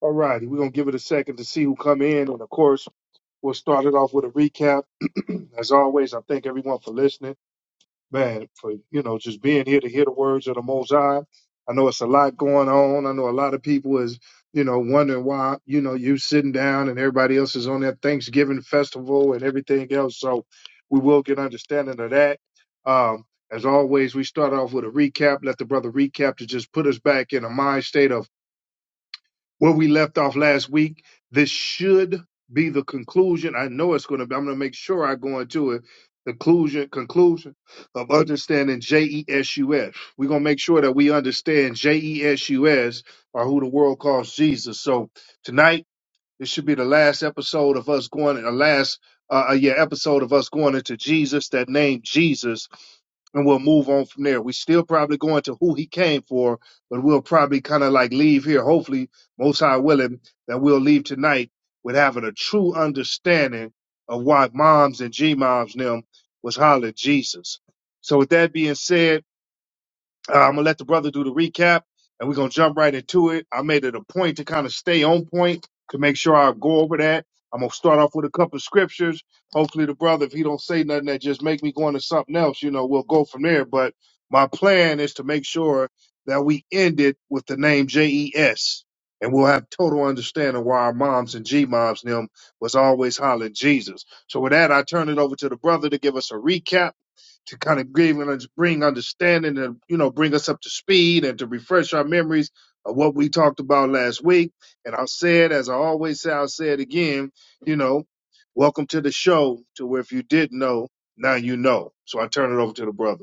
All righty, we're gonna give it a second to see who come in, and of course, we'll start it off with a recap. As always, I thank everyone for listening, man, for you know just being here to hear the words of the Most High. I know it's a lot going on. I know a lot of people is you know wondering why you know you sitting down and everybody else is on that Thanksgiving festival and everything else. So we will get understanding of that. Um, as always, we start off with a recap. Let the brother recap to just put us back in a mind state of where we left off last week. This should be the conclusion. I know it's going to be. I'm going to make sure I go into it. Conclusion, conclusion of understanding JESUS. We're going to make sure that we understand JESUS or who the world calls Jesus. So tonight this should be the last episode of us going, the last uh, uh, yeah episode of us going into Jesus, that name Jesus, and we'll move on from there. We still probably going to who he came for, but we'll probably kind of like leave here. Hopefully, most high willing, that we'll leave tonight with having a true understanding of why moms and G moms and them was hollering Jesus. So with that being said. Uh, I'm gonna let the brother do the recap, and we're gonna jump right into it. I made it a point to kind of stay on point to make sure I go over that. I'm gonna start off with a couple of scriptures. Hopefully, the brother, if he don't say nothing that just make me go into something else, you know, we'll go from there. But my plan is to make sure that we end it with the name JES, and we'll have total understanding why our moms and G moms and them was always hollering Jesus. So with that, I turn it over to the brother to give us a recap to kind of give and bring understanding and you know bring us up to speed and to refresh our memories of what we talked about last week. And I'll say it as I always say, I'll say it again. You know, welcome to the show. To where if you did not know, now you know. So I turn it over to the brother.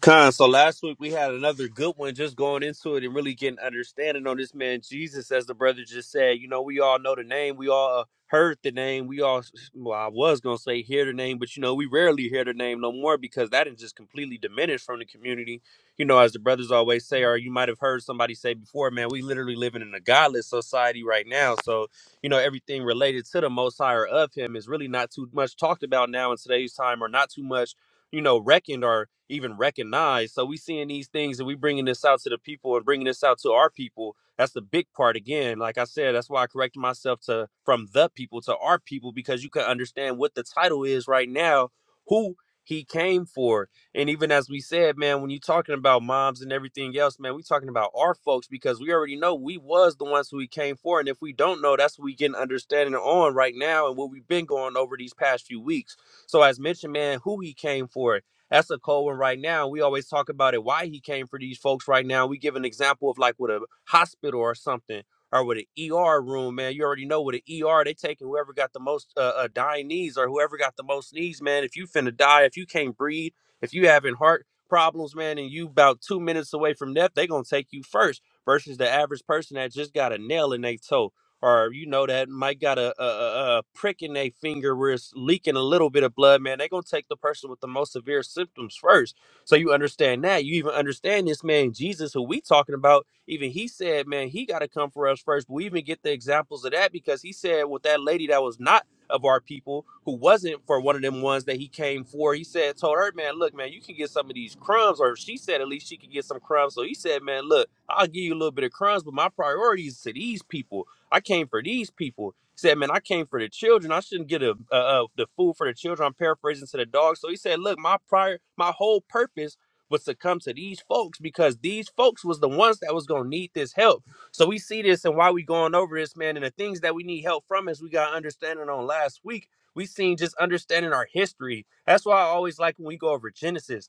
Con, so last week we had another good one just going into it and really getting understanding on this man Jesus, as the brother just said. You know, we all know the name, we all uh, heard the name, we all, well, I was going to say hear the name, but you know, we rarely hear the name no more because that is just completely diminished from the community. You know, as the brothers always say, or you might have heard somebody say before, man, we literally living in a godless society right now. So, you know, everything related to the Most High or of Him is really not too much talked about now in today's time or not too much you know, reckoned or even recognized. So we seeing these things and we bringing this out to the people and bringing this out to our people. That's the big part again. Like I said, that's why I corrected myself to from the people to our people because you can understand what the title is right now, who he came for. And even as we said, man, when you're talking about moms and everything else, man, we talking about our folks because we already know we was the ones who he came for. And if we don't know, that's what we getting understanding on right now and what we've been going over these past few weeks. So as mentioned, man, who he came for. That's a cold one right now. We always talk about it, why he came for these folks right now. We give an example of like with a hospital or something, or with an ER room, man. You already know with an ER, they taking whoever got the most uh, uh, dying knees or whoever got the most knees, man. If you finna die, if you can't breathe, if you having heart problems, man, and you about two minutes away from death, they gonna take you first versus the average person that just got a nail in their toe or you know that might got a, a, a a prick in their finger where it's leaking a little bit of blood, man, they're gonna take the person with the most severe symptoms first. So you understand that. You even understand this man Jesus who we talking about. Even he said, man, he gotta come for us first. But we even get the examples of that because he said with that lady that was not of our people who wasn't for one of them ones that he came for. He said, told her, man, look, man, you can get some of these crumbs, or she said at least she could get some crumbs. So he said, man, look, I'll give you a little bit of crumbs, but my priority is to these people. I came for these people. He said, man, I came for the children. I shouldn't get a, uh, uh, the food for the children. I'm paraphrasing to the dog. So he said, look, my prior, my whole purpose was to come to these folks because these folks was the ones that was going to need this help. So we see this and why we going over this, man. And the things that we need help from is we got understanding on last week. We seen just understanding our history. That's why I always like when we go over Genesis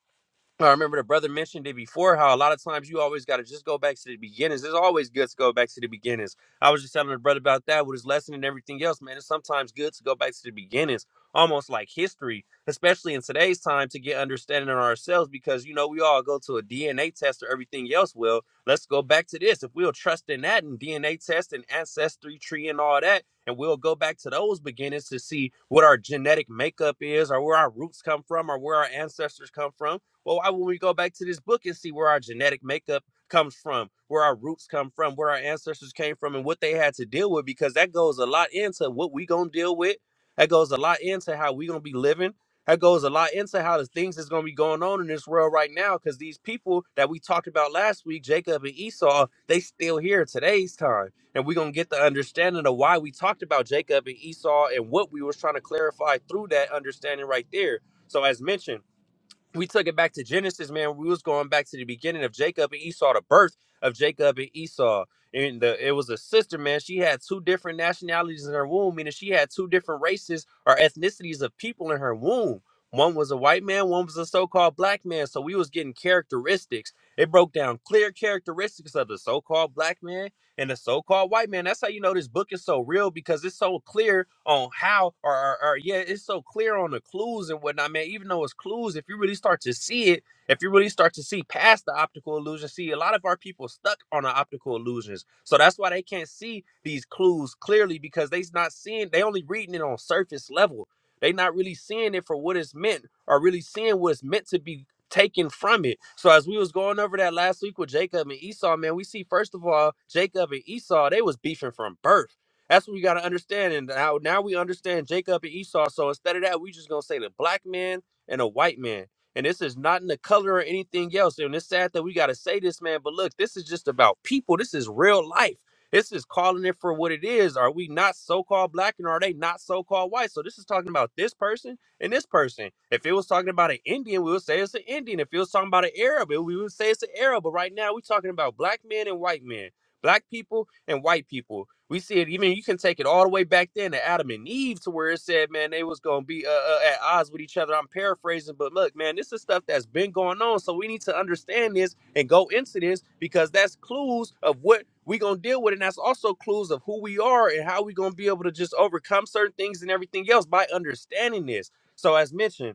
I remember the brother mentioned it before how a lot of times you always got to just go back to the beginnings. It's always good to go back to the beginnings. I was just telling the brother about that with his lesson and everything else, man. It's sometimes good to go back to the beginnings, almost like history, especially in today's time to get understanding on ourselves because, you know, we all go to a DNA test or everything else. Well, let's go back to this. If we'll trust in that and DNA test and ancestry tree and all that, and we'll go back to those beginnings to see what our genetic makeup is or where our roots come from or where our ancestors come from well, why wouldn't we go back to this book and see where our genetic makeup comes from, where our roots come from, where our ancestors came from, and what they had to deal with? Because that goes a lot into what we gonna deal with. That goes a lot into how we gonna be living. That goes a lot into how the things that's gonna be going on in this world right now. Because these people that we talked about last week, Jacob and Esau, they still here today's time, and we're gonna get the understanding of why we talked about Jacob and Esau and what we was trying to clarify through that understanding right there. So, as mentioned we took it back to Genesis, man. We was going back to the beginning of Jacob and Esau, the birth of Jacob and Esau. And the, it was a sister, man. She had two different nationalities in her womb, meaning she had two different races or ethnicities of people in her womb. One was a white man, one was a so-called black man. So we was getting characteristics. It broke down clear characteristics of the so-called black man and the so-called white man, that's how you know this book is so real because it's so clear on how or, or, or yeah, it's so clear on the clues and whatnot, man. Even though it's clues, if you really start to see it, if you really start to see past the optical illusion, see a lot of our people stuck on the optical illusions. So that's why they can't see these clues clearly because they's not seeing, they only reading it on surface level. They not really seeing it for what it's meant or really seeing what it's meant to be taken from it. So as we was going over that last week with Jacob and Esau, man, we see first of all, Jacob and Esau, they was beefing from birth. That's what we gotta understand. And now now we understand Jacob and Esau. So instead of that, we just gonna say the black man and a white man. And this is not in the color or anything else. And it's sad that we gotta say this, man. But look, this is just about people. This is real life. This is calling it for what it is. Are we not so-called black and are they not so-called white? So this is talking about this person and this person. If it was talking about an Indian, we would say it's an Indian. If it was talking about an Arab, it- we would say it's an Arab. But right now, we're talking about black men and white men, black people and white people. We see it even you can take it all the way back then to Adam and Eve, to where it said, man, they was gonna be uh, uh, at odds with each other. I'm paraphrasing, but look, man, this is stuff that's been going on. So we need to understand this and go into this because that's clues of what we gonna deal with, and that's also clues of who we are and how we gonna be able to just overcome certain things and everything else by understanding this. So as mentioned,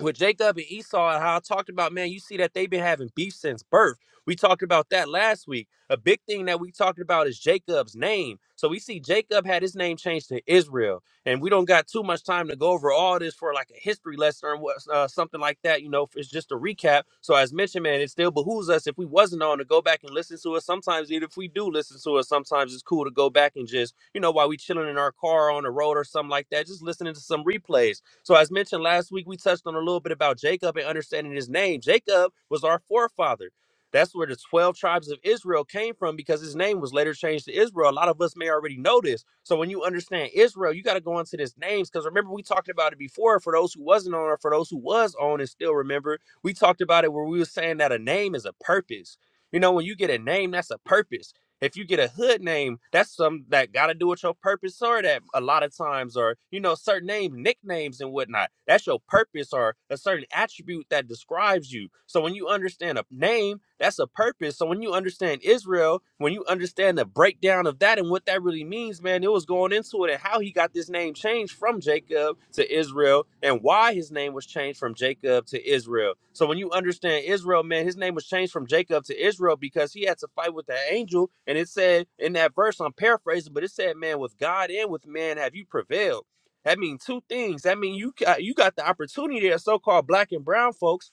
with Jacob and Esau and how I talked about, man, you see that they've been having beef since birth. We talked about that last week. A big thing that we talked about is Jacob's name. So we see Jacob had his name changed to Israel, and we don't got too much time to go over all this for like a history lesson or what, uh, something like that. You know, it's just a recap. So as mentioned, man, it still behooves us if we wasn't on to go back and listen to it. Sometimes, even if we do listen to it, sometimes it's cool to go back and just, you know, while we chilling in our car on the road or something like that, just listening to some replays so, as mentioned last week, we touched on a little bit about Jacob and understanding his name. Jacob was our forefather. That's where the 12 tribes of Israel came from because his name was later changed to Israel. A lot of us may already know this. So, when you understand Israel, you got to go into this names because remember, we talked about it before for those who wasn't on or for those who was on and still remember. We talked about it where we were saying that a name is a purpose. You know, when you get a name, that's a purpose. If you get a hood name, that's something that got to do with your purpose or that a lot of times, or, you know, certain name nicknames and whatnot. That's your purpose or a certain attribute that describes you. So when you understand a name, that's a purpose. So when you understand Israel, when you understand the breakdown of that and what that really means, names, man, it was going into it and how he got this name changed from Jacob to Israel and why his name was changed from Jacob to Israel. So when you understand Israel, man, his name was changed from Jacob to Israel because he had to fight with that angel. And it said in that verse, I'm paraphrasing, but it said, man, with God and with man have you prevailed. That means two things. That means you got, you got the opportunity as so-called black and brown folks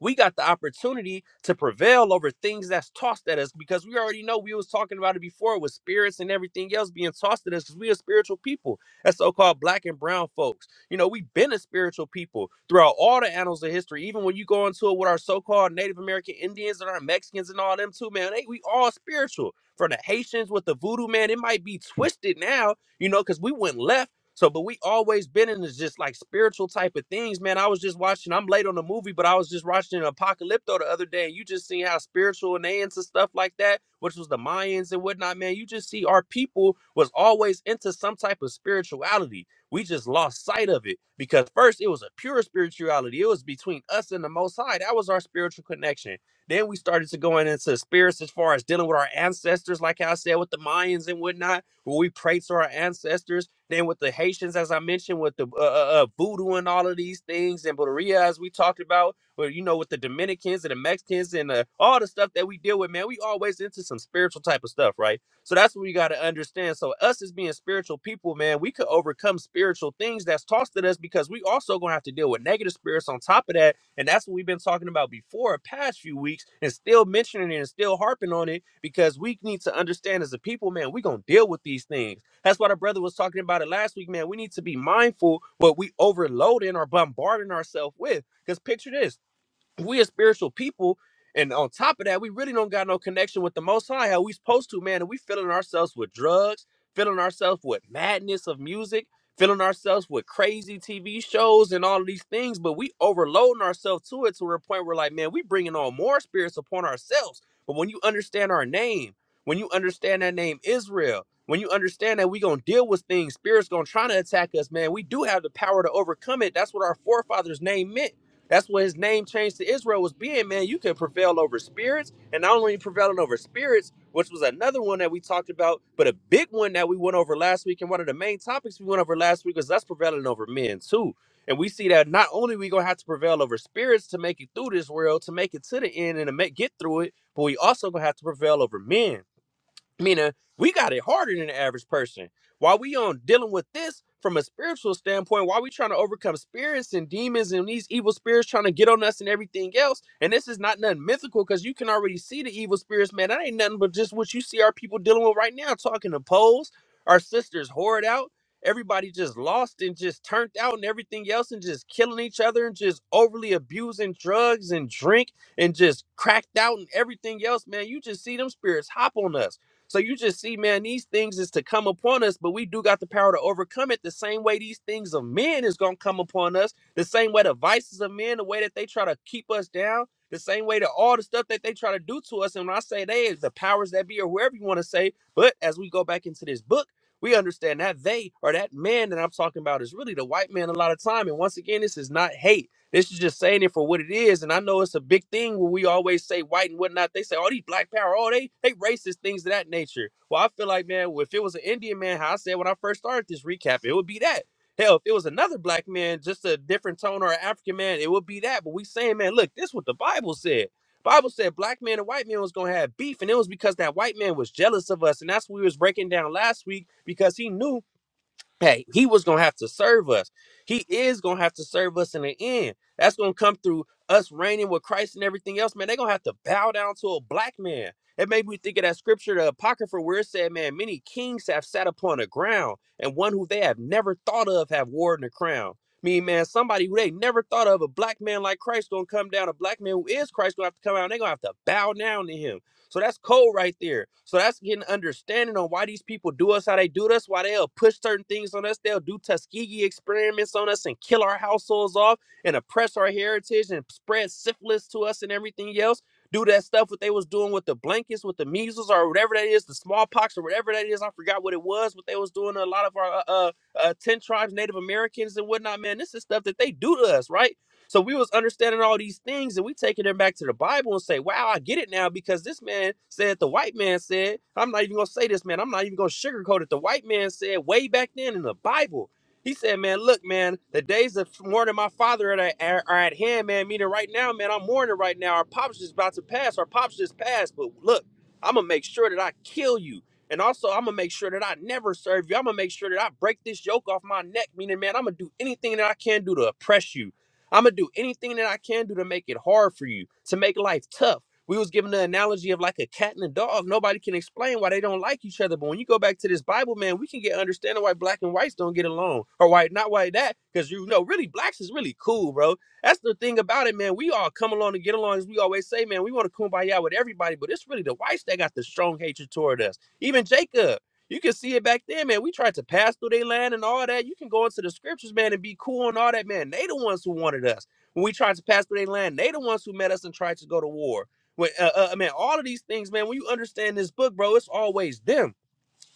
we got the opportunity to prevail over things that's tossed at us because we already know we was talking about it before with spirits and everything else being tossed at us because we are spiritual people as so-called black and brown folks. You know, we've been a spiritual people throughout all the annals of history. Even when you go into it with our so-called Native American Indians and our Mexicans and all them too, man, they, we all spiritual. From the Haitians with the voodoo, man, it might be twisted now, you know, because we went left so, but we always been in this just like spiritual type of things, man. I was just watching, I'm late on the movie, but I was just watching Apocalypto the other day, and you just see how spiritual and they into stuff like that, which was the Mayans and whatnot, man. You just see our people was always into some type of spirituality. We just lost sight of it because first it was a pure spirituality. It was between us and the Most High. That was our spiritual connection. Then we started to going into spirits as far as dealing with our ancestors, like I said, with the Mayans and whatnot, where we pray to our ancestors then with the Haitians, as I mentioned, with the uh, uh, uh, voodoo and all of these things, and Boteria, as we talked about, or you know, with the Dominicans and the Mexicans and uh, all the stuff that we deal with, man, we always into some spiritual type of stuff, right? So that's what we got to understand. So us as being spiritual people, man, we could overcome spiritual things that's tossed at us because we also gonna have to deal with negative spirits on top of that, and that's what we've been talking about before, the past few weeks, and still mentioning it and still harping on it because we need to understand as a people, man, we gonna deal with these things that's what our brother was talking about it last week, man. We need to be mindful what we overloading or bombarding ourselves with. Because picture this we are spiritual people, and on top of that, we really don't got no connection with the Most High. How we supposed to, man? And we filling ourselves with drugs, filling ourselves with madness of music, filling ourselves with crazy TV shows and all of these things. But we overloading ourselves to it to a point where, like, man, we bringing on more spirits upon ourselves. But when you understand our name, when you understand that name Israel. When you understand that we gonna deal with things, spirits gonna try to attack us, man. We do have the power to overcome it. That's what our forefathers' name meant. That's what his name change to Israel was being, man. You can prevail over spirits, and not only prevailing over spirits, which was another one that we talked about, but a big one that we went over last week, and one of the main topics we went over last week was us prevailing over men too. And we see that not only we gonna have to prevail over spirits to make it through this world, to make it to the end and to make, get through it, but we also gonna have to prevail over men. Meaning, we got it harder than the average person. While we on dealing with this from a spiritual standpoint, while we trying to overcome spirits and demons and these evil spirits trying to get on us and everything else, and this is not nothing mythical because you can already see the evil spirits, man. That ain't nothing but just what you see our people dealing with right now, talking to poles, our sisters whored out, everybody just lost and just turned out and everything else, and just killing each other and just overly abusing drugs and drink and just cracked out and everything else, man. You just see them spirits hop on us so you just see, man, these things is to come upon us, but we do got the power to overcome it. The same way these things of men is gonna come upon us, the same way the vices of men, the way that they try to keep us down, the same way that all the stuff that they try to do to us. And when I say they, is the powers that be, or whoever you want to say. But as we go back into this book, we understand that they or that man that I'm talking about is really the white man a lot of time. And once again, this is not hate. This is just saying it for what it is, and I know it's a big thing when we always say white and whatnot. They say, "Oh, these black power, oh they they racist things of that nature." Well, I feel like man, well, if it was an Indian man, how I said when I first started this recap, it would be that. Hell, if it was another black man, just a different tone or an African man, it would be that. But we saying, man, look, this is what the Bible said. Bible said black man and white man was gonna have beef, and it was because that white man was jealous of us, and that's what we was breaking down last week because he knew hey, he was gonna have to serve us. He is gonna have to serve us in the end. That's gonna come through us reigning with Christ and everything else, man. They're gonna have to bow down to a black man. It made me think of that scripture, the Apocrypha, where it said, Man, many kings have sat upon the ground, and one who they have never thought of have worn the crown. Mean man, somebody who they never thought of, a black man like Christ gonna come down, a black man who is Christ gonna have to come out, and they're gonna have to bow down to him. So that's cold right there. So that's getting understanding on why these people do us how they do us, why they'll push certain things on us. They'll do Tuskegee experiments on us and kill our households off and oppress our heritage and spread syphilis to us and everything else. Do that stuff what they was doing with the blankets, with the measles or whatever that is, the smallpox or whatever that is. I forgot what it was, what they was doing to a lot of our uh, uh, uh, 10 tribes, Native Americans and whatnot, man. This is stuff that they do to us, right? So we was understanding all these things, and we taking them back to the Bible and say, "Wow, I get it now because this man said the white man said." I'm not even gonna say this, man. I'm not even gonna sugarcoat it. The white man said way back then in the Bible. He said, "Man, look, man, the days of mourning my father are, are, are at hand, man. Meaning right now, man, I'm mourning right now. Our pops just about to pass. Our pops just passed. But look, I'm gonna make sure that I kill you." And also, I'm gonna make sure that I never serve you. I'm gonna make sure that I break this yoke off my neck. Meaning, man, I'm gonna do anything that I can do to oppress you. I'm gonna do anything that I can do to make it hard for you, to make life tough. We was given the analogy of like a cat and a dog. Nobody can explain why they don't like each other. But when you go back to this Bible, man, we can get understanding why black and whites don't get along, or why not why that? Because you know, really, blacks is really cool, bro. That's the thing about it, man. We all come along and get along, as we always say, man. We want to kumbaya with everybody, but it's really the whites that got the strong hatred toward us. Even Jacob. You can see it back then, man. We tried to pass through their land and all that. You can go into the scriptures, man, and be cool and all that, man. They the ones who wanted us. When we tried to pass through their land, they the ones who met us and tried to go to war. When, uh, uh, man, all of these things, man. When you understand this book, bro, it's always them.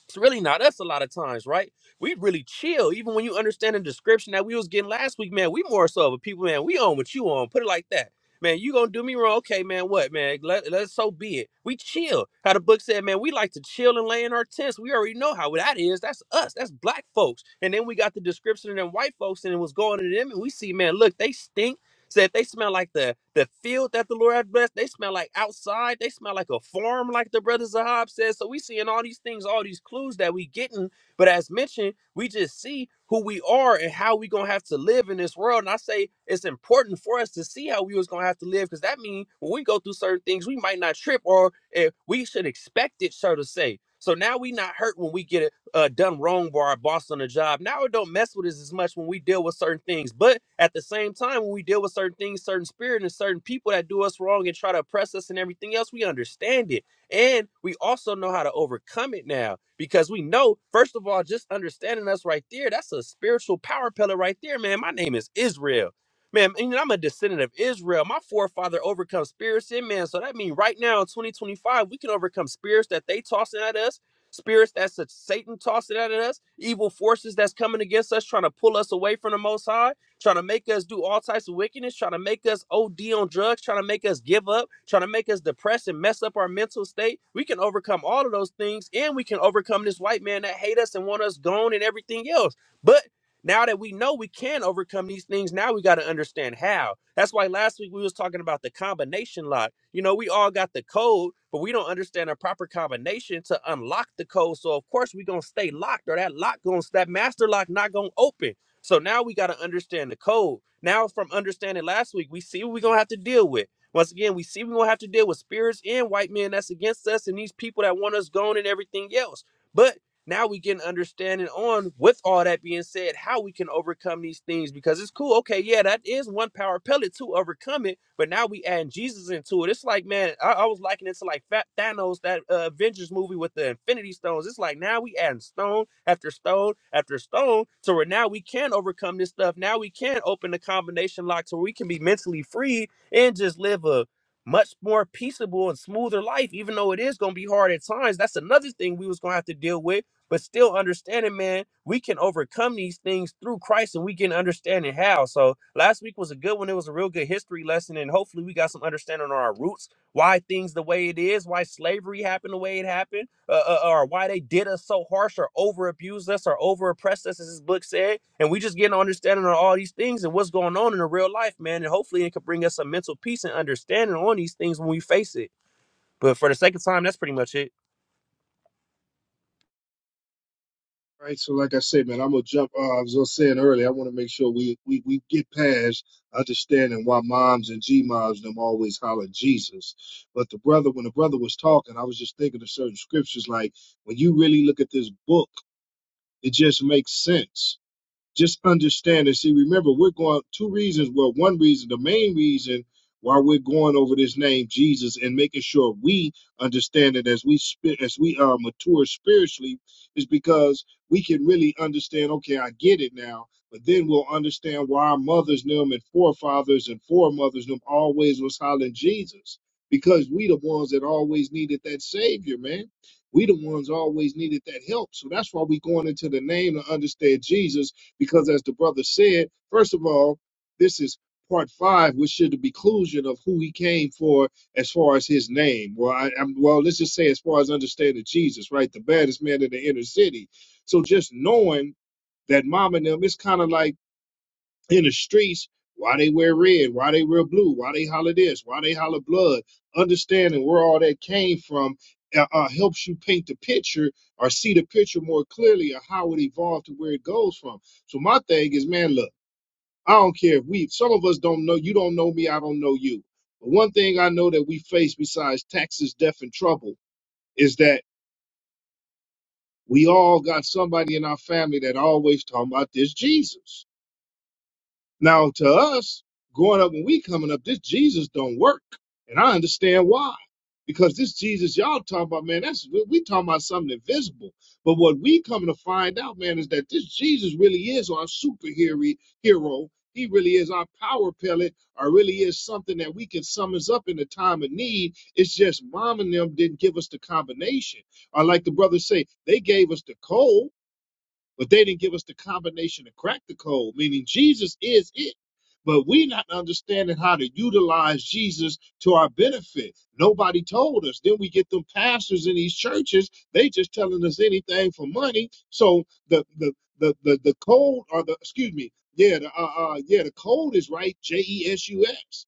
It's really not us a lot of times, right? We really chill. Even when you understand the description that we was getting last week, man, we more so of a people, man, we on what you on. Put it like that. Man, you gonna do me wrong. Okay, man, what, man? Let, let so be it. We chill. How the book said, man, we like to chill and lay in our tents. We already know how that is. That's us. That's black folks. And then we got the description of them white folks and it was going to them and we see, man, look, they stink Said they smell like the the field that the Lord had blessed. They smell like outside. They smell like a farm, like the brother Zahab says. So we seeing all these things, all these clues that we getting. But as mentioned, we just see who we are and how we gonna have to live in this world. And I say it's important for us to see how we was gonna have to live, because that means when we go through certain things, we might not trip or eh, we should expect it, so to say. So now we not hurt when we get it uh, done wrong by our boss on the job. Now it don't mess with us as much when we deal with certain things. But at the same time, when we deal with certain things, certain spirit and certain people that do us wrong and try to oppress us and everything else, we understand it. And we also know how to overcome it now because we know, first of all, just understanding us right there, that's a spiritual power pillar right there, man. My name is Israel. Man, and I'm a descendant of Israel. My forefather overcome spirits in man. So that means right now in 2025, we can overcome spirits that they tossing at us spirits that's a, Satan tossing out at us, evil forces that's coming against us, trying to pull us away from the Most High, trying to make us do all types of wickedness, trying to make us OD on drugs, trying to make us give up, trying to make us depressed and mess up our mental state. We can overcome all of those things, and we can overcome this white man that hate us and want us gone and everything else. But now that we know we can overcome these things, now we got to understand how. That's why last week we was talking about the combination lock. You know, we all got the code, but we don't understand a proper combination to unlock the code. So of course we gonna stay locked, or that lock gonna that master lock not gonna open. So now we got to understand the code. Now from understanding last week, we see what we gonna have to deal with. Once again, we see we're gonna have to deal with spirits and white men that's against us and these people that want us gone and everything else. But now we get an understanding on with all that being said how we can overcome these things because it's cool okay yeah that is one power pellet to overcome it but now we add jesus into it it's like man i, I was liking it to like Fat thanos that uh, avengers movie with the infinity stones it's like now we adding stone after stone after stone so where now we can overcome this stuff now we can open the combination lock so we can be mentally free and just live a much more peaceable and smoother life even though it is going to be hard at times that's another thing we was going to have to deal with but still understanding, man, we can overcome these things through Christ and we can understanding how. So last week was a good one. It was a real good history lesson. And hopefully we got some understanding on our roots, why things the way it is, why slavery happened the way it happened, uh, uh, uh, or why they did us so harsh or over abused us or over oppressed us, as this book said. And we just get an understanding on all these things and what's going on in the real life, man. And hopefully it could bring us some mental peace and understanding on these things when we face it. But for the sake of time, that's pretty much it. All right, so like I said, man, I'm gonna jump. Uh, I was just saying earlier, I want to make sure we, we we get past understanding why moms and G moms them always holler Jesus. But the brother, when the brother was talking, I was just thinking of certain scriptures. Like when you really look at this book, it just makes sense just understand and see remember we're going two reasons well one reason the main reason why we're going over this name jesus and making sure we understand it as we spi- as we uh, mature spiritually is because we can really understand okay i get it now but then we'll understand why our mothers knew him and forefathers and foremothers knew him always was hollering jesus because we the ones that always needed that savior man we the ones always needed that help so that's why we going into the name to understand jesus because as the brother said, first of all, this is part five, which should be conclusion of who he came for as far as his name. Well, I, I'm, well, let's just say as far as understanding Jesus, right? The baddest man in the inner city. So just knowing that mom and them, it's kind of like in the streets why they wear red, why they wear blue, why they holler this, why they holler blood. Understanding where all that came from uh, uh, helps you paint the picture or see the picture more clearly of how it evolved to where it goes from. So my thing is, man, look, I don't care if we, some of us don't know, you don't know me, I don't know you. But one thing I know that we face besides taxes, death, and trouble is that we all got somebody in our family that always talking about this Jesus Now, to us, growing up when we coming up, this Jesus don't work, and I understand why. Because this Jesus y'all talking about, man, that's we we talking about something invisible. But what we coming to find out, man, is that this Jesus really is our superhero. Hero. He really is our power pellet, or really is something that we can summons up in a time of need. It's just mom and them didn't give us the combination. Or like the brothers say, they gave us the code, but they didn't give us the combination to crack the code, meaning Jesus is it. But we not understanding how to utilize Jesus to our benefit. Nobody told us. Then we get them pastors in these churches, they just telling us anything for money. So the the the the, the code or the excuse me, yeah, the uh, uh yeah, the code is right, J E S U S.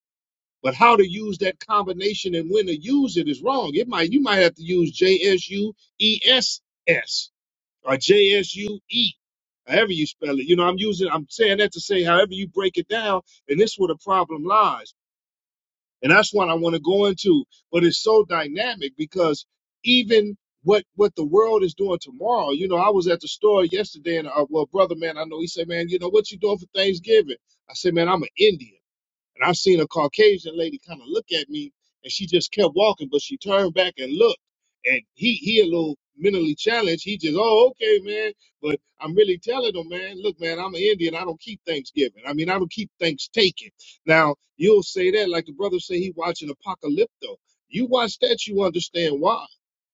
But how to use that combination and when to use it is wrong. It might you might have to use J S U E S S or J-S-U-E, however you spell it. You know, I'm using, I'm saying that to say however you break it down, and this is where the problem lies. And that's what I want to go into. But it's so dynamic because even what what the world is doing tomorrow, you know, I was at the store yesterday, and uh, well, brother, man, I know he said, man, you know, what you doing for Thanksgiving? I said, man, I'm an Indian. And I've seen a Caucasian lady kind of look at me and she just kept walking, but she turned back and looked. And he he a little mentally challenged. He just, oh, okay, man. But I'm really telling him, man, look, man, I'm an Indian. I don't keep Thanksgiving. I mean, I don't keep thanks taking. Now, you'll say that like the brother say he watching Apocalypto. You watch that, you understand why.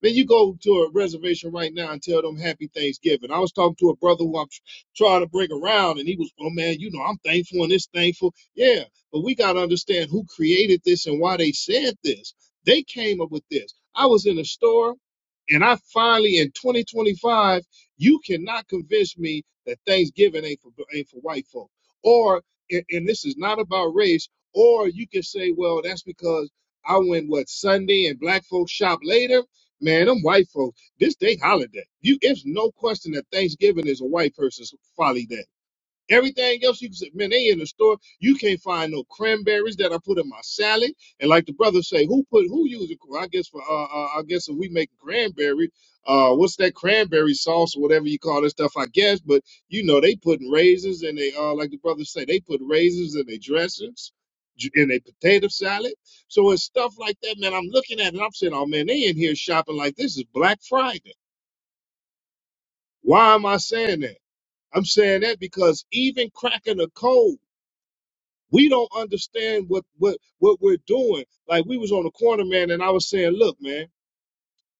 Then you go to a reservation right now and tell them happy Thanksgiving. I was talking to a brother who I'm tr- trying to bring around, and he was, oh man, you know, I'm thankful and it's thankful. Yeah, but we got to understand who created this and why they said this. They came up with this. I was in a store and I finally, in 2025, you cannot convince me that Thanksgiving ain't for, ain't for white folk. Or, and and this is not about race, or you can say, well, that's because I went, what, Sunday and black folks shop later? Man, them white folks, this they holiday. You, it's no question that Thanksgiving is a white person's folly day Everything else you can say, man, they in the store. You can't find no cranberries that I put in my salad. And like the brother say, who put who uses? I guess for uh, uh I guess if we make cranberry, uh, what's that cranberry sauce or whatever you call this stuff? I guess, but you know they putting raisins and they uh like the brother say they put raisins in their dressings, j- in their potato salad. So it's stuff like that, man. I'm looking at it. and I'm saying, oh man, they in here shopping like this is Black Friday. Why am I saying that? I'm saying that because even cracking a code we don't understand what what what we're doing. Like we was on the corner, man, and I was saying, look, man,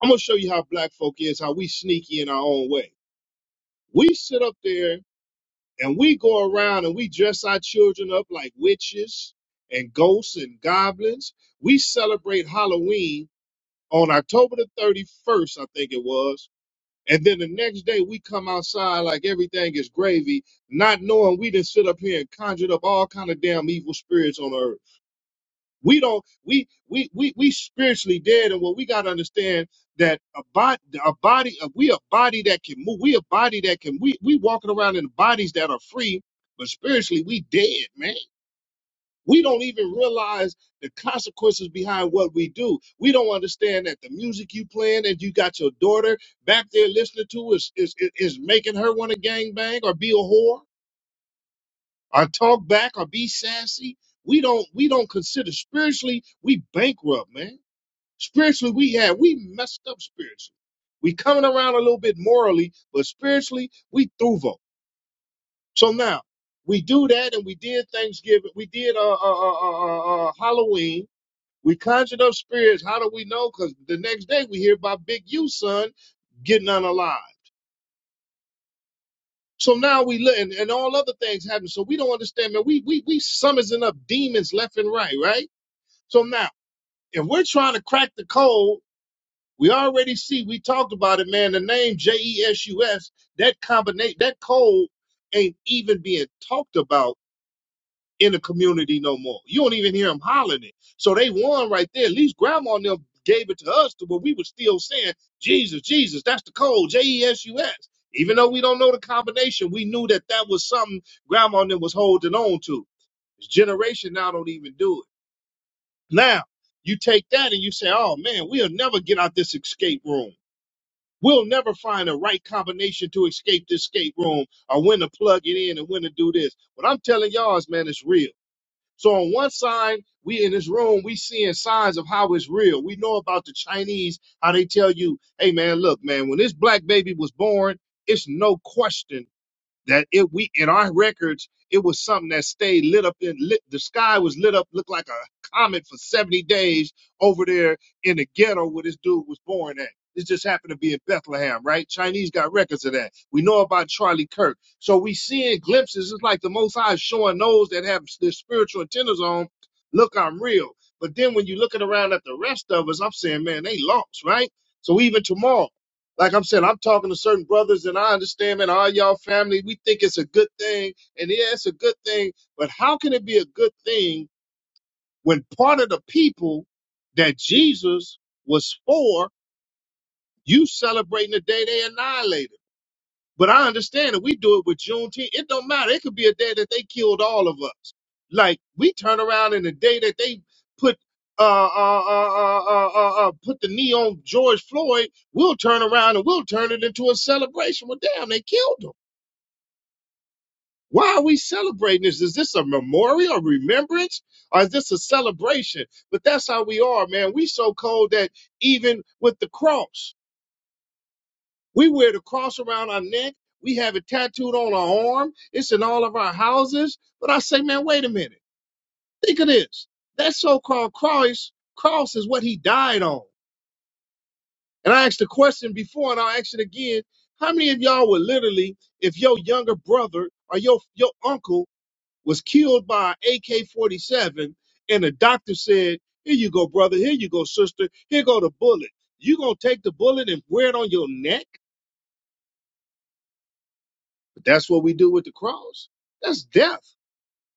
I'm gonna show you how black folk is, how we sneaky in our own way. We sit up there and we go around and we dress our children up like witches and ghosts and goblins. We celebrate Halloween on October the 31st, I think it was. And then the next day we come outside like everything is gravy, not knowing we did sit up here and conjured up all kind of damn evil spirits on earth. We don't we we we we spiritually dead, and what we got to understand that a body a body we a body that can move. We a body that can we we walking around in bodies that are free, but spiritually we dead, man. We don't even realize the consequences behind what we do. We don't understand that the music you playing that you got your daughter back there listening to is is is is making her want to gangbang or be a whore or talk back or be sassy. We don't we don't consider spiritually we bankrupt, man Spiritually, we have we messed up spiritually. We coming around a little bit morally, but spiritually, we through vote. So now we do that, and we did Thanksgiving, we did uh, uh, uh, uh, uh, uh, Halloween. We conjured up spirits. How do we know? Because the next day we hear about Big U son getting unalive. So now we look, and, and all other things happen. So we don't understand, man. We we we summoning up demons left and right, right? So now, if we're trying to crack the code We already see, we talked about it, man. The name J E S U S, that combination, that code ain't even being talked about in the community no more. You don't even hear them hollering it. So they won right there. At least grandma and them gave it to us to where we were still saying, Jesus, Jesus, that's the code, J E S U S. Even though we don't know the combination, we knew that that was something grandma and them was holding on to. This generation now don't even do it. Now, you take that and you say, oh man, we'll never get out this escape room. We'll never find the right combination to escape this escape room or when to plug it in and when to do this. What I'm telling y'all is, man, it's real. So on one side, we in this room, we seeing signs of how it's real. We know about the Chinese, how they tell you, hey man, look, man, when this black baby was born, it's no question that it we in our records it was something that stayed lit up in lit the sky was lit up looked like a comet for 70 days over there in the ghetto where this dude was born at this just happened to be in bethlehem right chinese got records of that we know about charlie kirk so we seeing glimpses it's like the most high is showing those that have their spiritual antennas on look i'm real but then when you're looking around at the rest of us i'm saying man they lost right so even tomorrow like I'm saying, I'm talking to certain brothers and I understand, man, all y'all family, we think it's a good thing. And yeah, it's a good thing. But how can it be a good thing when part of the people that Jesus was for, you celebrating the day they annihilated? But I understand that we do it with Juneteenth. It don't matter. It could be a day that they killed all of us. Like we turn around in the day that they put uh, uh, uh, uh, uh, uh, uh, put the knee on George Floyd, we'll turn around and we'll turn it into a celebration. Well, damn, they killed him. Why are we celebrating this? Is this a memorial, a remembrance, or is this a celebration? But that's how we are, man. We so cold that even with the cross. We wear the cross around our neck. We have it tattooed on our arm. It's in all of our houses. But I say, man, wait a minute. Think of this. That so-called cross, cross is what he died on. And I asked the question before, and I'll ask it again. How many of y'all would literally, if your younger brother or your your uncle was killed by an AK-47, and the doctor said, "Here you go, brother. Here you go, sister. Here go the bullet. You gonna take the bullet and wear it on your neck?" But that's what we do with the cross. That's death.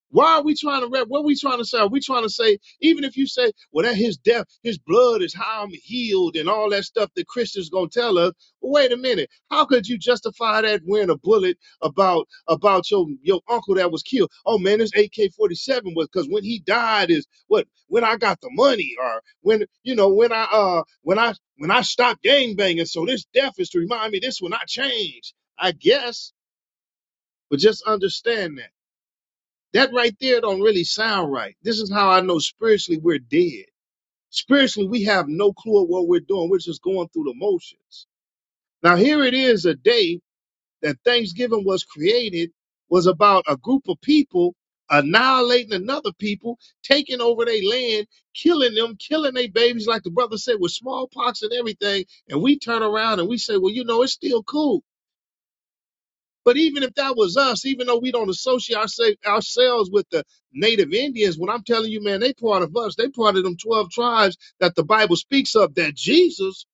Why are we trying to rep? What are we trying to say? Are we trying to say, even if you say, well, that his death, his blood is how I'm healed and all that stuff that Christians gonna tell us. Well, wait a minute. How could you justify that wearing a bullet about about your your uncle that was killed? Oh man, this AK-47 was because when he died is what when I got the money or when you know when I uh when I when I stopped gangbanging. So this death is to remind me this will not change. I guess but just understand that. That right there don't really sound right. This is how I know spiritually we're dead. Spiritually, we have no clue of what we're doing. We're just going through the motions. Now, here it is a day that Thanksgiving was created, was about a group of people annihilating another people, taking over their land, killing them, killing their babies, like the brother said, with smallpox and everything. And we turn around and we say, well, you know, it's still cool. But even if that was us, even though we don't associate ourse- ourselves with the native Indians, what I'm telling you, man, they part of us. They part of them 12 tribes that the Bible speaks of that Jesus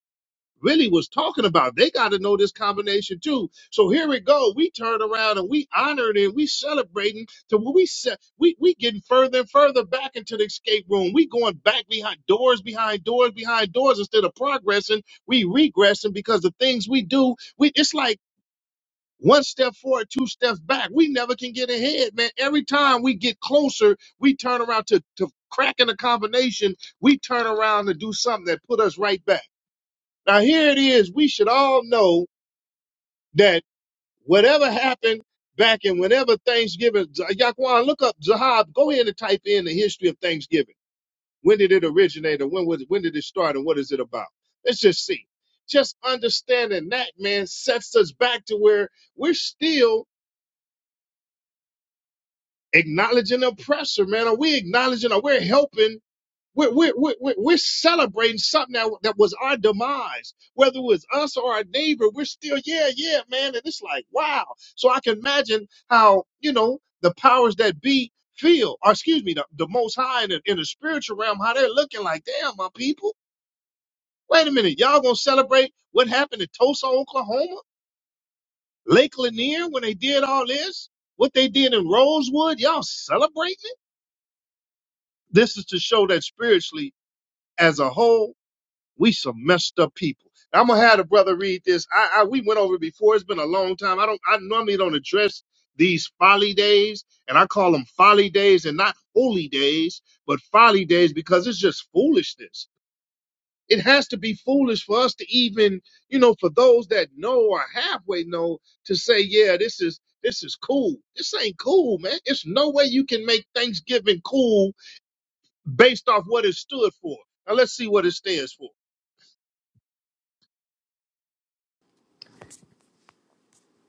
really was talking about. They got to know this combination too. So here we go. We turn around and we honored and we celebrating to where we set, we, we getting further and further back into the escape room. We going back behind doors, behind doors, behind doors instead of progressing. We regressing because the things we do, we, it's like, one step forward, two steps back. We never can get ahead, man. Every time we get closer, we turn around to, to cracking a combination. We turn around to do something that put us right back. Now here it is. We should all know that whatever happened back in whenever Thanksgiving, Yaquan, look up Zahab. Go ahead and type in the history of Thanksgiving. When did it originate, or when was when did it start, and what is it about? Let's just see. Just understanding that, man, sets us back to where we're still acknowledging oppressor, man. Are we acknowledging? Are we helping? We're, we're, we're, we're celebrating something that, that was our demise, whether it was us or our neighbor. We're still, yeah, yeah, man. And it's like, wow. So I can imagine how, you know, the powers that be feel, or excuse me, the, the most high in the, in the spiritual realm, how they're looking like, damn, my people. Wait a minute. Y'all going to celebrate what happened in Tulsa, Oklahoma, Lake Lanier when they did all this? What they did in Rosewood? Y'all celebrate? This is to show that spiritually, as a whole, we some messed up people. I'm gonna have the brother read this. I, I we went over it before. It's been a long time. I don't. I normally don't address these folly days, and I call them folly days and not holy days, but folly days because it's just foolishness. It has to be foolish for us to even, you know, for those that know or halfway know to say, yeah, this is this is cool. This ain't cool, man. It's no way you can make Thanksgiving cool based off what it stood for. Now let's see what it stands for.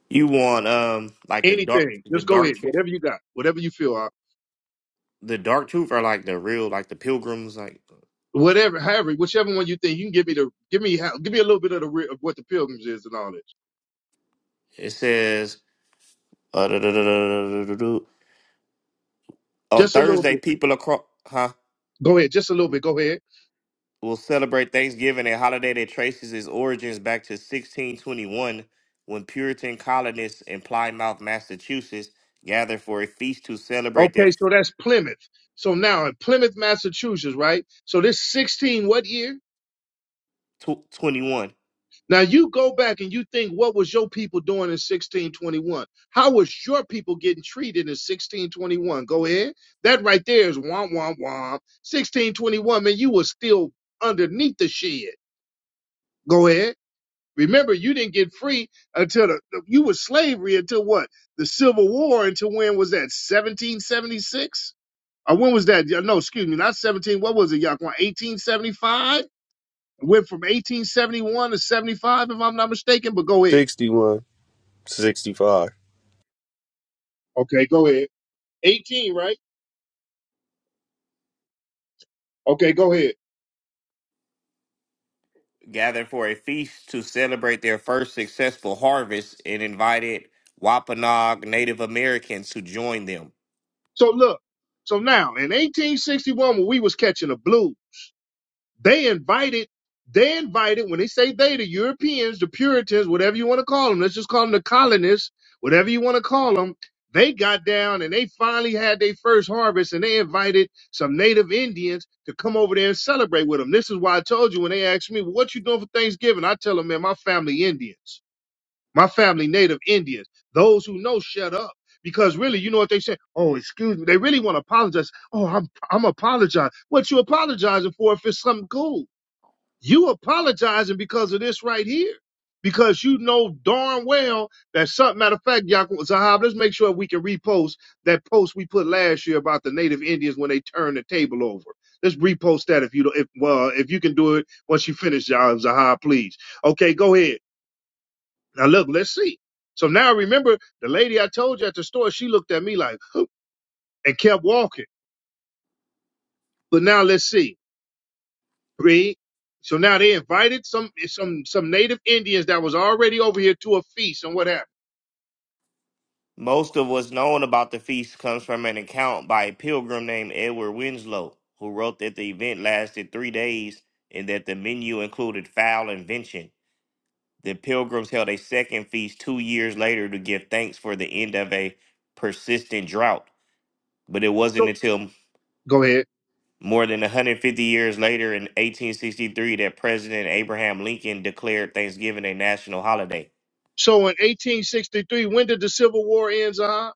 You want um like the dark Anything. the Just go dark ahead. tr- Whatever you got. Whatever you feel. uh, the dark truth are like the real like the pilgrims like Whatever, however, whichever one you think you can give me the give me how- give me a little bit of the re- of what the pilgrims is and all this. it says uh, duh, duh, duh, duh, duh, duh, duh, duh. on Just a little Thursday bit. people across huh Go ahead. Just a little bit. Go ahead. will celebrate Thanksgiving a holiday that traces its origins back to 1621 when Puritan colonists in Plymouth, Massachusetts gathered for a feast to celebrate their Okay, so that's Plymouth. So now in Plymouth, Massachusetts, right? So this 16 what year? tw- 21. Now you go back and you think what was your people doing in 1621? How was your people getting treated in 1621? Go ahead. That right there is womp womp womp. 1621, man, you was still underneath the shed. Go ahead. Remember, you didn't get free until the, you was slavery until what? The Civil War until when was that? 1776? Or when was that? No, excuse me, not 17. What was it, Yaquan? 1875? Went from 1871 to 75, if I'm not mistaken, but go ahead. 61, 65. Okay, go ahead. 18, right? Okay, go ahead. gathered for a feast to celebrate their first successful harvest and invited Wampanoag Native Americans to join them. So look, so now in 1861, when we was catching the blues, they invited, they invited, when they say they, the Europeans, the Puritans, whatever you want to call them, let's just call them the colonists, whatever you want to call them, they got down and they finally had their first harvest and they invited some native Indians to come over there and celebrate with them. This is why I told you when they asked me, well, what you doing for Thanksgiving? I tell them, man, my family Indians. My family, native Indians, those who know, shut up. Because really, you know what they say? Oh, excuse me. They really want to apologize. Oh, I'm I'm apologize. What you apologizing for if it's something cool? You apologizing because of this right here. Because you know darn well that something matter of fact, Yaakov Zahab, let's make sure we can repost that post we put last year about the native Indians when they turned the table over. Let's repost that if you don't if well, if you can do it once you finish, Yaakov Zahab, please. Okay, go ahead. Now look, let's see. So now remember the lady I told you at the store, she looked at me like and kept walking. But now let's see. Read. So now they invited some some some native Indians that was already over here to a feast and what happened? Most of what's known about the feast comes from an account by a pilgrim named Edward Winslow, who wrote that the event lasted three days and that the menu included fowl and venison. The pilgrims held a second feast two years later to give thanks for the end of a persistent drought, but it wasn't So- until Go ahead. More than 150 years later, in 1863, that President Abraham Lincoln declared Thanksgiving a national holiday. So in 1863, when did the Civil War end, Zaha?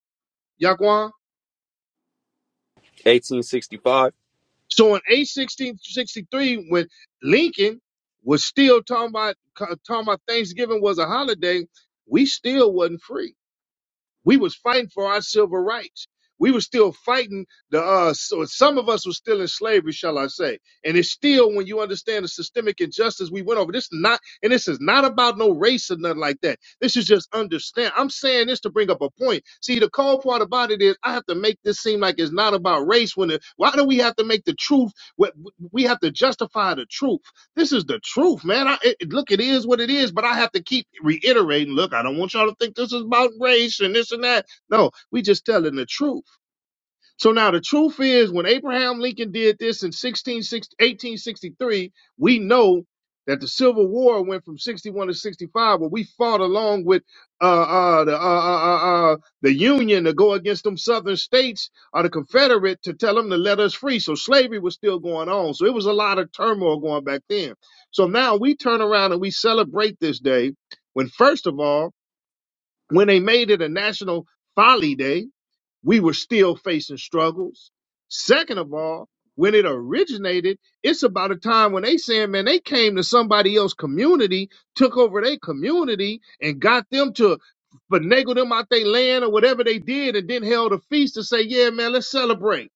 Yaquan? 1865. So in 1863, when Lincoln was still talking about talking about Thanksgiving was a holiday, we still wasn't free we was fighting for our civil rights. We were still fighting the uh so some of us were still in slavery, shall I say. And it's still when you understand the systemic injustice we went over. This not and this is not about no race or nothing like that. This is just understand. I'm saying this to bring up a point. See, the cold part about it is I have to make this seem like it's not about race when it, why do we have to make the truth what we have to justify the truth? This is the truth, man. I, it, look, it is what it is, but I have to keep reiterating. Look, I don't want y'all to think this is about race and this and that. No, we just telling the truth. So now the truth is, when Abraham Lincoln did this in 1863, we know that the Civil War went from 61 to 65, where we fought along with uh, uh, the, uh, uh, uh, uh, the Union to go against them Southern states or the Confederate to tell them to let us free. So slavery was still going on. So it was a lot of turmoil going back then. So now we turn around and we celebrate this day when, first of all, when they made it a national folly day, we were still facing struggles. Second of all, when it originated, it's about a time when they saying, man, they came to somebody else community, took over their community, and got them to finagle them out their land or whatever they did, and then held a feast to say, yeah, man, let's celebrate.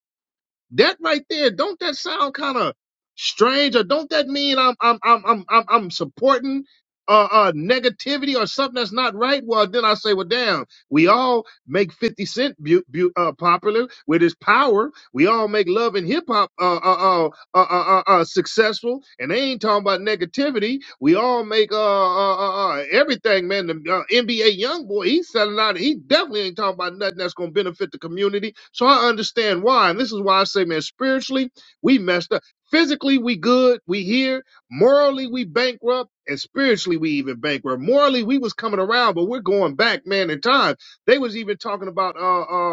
That right there, don't that sound kind of strange, or don't that mean I'm I'm I'm I'm I'm, I'm supporting uh, uh negativity or something that's not right? Well, then I say, well, damn, we all make Fifty Cent bu- bu- uh, popular with his power. We all make love and hip hop uh, uh uh, uh, uh, uh, uh, successful, and they ain't talking about negativity. We all make uh, uh, uh, uh everything, man. The uh, NBA young boy, he's selling out. He definitely ain't talking about nothing that's gonna benefit the community. So I understand why, and this is why I say, man, spiritually we messed up. Physically we good, we here. Morally we bankrupt, and spiritually we even bankrupt. Morally we was coming around, but we're going back, man. In time, they was even talking about uh um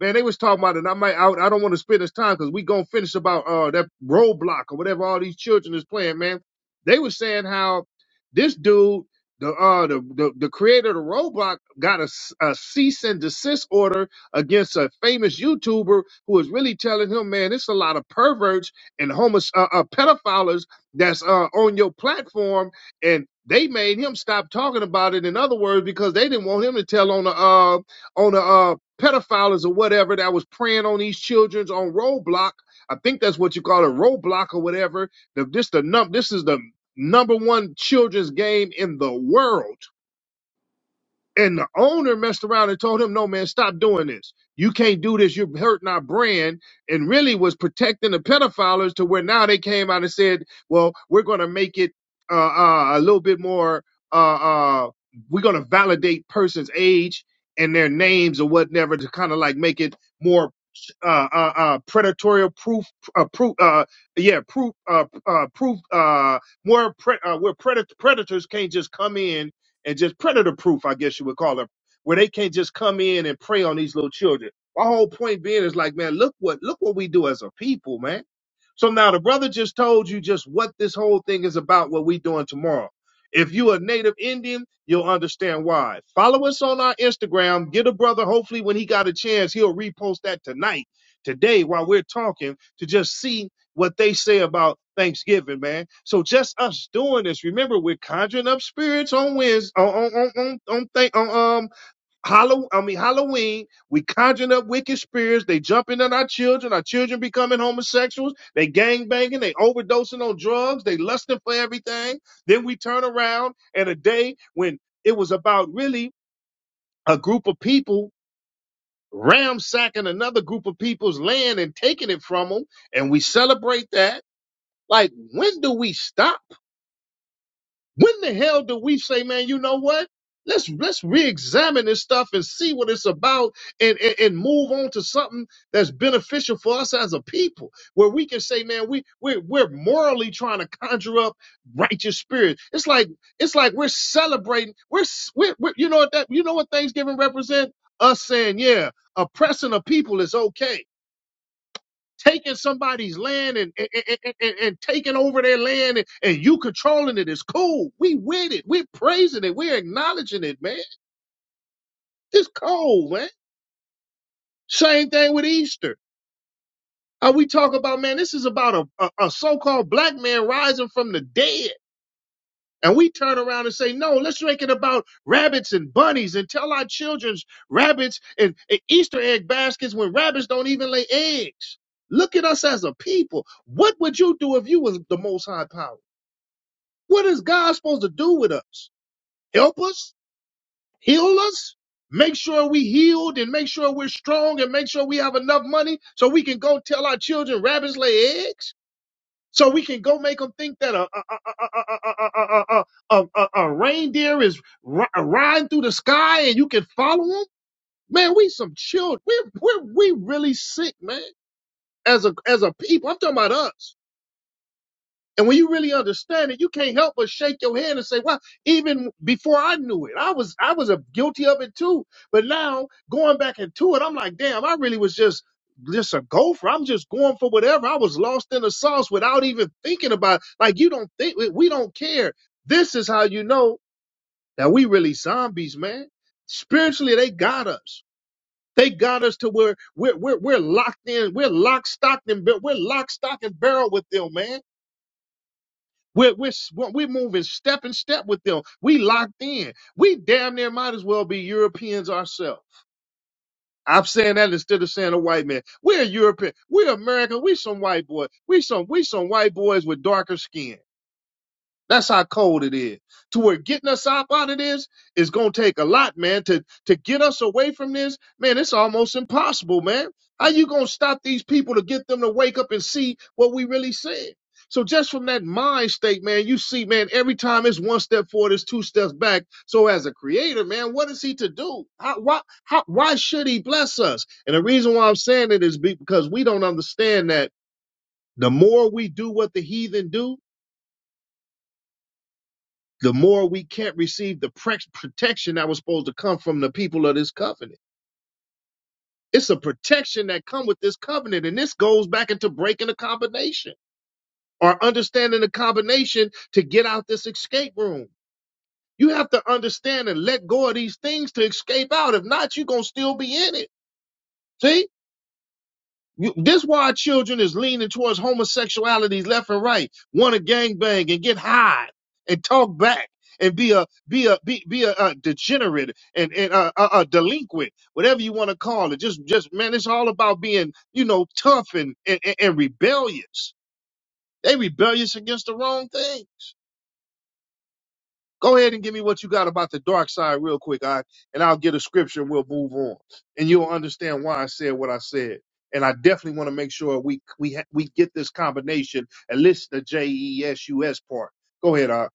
Man, they was talking about it. And I might, out. I, I don't want to spend this time because we gonna finish about uh that roadblock or whatever all these children is playing. Man, they was saying how this dude, the uh the the, the creator of the roadblock, got a, s- a cease and desist order against a famous YouTuber who was really telling him, man, it's a lot of perverts and homos uh, uh, pedophiles that's uh on your platform, and they made him stop talking about it. In other words, because they didn't want him to tell on the uh on the uh, pedophiles or whatever that was preying on these childrens on Roblox. I think that's what you call it, Roblox or whatever. The, this the num this is the number one children's game in the world. And the owner messed around and told him, no, man, stop doing this. You can't do this. You're hurting our brand. And really was protecting the pedophiles to where now they came out and said, well, we're going to make it uh, uh, a little bit more, uh, uh, we're going to validate person's age and their names or whatever to kind of like make it more uh, uh, uh, predatory proof, uh, proof, uh, yeah, proof, uh, uh, proof, uh, more, pre- uh, where pred- predators can't just come in and just predator proof, I guess you would call it, where they can't just come in and prey on these little children. My whole point being is like, man, look what look what we do as a people, man. So now the brother just told you just what this whole thing is about, what we doing tomorrow. If you're a native Indian, you'll understand why. Follow us on our Instagram. Get a brother. Hopefully, when he got a chance, he'll repost that tonight, today, while we're talking, to just see what they say about Thanksgiving, man. So just us doing this, remember we're conjuring up spirits on Wednesday, on on on on, on, th- on um Halloween. I mean Halloween. We conjuring up wicked spirits. They jumping on our children. Our children becoming homosexuals. They gang banging. They overdosing on drugs. They lusting for everything. Then we turn around and a day when it was about really a group of people ramsacking another group of people's land and taking it from them, and we celebrate that like, when do we stop? When the hell do we say, man, you know what? Let's let's re-examine this stuff and see what it's about and, and, and move on to something that's beneficial for us as a people, where we can say, man, we we're we're morally trying to conjure up righteous spirit. It's like it's like we're celebrating, we're, s- we're, we're you know what that you know what Thanksgiving represents? Us saying, yeah, oppressing a people is okay taking somebody's land and, and, and, and- and taking over their land and, and you controlling it is cool. We with it. We're praising it. We're acknowledging it, man. This cold, man. Same thing with Easter. Uh, we talk about, man, this is about a, a, a so-called black man rising from the dead. And we turn around and say, no, let's make it about rabbits and bunnies and tell our children rabbits and, and Easter egg baskets when rabbits don't even lay eggs. Look at us as a people. What would you do if you was the most high power? What is God supposed to do with us? Help us? Heal us? Make sure we healed and make sure we're strong and make sure we have enough money so we can go tell our children rabbits lay eggs? So we can go make them think that a, a, a, a, a, a, a, a, a, a reindeer is ri- riding through the sky and you can follow them? Man, we some children. We're, we're, we really sick, man. As a, as a people, I'm talking about us. And when you really understand it, you can't help but shake your hand and say, "Wow!" even before I knew it, I was I was a guilty of it too." But now going back into it, I'm like, "Damn, I really was just just a gopher. I'm just going for whatever. I was lost in the sauce without even thinking about. It. Like you don't think we we don't care. This is how you know that we really zombies, man. Spiritually, they got us. They got us to where we're we're, we're locked in. We're lock, stocked, and bar- we're lock, stock, and barrel with them, man we're, we're, we're moving step and step with them. We locked in. We damn near might as well be Europeans ourselves. I'm saying that instead of saying a white man. We're European. We're American. We some white boy. We some we some white boys with darker skin. That's how cold it is. To where getting us up out of this is gonna take a lot, man. To to get us away from this, man, it's almost impossible, man. How you gonna stop these people to get them to wake up and see what we really said? So just from that mind state, man, you see, man, every time it's one step forward, it's two steps back. So as a creator, man, what is he to do? How, why, how, why should he bless us? And the reason why I'm saying it is because we don't understand that the more we do what the heathen do, the more we can't receive the pre- protection that was supposed to come from the people of this covenant. It's a protection that come with this covenant, and this goes back into breaking the combination or understanding the combination to get out this escape room. You have to understand and let go of these things to escape out. If not, you're gonna still be in it. See? You, this why children is leaning towards homosexuality left and right, want to gangbang and get high and talk back and be a be a be, be a, uh degenerate and and a, a, a delinquent, whatever you want to call it. Just just man, it's all about being you know tough and and, and and rebellious. They rebellious against the wrong thing. Go ahead and give me what you got about the dark side real quick, I and I'll get a scripture and we'll move on. And you'll understand why I said what I said. And I definitely want to make sure we we ha- we get this combination and listen to J E S U S part. Go ahead, I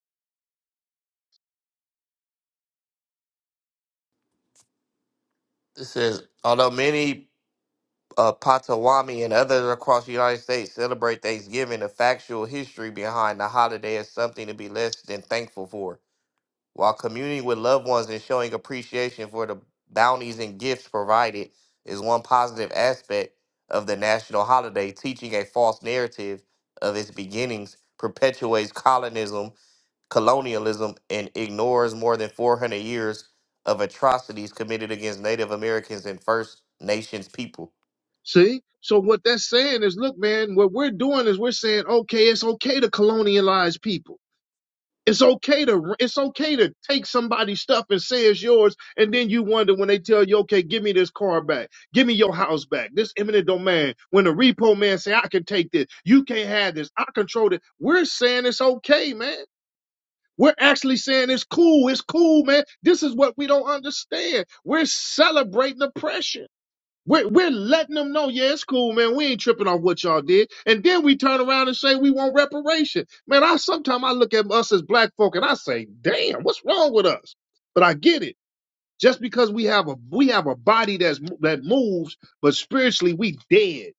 It says, although many uh, Potawatomi and others across the United States celebrate Thanksgiving, the factual history behind the holiday is something to be less than thankful for. While communing with loved ones and showing appreciation for the bounties and gifts provided is one positive aspect of the national holiday, teaching a false narrative of its beginnings perpetuates colonism colonialism and ignores more than 400 years of atrocities committed against Native Americans and First Nations people. see. So what that's saying is, look, man, what we're doing is we're saying, okay, it's okay to colonialize people It's okay to it's okay to take somebody's stuff and say it's yours, and then you wonder when they tell you, okay, give me this car back, give me your house back, this eminent domain. When the repo man say, I can take this, you can't have this, I control it. We're saying it's okay, man. We're actually saying it's cool, it's cool, man. This is what we don't understand. We're celebrating oppression. We're, we're letting them know, yeah, it's cool, man. We ain't tripping off what y'all did. And then we turn around and say we want reparation. Man, I sometimes I look at us as black folk and I say, damn, what's wrong with us? But I get it. Just because we have a we have a body that's that moves, but spiritually we dead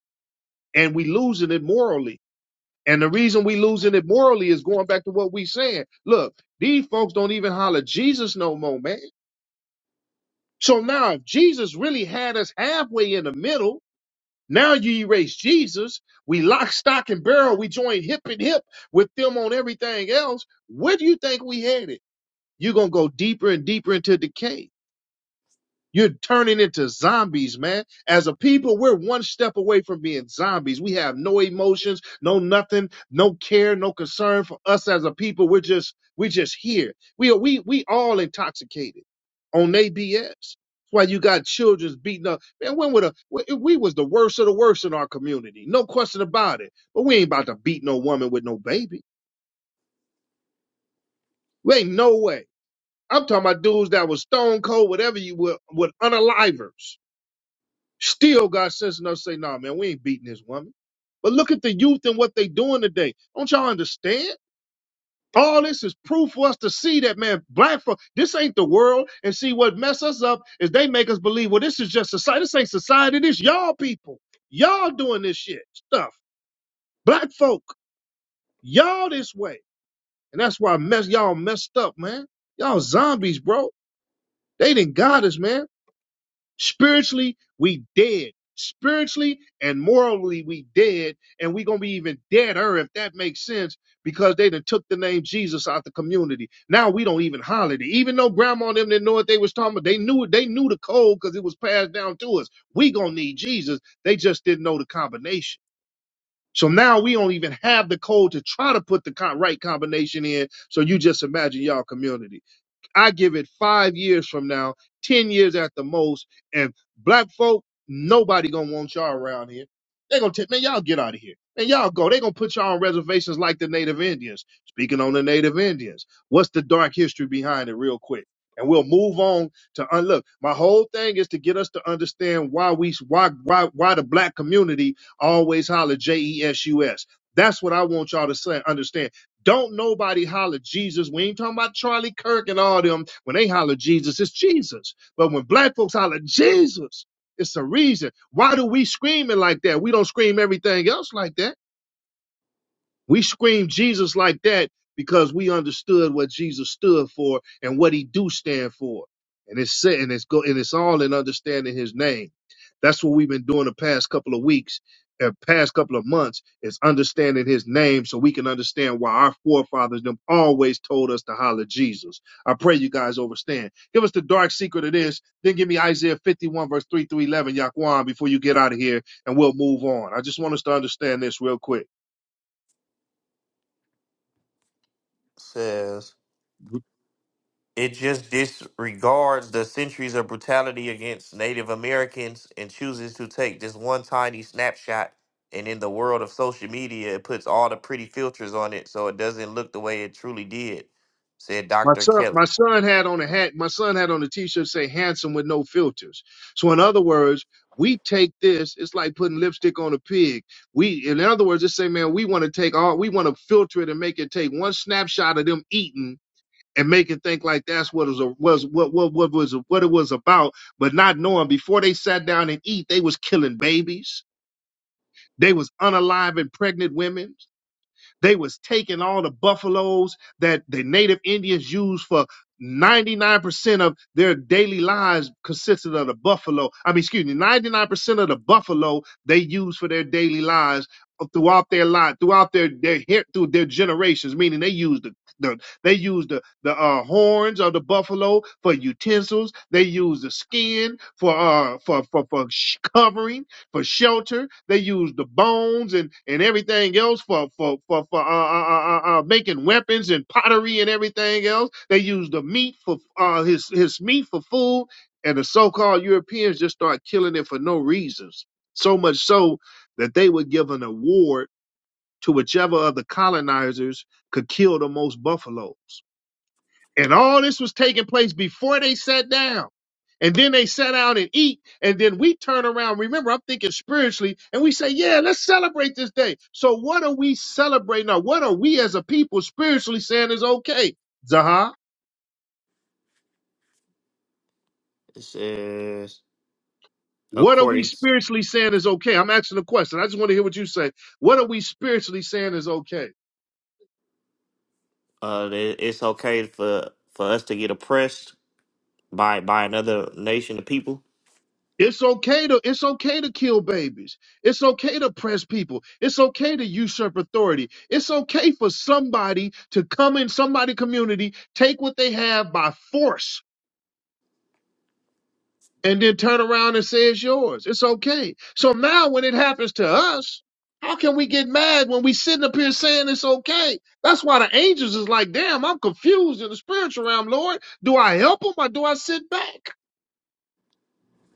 and we losing it morally. And the reason we losing it morally is going back to what we saying. Look, these folks don't even holler Jesus no more, man. So now if Jesus really had us halfway in the middle, Now you erase Jesus. We lock, stock, and barrel. We join hip and hip with them on everything else. Where do you think we headed? You're going to go deeper and deeper into decay. You're turning into zombies, man. As a people, we're one step away from being zombies. We have no emotions, no nothing, no care, no concern for us as a people. We're just, we're just here. We are, we, we all intoxicated on they BS. That's why you got children beating up. Man, when would a, we was the worst of the worst in our community. No question about it. But we ain't about to beat no woman with no baby. We ain't no way. I'm talking about dudes that was stone cold, whatever you were, with unalivers Still, God says enough to say, nah, man, we ain't beating this woman. But look at the youth and what they doing today. Don't y'all understand? All this is proof for us to see that, man, black folk, this ain't the world. And see, what mess us up is they make us believe, well, this is just society. This ain't society. This y'all people. Y'all doing this shit stuff. Black folk, y'all this way. And that's why mess y'all messed up, man. Y'all zombies, bro. They didn't got us, man. Spiritually, we dead. Spiritually and morally, we dead, and we gonna be even deader if that makes sense, because they done took the name Jesus out the community. Now we don't even holler it. Even though grandma and them didn't know what they was talking about, they knew it, they knew the code because it was passed down to us. We gonna need Jesus. They just didn't know the combination. So now we don't even have the code to try to put the co- right combination in. So you just imagine y'all community. I give it five years from now, 10 years at the most. And black folk, nobody gonna want y'all around here. they gonna take, man, y'all get out of here. And y'all go. they gonna put y'all on reservations like the Native Indians. Speaking on the Native Indians, what's the dark history behind it, real quick? And we'll move on to un- look. My whole thing is to get us to understand why we why why why the black community always holler J E S U S. That's what I want y'all to say, understand don't nobody holler Jesus. We ain't talking about Charlie Kirk and all them. When they holler Jesus, it's Jesus. But when black folks holler Jesus, it's a reason. Why do we screaming like that? We don't scream everything else like that. We screamed Jesus like that because we understood what Jesus stood for and what he do stand for. And it's said- and it's go and it's all in understanding his name. That's what we've been doing the past couple of weeks and past couple of months is understanding his name so we can understand why our forefathers them always told us to holler Jesus. I pray you guys understand. Give us the dark secret of this, then give me Isaiah 51 verse 3 through 11, Yaquan, before you get out of here and we'll move on. I just want us to understand this real quick. Says it just disregards the centuries of brutality against Native Americans and chooses to take this one tiny snapshot. And in the world of social media, it puts all the pretty filters on it so it doesn't look the way it truly did, said My Dr. son, Kelly. my son had on a hat. My son had on a T-shirt say "handsome with no filters." So, in other words, we take this. It's like putting lipstick on a pig. We, in other words, just say, man, we want to take all. We want to filter it and make it take one snapshot of them eating and make it think like that's what it was a, was what what what was what it was about. But not knowing before they sat down and eat, they was killing babies. They was unalive and pregnant women. They was taking all the buffaloes that the native Indians used for 99% of their daily lives consisted of the buffalo. I mean, excuse me, 99% of the buffalo they used for their daily lives throughout their life, throughout their their hair, through their generations. Meaning they used the, the they used the the uh, horns of the buffalo for utensils. They used the skin for uh for for for sh- covering for shelter. They used the bones and, and everything else for for for, for uh, uh, uh, uh, uh, making weapons and pottery and everything else. They used the meat for uh, his his meat for food, and the so-called Europeans just start killing it for no reasons. So much so that they would give an award to whichever of the colonizers could kill the most buffaloes. And all this was taking place before they sat down. And then they sat down and eat. And then we turn around. Remember, I'm thinking spiritually. And we say, yeah, let's celebrate this day. So what are we celebrating? Or what are we as a people spiritually saying is okay? Zaha, It says, what are we according to spiritually saying is okay? I'm asking a question. I just want to hear what you say. What are we spiritually saying is okay? uh, that it's okay for, for us to get oppressed by by another nation of people, It's okay to it's okay to kill babies. It's okay to press people. It's okay to usurp authority. It's okay for somebody to come in somebody community, take what they have by force, and then turn around and say it's yours. It's okay. So now when it happens to us, how can we get mad when we sitting up here saying it's okay? That's why the angels is like, damn, I'm confused in the spiritual realm, Lord. Do I help them or do I sit back?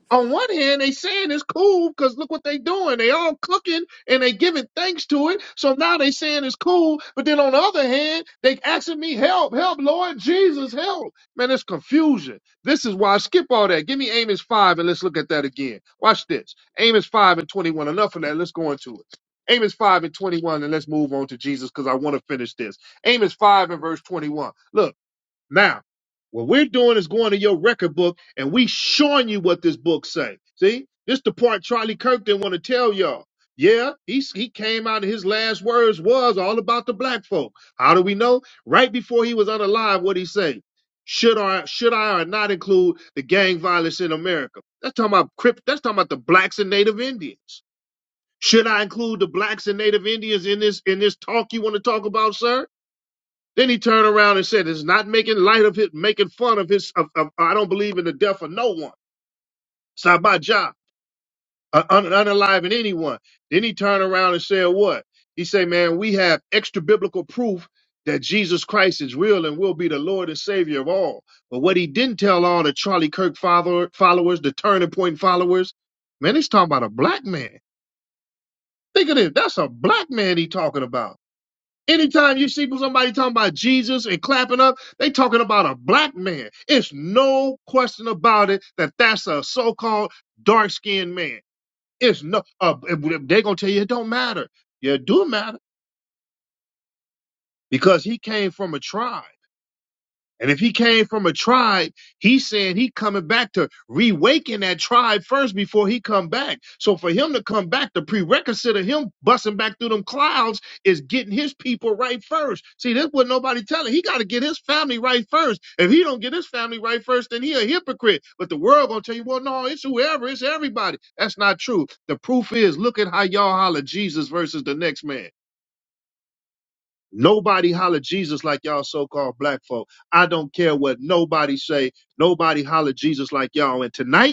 on one hand, they saying it's cool because look what they doing. They all cooking and they giving thanks to it. So now they saying it's cool. But then on the other hand, they asking me help, help, Lord Jesus, help. Man, it's confusion. This is why I skip all that. Give me Amos 5 and let's look at that again. Watch this. Amos 5 and 21. Enough of that. Let's go into it. Amos 5 and 21 and let's move on to Jesus because I want to finish this. Amos 5 and verse 21. Look. Now, what we're doing is going to your record book and we showing you what this book say. See, this the part Charlie Kirk didn't want to tell y'all. Yeah, he he came out and his last words was all about the black folk. How do we know? Right before he was unalive, what he say? Should I should I or not include the gang violence in America? That's talking about Crip, that's talking about the blacks and Native Indians. Should I include the blacks and Native Indians in this in this talk you want to talk about, sir? Then he turned around and said, "It's not making light of it, making fun of his. Of, of, I don't believe in the death of no one. It's not my job, uh, un, unaliving anyone." Then he turned around and said, "What?" He said, "Man, we have extra biblical proof that Jesus Christ is real and will be the Lord and Savior of all." But what he didn't tell all the Charlie Kirk follower, followers, the Turning Point followers, man, he's talking about a black man. Think of this. That's a black man he talking about Anytime you see somebody talking about Jesus and clapping up, they talking about a black man. It's no question about it that that's a so-called dark-skinned man. It's no, uh, they're gonna tell you it don't matter. Yeah, it do matter because he came from a tribe. And if he came from a tribe, he's saying he coming back to reawaken that tribe first before he come back. So for him to come back, the prerequisite of him busting back through them clouds is getting his people right first. See, that's what nobody telling. He got to get his family right first. If he don't get his family right first, then he a hypocrite. But the world gonna tell you, well, no, it's whoever, it's everybody. That's not true. The proof is, look at how y'all holler Jesus versus the next man. Nobody holler Jesus like y'all so-called black folk. I don't care what nobody say. Nobody holler Jesus like y'all. And tonight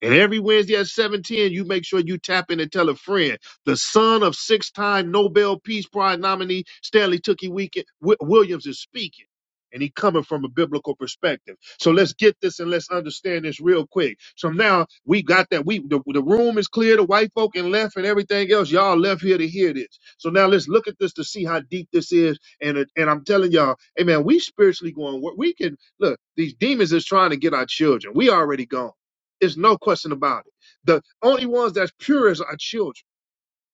and every Wednesday at 710, you make sure you tap in and tell a friend. The son of six-time Nobel Peace Prize nominee Stanley Tookie Weekend, Wi- Williams is speaking. And he coming from a biblical perspective. So let's get this and let's understand this real quick. So now we got that. We the, the room is clear, the white folk and left and everything else. Y'all left here to hear this. So now let's look at this to see how deep this is. And it- and I'm telling y'all, hey man, we spiritually going. where- We can look. These demons is trying to get our children. We already gone. There's no question about it. The only ones that's purest are children.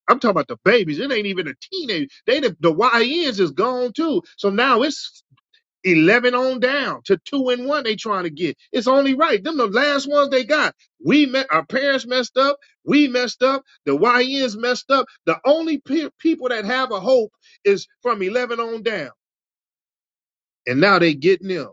I'm talking about the babies. It ain't even a teenager. They the, the YNs is gone too. So now it's eleven on down to two and one. They trying to get. It's only right. Them the last ones they got. We met our parents messed up. We messed up. The YNs messed up. The only pe- people that have a hope is from eleven on down. And now they getting them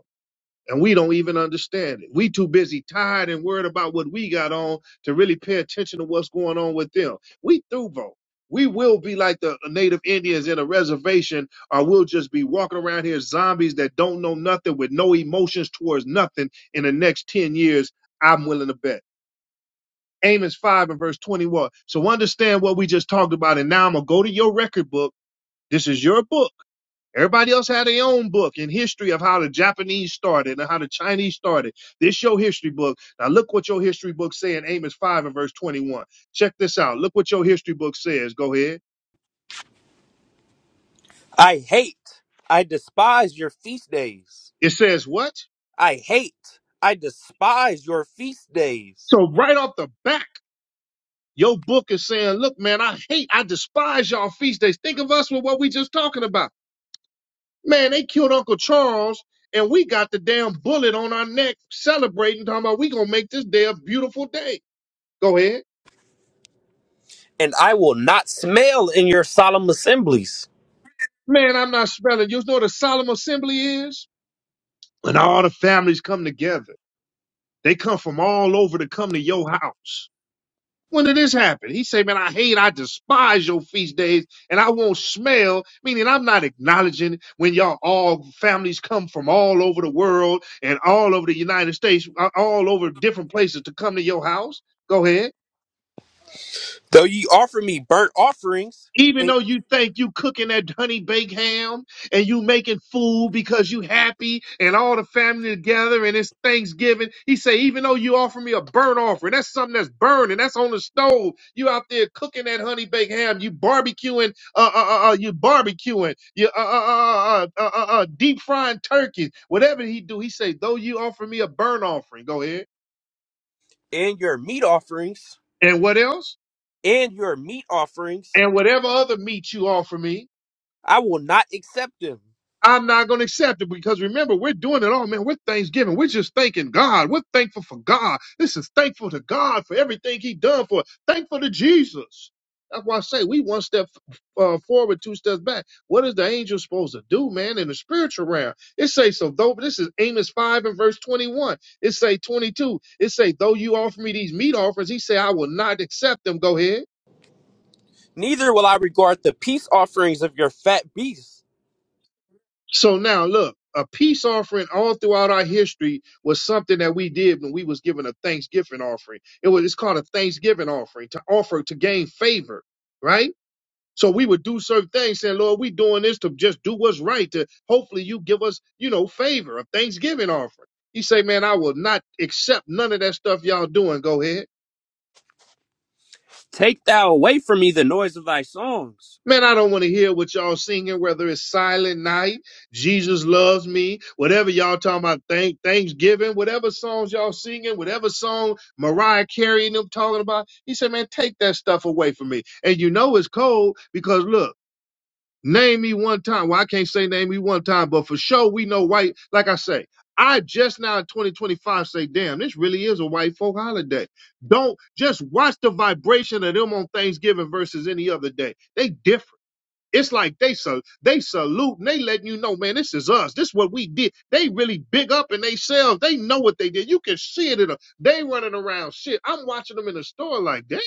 and we don't even understand it. We too busy, tired and worried about what we got on to really pay attention to what's going on with them. We through, bro. We will be like the native Indians in a reservation, or we'll just be walking around here zombies that don't know nothing with no emotions towards nothing in the next 10 years. I'm willing to bet. Amos 5 and verse 21. So understand what we just talked about. And now I'm going to go to your record book. This is your book Everybody else had their own book and history of how the Japanese started and how the Chinese started. This your history book. Now look what your history book say in Amos 5 and verse 21. Check this out. Look what your history book says. Go ahead. I hate, I despise your feast days. It says what? I hate, I despise your feast days. So right off the back, your book is saying, look, man, I hate, I despise y'all feast days. Think of us with what we just talking about. Man, they killed Uncle Charles and we got the damn bullet on our neck celebrating, talking about we gonna make this day a beautiful day. Go ahead. And I will not smell in your solemn assemblies. Man, I'm not spelling. You know what a solemn assembly is? When all the families come together. They come from all over to come to your house. When did this happen? He say, man, I hate, I despise your feast days, and I won't smell, meaning I'm not acknowledging when y'all all families come from all over the world and all over the United States, uh, all over different places to come to your house. Go ahead. Though ye offer me burnt offerings even and, though you think you cooking that honey baked ham and you making food because you happy and all the family together and it's Thanksgiving, he say, even though you offer me a burnt offering, that's something that's burning, that's on the stove. You out there cooking that honey baked ham, you barbecuing, uh, uh, uh, uh, you barbecuing, you uh, uh, uh, uh, uh, uh, uh, deep frying turkey, whatever he do, he say, though you offer me a burnt offering, go ahead. and your meat offerings, And what else? and your meat offerings, And whatever other meat you offer me, I will not accept them. I'm not going to accept it because remember, we're doing it all, man. We're Thanksgiving. We're just thanking God. We're thankful for God. This is thankful to God for everything He done for us. Thankful to Jesus. That's why I say we one step uh, forward, two steps back. What is the angel supposed to do, man, in the spiritual realm? It say so. Though this is Amos five and verse twenty one. It say twenty two. It say though you offer me these meat offerings, he say I will not accept them. Go ahead. Neither will I regard the peace offerings of your fat beasts. So now look, a peace offering all throughout our history was something that we did when we was given a thanksgiving offering. It was it's called a thanksgiving offering to offer to gain favor, right? So we would do certain things saying, Lord, we doing this to just do what's right to hopefully you give us, you know, favor, a thanksgiving offering. He say, man, I will not accept none of that stuff y'all doing. Go ahead. Take thou away from me the noise of thy songs. Man, I don't want to hear what y'all singing, whether it's Silent Night, Jesus Loves Me, whatever y'all talking about, thank Thanksgiving, whatever songs y'all singing, whatever song Mariah Carey and them talking about. He said, man, take that stuff away from me. And you know it's cold because look, name me one time. Well, I can't say name me one time, but for sure we know white. Like I say, I just now in 2025 say, damn, this really is a white folk holiday. Don't just watch the vibration of them on Thanksgiving versus any other day. They different. It's like they so they salute and they letting you know, man, this is us. This is what we did. They really big up in themselves. They know what they did. You can see it in them. They running around shit. I'm watching them in the store like, damn,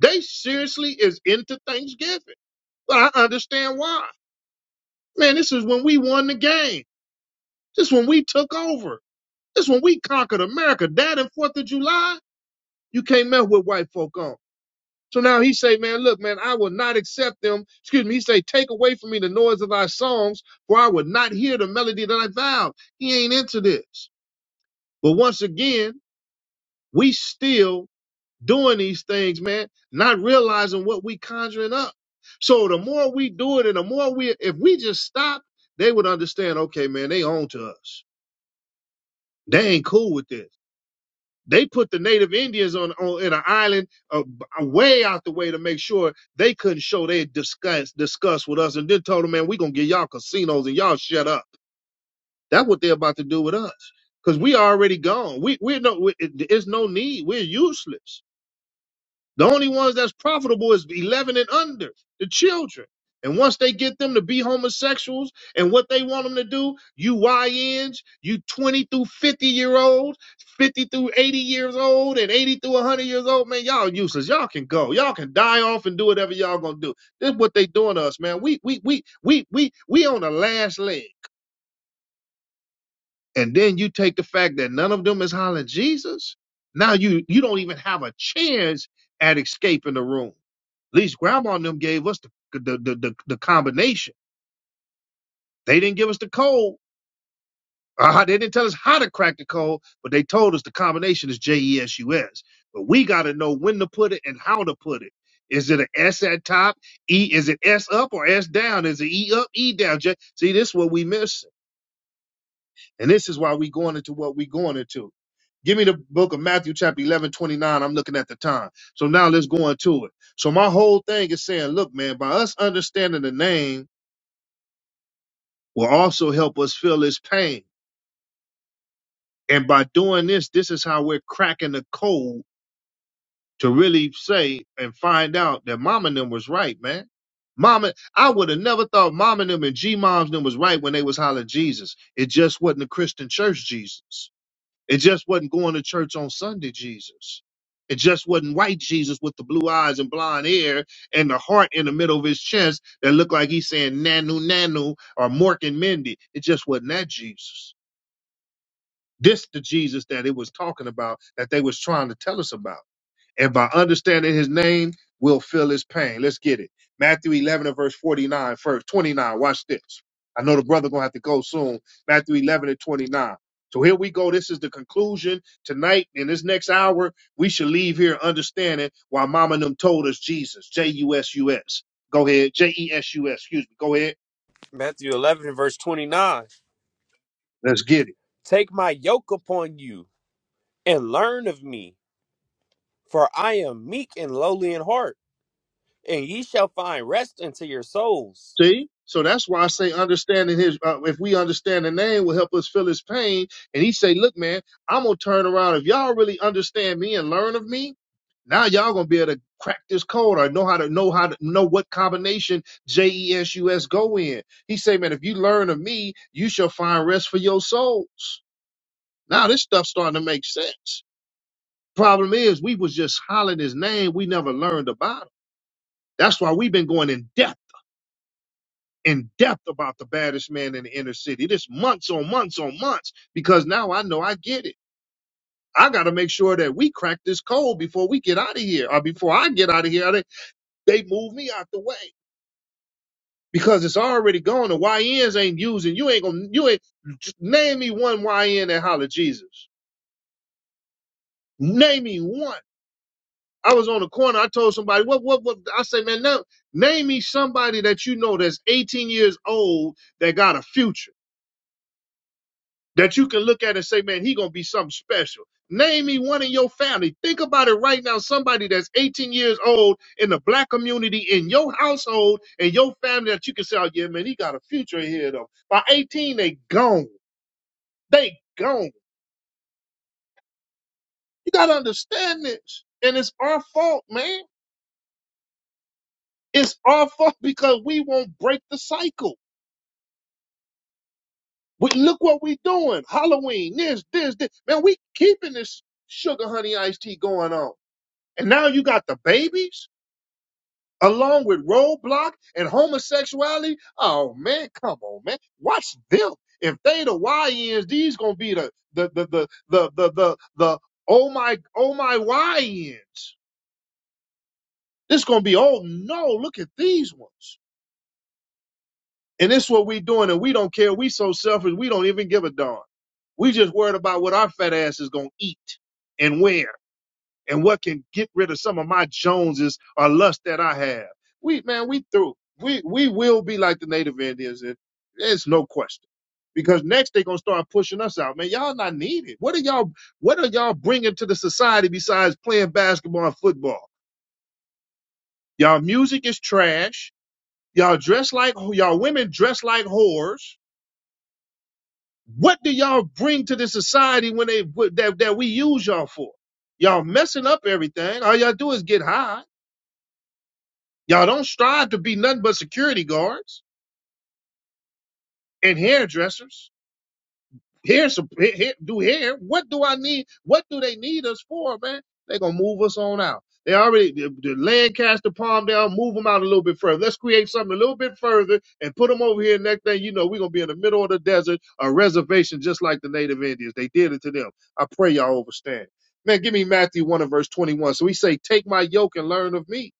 they seriously is into Thanksgiving. But I understand why. Man, this is when we won the game. This is when we took over. This is when we conquered America. That and Fourth of July, you can't mess with white folk on. So now he say, man, look, man, I will not accept them. Excuse me. He say, take away from me the noise of thy songs, for I would not hear the melody of thy vows. He ain't into this. But once again, we still doing these things, man, not realizing what we conjuring up. So the more we do it and the more we, if we just stop, they would understand, okay, man, they on to us. They ain't cool with this. They put the native Indians on, on in an island uh, way out the way to make sure they couldn't show they discuss discuss with us, and then told them, man, we gonna get y'all casinos and y'all shut up. That's what they're about to do with us, cause we already gone. We we're no, we, it- it's no need. We're useless. The only ones that's profitable is 11 and under, the children. And once they get them to be homosexuals and what they want them to do, you YNs, you 20 through 50 year olds, 50 through 80 years old, and 80 through 100 years old, man, y'all useless. Y'all can go. Y'all can die off and do whatever y'all gonna do. This is what they doing to us, man. We we we we we we on the last leg. And then you take the fact that none of them is hollering Jesus. Now you you don't even have a chance at escaping the room least grandma and them gave us the the the, the, the combination. They didn't give us the code. Uh, they didn't tell us how to crack the code, but they told us the combination is J E S U S. But we got to know when to put it and how to put it. Is it an S at top? E is it S up or S down? Is it E up, E down? J- See, this is what we miss, and this is why we going into what we going into. Give me the book of Matthew, chapter eleven twenty-nine. I'm looking at the time. So now let's go into it. So my whole thing is saying, look, man, by us understanding the name will also help us feel his pain. And by doing this, this is how we're cracking the code to really say and find out that Mama and them was right, man. Mama, I would have never thought Mama and them and G moms them was right when they was hollering Jesus. It just wasn't a Christian church Jesus. It just wasn't going to church on Sunday Jesus. It just wasn't white Jesus with the blue eyes and blonde hair and the heart in the middle of his chest that looked like he's saying nanu nanu or Mork and Mindy. It just wasn't that Jesus. This the Jesus that it was talking about, that they was trying to tell us about. And by understanding his name, we'll feel his pain. Let's get it. Matthew 11 and verse 49, first 29. Watch this. I know the brother gonna have to go soon. Matthew 11 and 29. So here we go. This is the conclusion tonight. In this next hour, we should leave here understanding why Mama and them told us Jesus. J U S U S. Go ahead. J E S U S. Excuse me. Go ahead. Matthew 11, verse 29. Let's get it. Take my yoke upon you and learn of me, for I am meek and lowly in heart, and ye shall find rest unto your souls. See? So that's why I say understanding his, uh, if we understand the name will help us feel his pain. And he say, look, man, I'm going to turn around. If y'all really understand me and learn of me, now y'all going to be able to crack this code or know how to know how to know what combination J E S U S go in. He say, man, if you learn of me, you shall find rest for your souls. Now this stuff starting to make sense. Problem is we was just hollering his name. We never learned about him. That's why we've been going in depth in depth about the baddest man in the inner city. This months on months on months because now I know I get it. I got to make sure that we crack this code before we get out of here or before I get out of here. They, they move me out the way because it's already gone. The YNs ain't using. You ain't going to, you ain't, just name me one YN that holler Jesus. Name me one. I was on the corner. I told somebody, what, what, what? I say, man, now, name me somebody that you know that's 18 years old that got a future. that you can look at and say, man, he gonna be something special. Name me one in your family. Think about it right now. Somebody that's 18 years old in the black community in your household and your family that you can say, oh yeah, man, he got a future here." Though By 18, they gone. They gone. You gotta understand this. And it's our fault, man. It's our fault because we won't break the cycle. We, look what we doing. Halloween, this, this, this. Man, we keeping this sugar honey iced tea going on. And now you got the babies along with roadblock and homosexuality. Oh man, come on, man. Watch them. If they the Y YNs, these gonna be the the the the the the the, the oh my oh my Y YNs. This gonna be oh no, look at these ones. And this what we doing, and we don't care. We so selfish, we don't even give a darn. We just worried about what our fat ass is gonna eat and where. and what can get rid of some of my Joneses or lust that I have. We man, we through. We we will be like the native Indians, and there's no question. Because next they're gonna start pushing us out, man. Y'all not needed. What are y'all? What are y'all bringing to the society besides playing basketball and football? Y'all music is trash. Y'all dress like y'all women dress like whores. What do y'all bring to the society when they that that we use y'all for? Y'all messing up everything. All y'all do is get high Y'all don't strive to be nothing but security guards and hairdressers. Hair, sup- ha- ha- do hair. What do I need? What do they need us for, man? They're gonna move us on out. They already the, the Lancaster Palm down, move them out a little bit further. Let's create something a little bit further and put them over here. Next thing you know, we're gonna be in the middle of the desert, a reservation just like the native Indians. They did it to them. I pray y'all understand. Man, give me Matthew 1 and verse 21. So he say, Take my yoke and learn of me.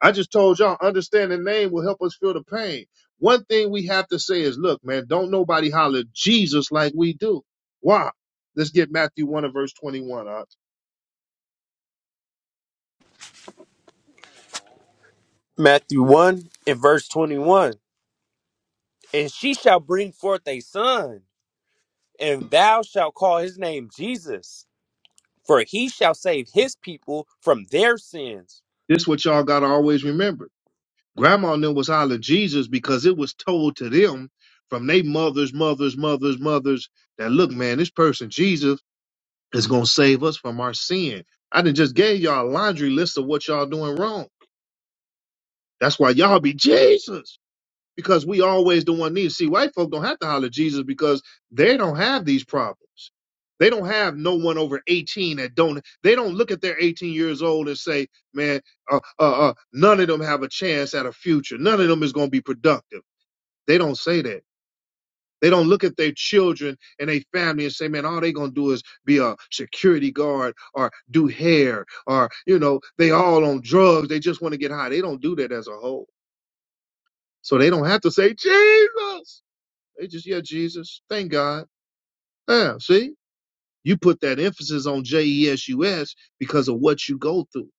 I just told y'all, understanding the name will help us feel the pain. One thing we have to say is, look, man, don't nobody holler Jesus like we do. Why? Let's get Matthew 1 and verse 21. Uh, Matthew 1 and verse 21. And she shall bring forth a son, and thou shalt call his name Jesus, for he shall save his people from their sins. this what y'all got to always remember. Grandma and them was hollering Jesus because it was told to them from their mothers, mothers, mothers, mothers that, look, man, this person, Jesus, is going to save us from our sin. I done just gave y'all a laundry list of what y'all doing wrong. That's why y'all be Jesus. because we always the one need. See, white folk don't have to holler Jesus because they don't have these problems. They don't have no one over 18 that don't. They don't look at their 18 years old and say, "Man, uh, uh, uh, none of them have a chance at a future. None of them is going to be productive." They don't say that. They don't look at their children and their family and say, "Man, all they going to do is be a security guard or do hair or you know they all on drugs. They just want to get high." They don't do that as a whole, so they don't have to say Jesus they just, yeah, Jesus. Thank God. Yeah, see? You put that emphasis on J E S U S because of what you go through.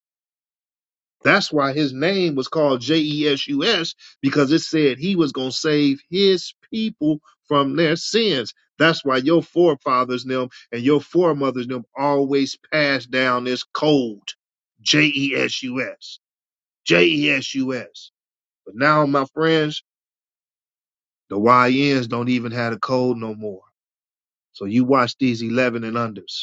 That's why his name was called J E S U S because it said he was going to save his people from their sins. That's why your forefathers and them and your foremothers and them always passed down this code J E S U S. J E S U S. But now, my friends, the Y Ns don't even have a code no more. So you watch these 11 and unders.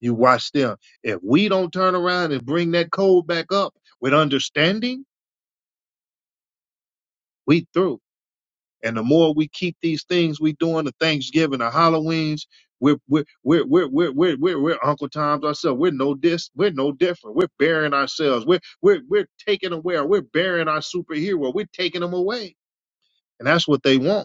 You watch them. If we don't turn around and bring that code back up with understanding, we through. And the more we keep these things we doing, the Thanksgiving, the Halloweens, we're we're we're we're we're we're we're, we're Uncle Tom's ourselves. We're no dis. We're no different. We're burying ourselves. We're we're we're taking away. Or We're burying our superhero. We're taking them away, and that's what they want.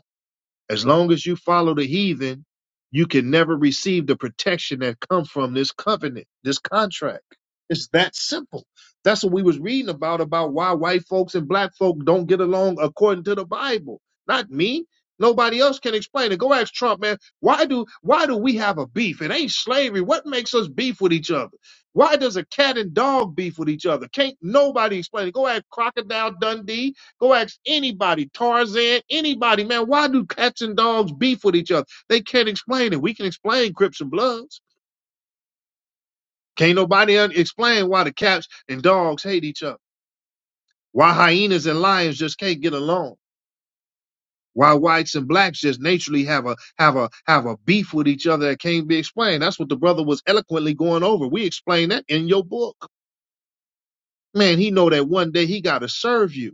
As long as you follow the heathen, you can never receive the protection that come from this covenant, this contract. It's that simple. That's what we was reading about about why white folks and black folk don't get along according to the Bible. Not me. Nobody else can explain it. Go ask Trump, man. Why do why do we have a beef? It ain't slavery. What makes us beef with each other? Why does a cat and dog beef with each other? Can't nobody explain it. Go ask Crocodile Dundee Go ask anybody, Tarzan, anybody, man, why do cats and dogs beef with each other? They can't explain it. We can explain Crips and Bloods. Can't nobody un- explain why the cats and dogs hate each other. Why hyenas and lions just can't get along. Why whites and blacks just naturally have a have a have a beef with each other that can't be explained. That's what the brother was eloquently going over. We explained that in your book. Man, he know that one day he gotta serve you.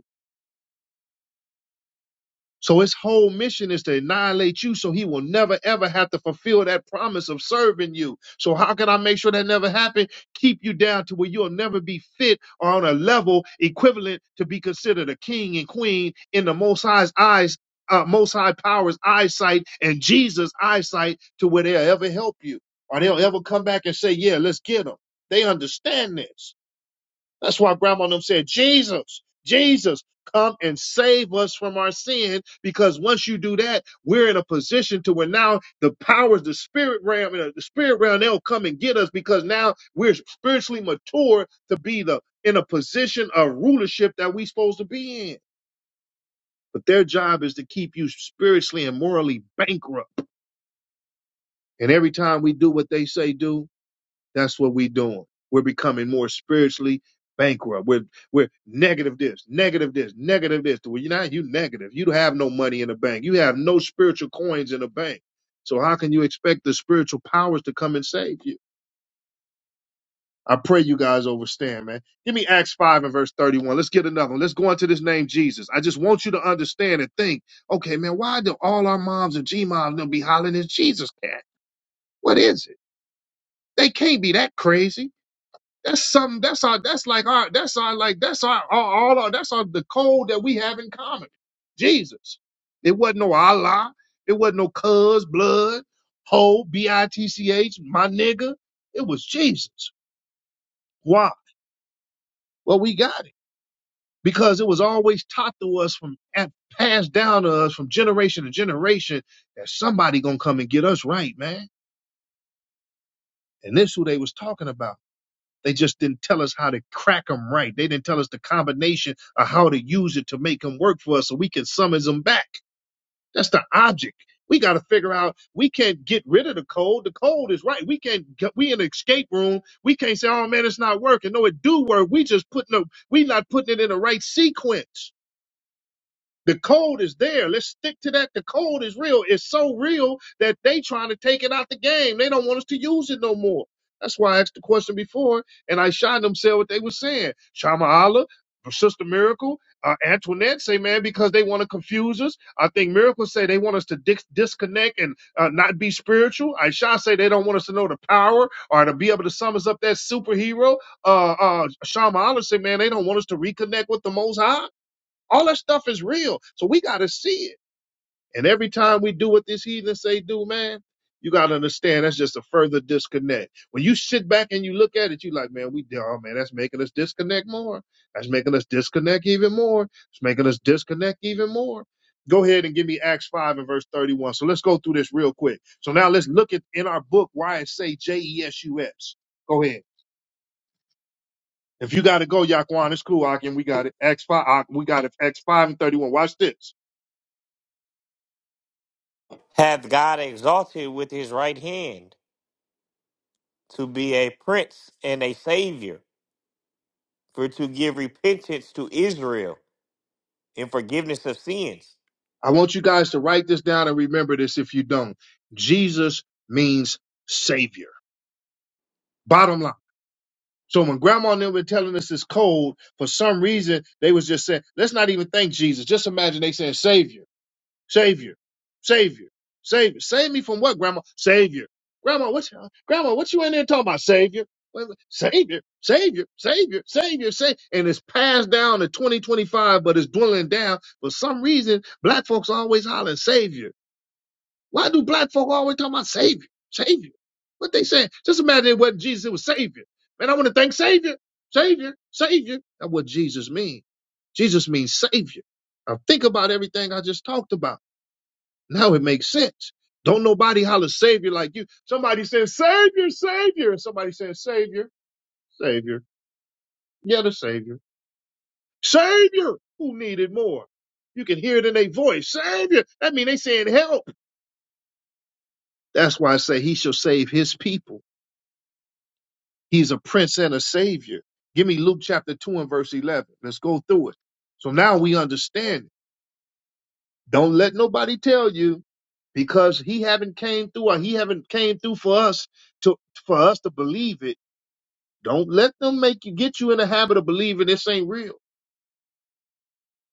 So his whole mission is to annihilate you so he will never ever have to fulfill that promise of serving you. So how can I make sure that never happen? Keep you down to where you'll never be fit or on a level equivalent to be considered a king and queen in the most high's eyes, uh, most high powers eyesight and Jesus eyesight to where they'll ever help you or they'll ever come back and say, yeah, let's get them. They understand this. That's why grandma and them said, Jesus, Jesus, come and save us from our sin. Because once you do that, we're in a position to where now the powers, the spirit realm, uh, the spirit realm, they'll come and get us because now we're spiritually mature to be the in a position of rulership that we're supposed to be in. But their job is to keep you spiritually and morally bankrupt. And every time we do what they say do, That's what we're doing. We're becoming more spiritually bankrupt. We're we're negative this, negative this, negative this. Well, you're not you negative. You have no money in the bank. You have no spiritual coins in the bank. So how can you expect the spiritual powers to come and save you? I pray you guys overstand, man. Give me Acts 5 and verse 31. Let's get another one. Let's go into this name Jesus. I just want you to understand and think, okay, man, why do all our moms and G moms gonna be hollering this Jesus cat? What is it? They can't be that crazy. That's something. That's our. That's like our. That's our. Like that's our. our all our. That's our. The code that we have in common. Jesus. It wasn't no Allah. It wasn't no cuz blood. Ho b i t c h. My nigga. It was Jesus. Why? Well, we got it because it was always taught to us from and passed down to us from generation to generation that somebody gonna come and get us right, man. And this who they was talking about. They just didn't tell us how to crack them right. They didn't tell us the combination of how to use it to make them work for us so we can summons them back. That's the object. We got to figure out. We can't get rid of the code. The code is right. We can't. Get, we in an escape room. We can't say, "Oh man, it's not working." No, it do work. We just putting up. We not putting it in the right sequence. The code is there. Let's stick to that. The code is real. It's so real that they trying to take it out the game. They don't want us to use it no more. That's why I asked the question before, and I shined them said what they were saying. Shama Allah, Sister Miracle, uh, Antoinette say, man, because they want to confuse us. I think Miracle say they want us to dis- disconnect and uh, not be spiritual. Aisha say they don't want us to know the power or to be able to summons up that superhero. Uh, uh, Shama Allah say, man, they don't want us to reconnect with the Most High. All that stuff is real. So we got to see it. And every time we do what these heathens say do, man, you got to understand that's just a further disconnect. When you sit back and you look at it, you like, man, we, oh man, that's making us disconnect more. That's making us disconnect even more. It's making us disconnect even more. Go ahead and give me Acts 5 and verse 31. So let's go through this real quick. So now let's look at in our book why it say J-E-S-U-S. Go ahead. If you got to go, Yaquan, it's cool, Akin. We got it. Acts 5 Ak- we got it. Acts 5 and 31. Watch this. hath God exalted with his right hand to be a prince and a savior, for to give repentance to Israel and forgiveness of sins. I want you guys to write this down and remember this if you don't. Jesus means savior. Bottom line. So when grandma and them were telling us it's cold, for some reason they was just saying, let's not even think Jesus. Just imagine they saying savior, savior, savior, savior. Save me from what, grandma? Savior. Grandma, what grandma, what you in there talking about? Savior. Wait, wait, Savior, savior, savior, savior, savior. And it's passed down to 2025, but it's dwindling down. For some reason, black folks always hollering savior. Why do black folk always talk about Savior? Savior. What they saying? Just imagine it wasn't Jesus, it was Savior. Man, I want to thank Savior. Savior. Savior. That's what Jesus means. Jesus means Savior. Now think about everything I just talked about. Now it makes sense. Don't nobody holler Savior like you. Somebody says Savior, Savior. And somebody says Savior, Savior. Yeah, the Savior. Savior. Who needed more? You can hear it in their voice. Savior. That means they saying help. That's why I say he shall save his people He's a prince and a savior. Give me Luke chapter 2 and verse 11. Let's go through it. So now we understand. it. Don't let nobody tell you because he haven't came through or he haven't came through for us to for us to believe it. Don't let them make you get you in the habit of believing this ain't real.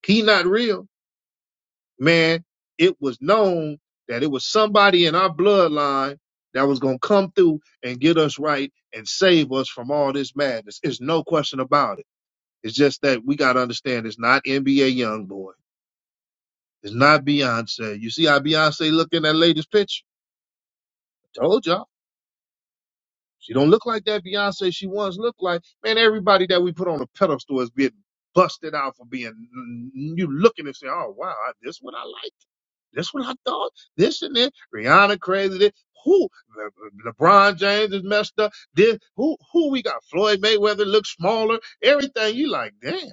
He not real. Man, it was known that it was somebody in our bloodline that was gonna come through and get us right and save us from all this madness. It's no question about it. It's just that we got to understand it's not NBA YoungBoy. It's not Beyonce. You see how Beyonce look in that latest picture? I told y'all. She don't look like that Beyonce she once looked like. Man, everybody that we put on a pedestal is getting busted out for being you looking and say, oh wow, I- this what I like, this what I thought, this and that. Rihanna crazy. This. Who Le- Le- LeBron James is messed up. This who who we got? Floyd Mayweather looks smaller. Everything you like, damn.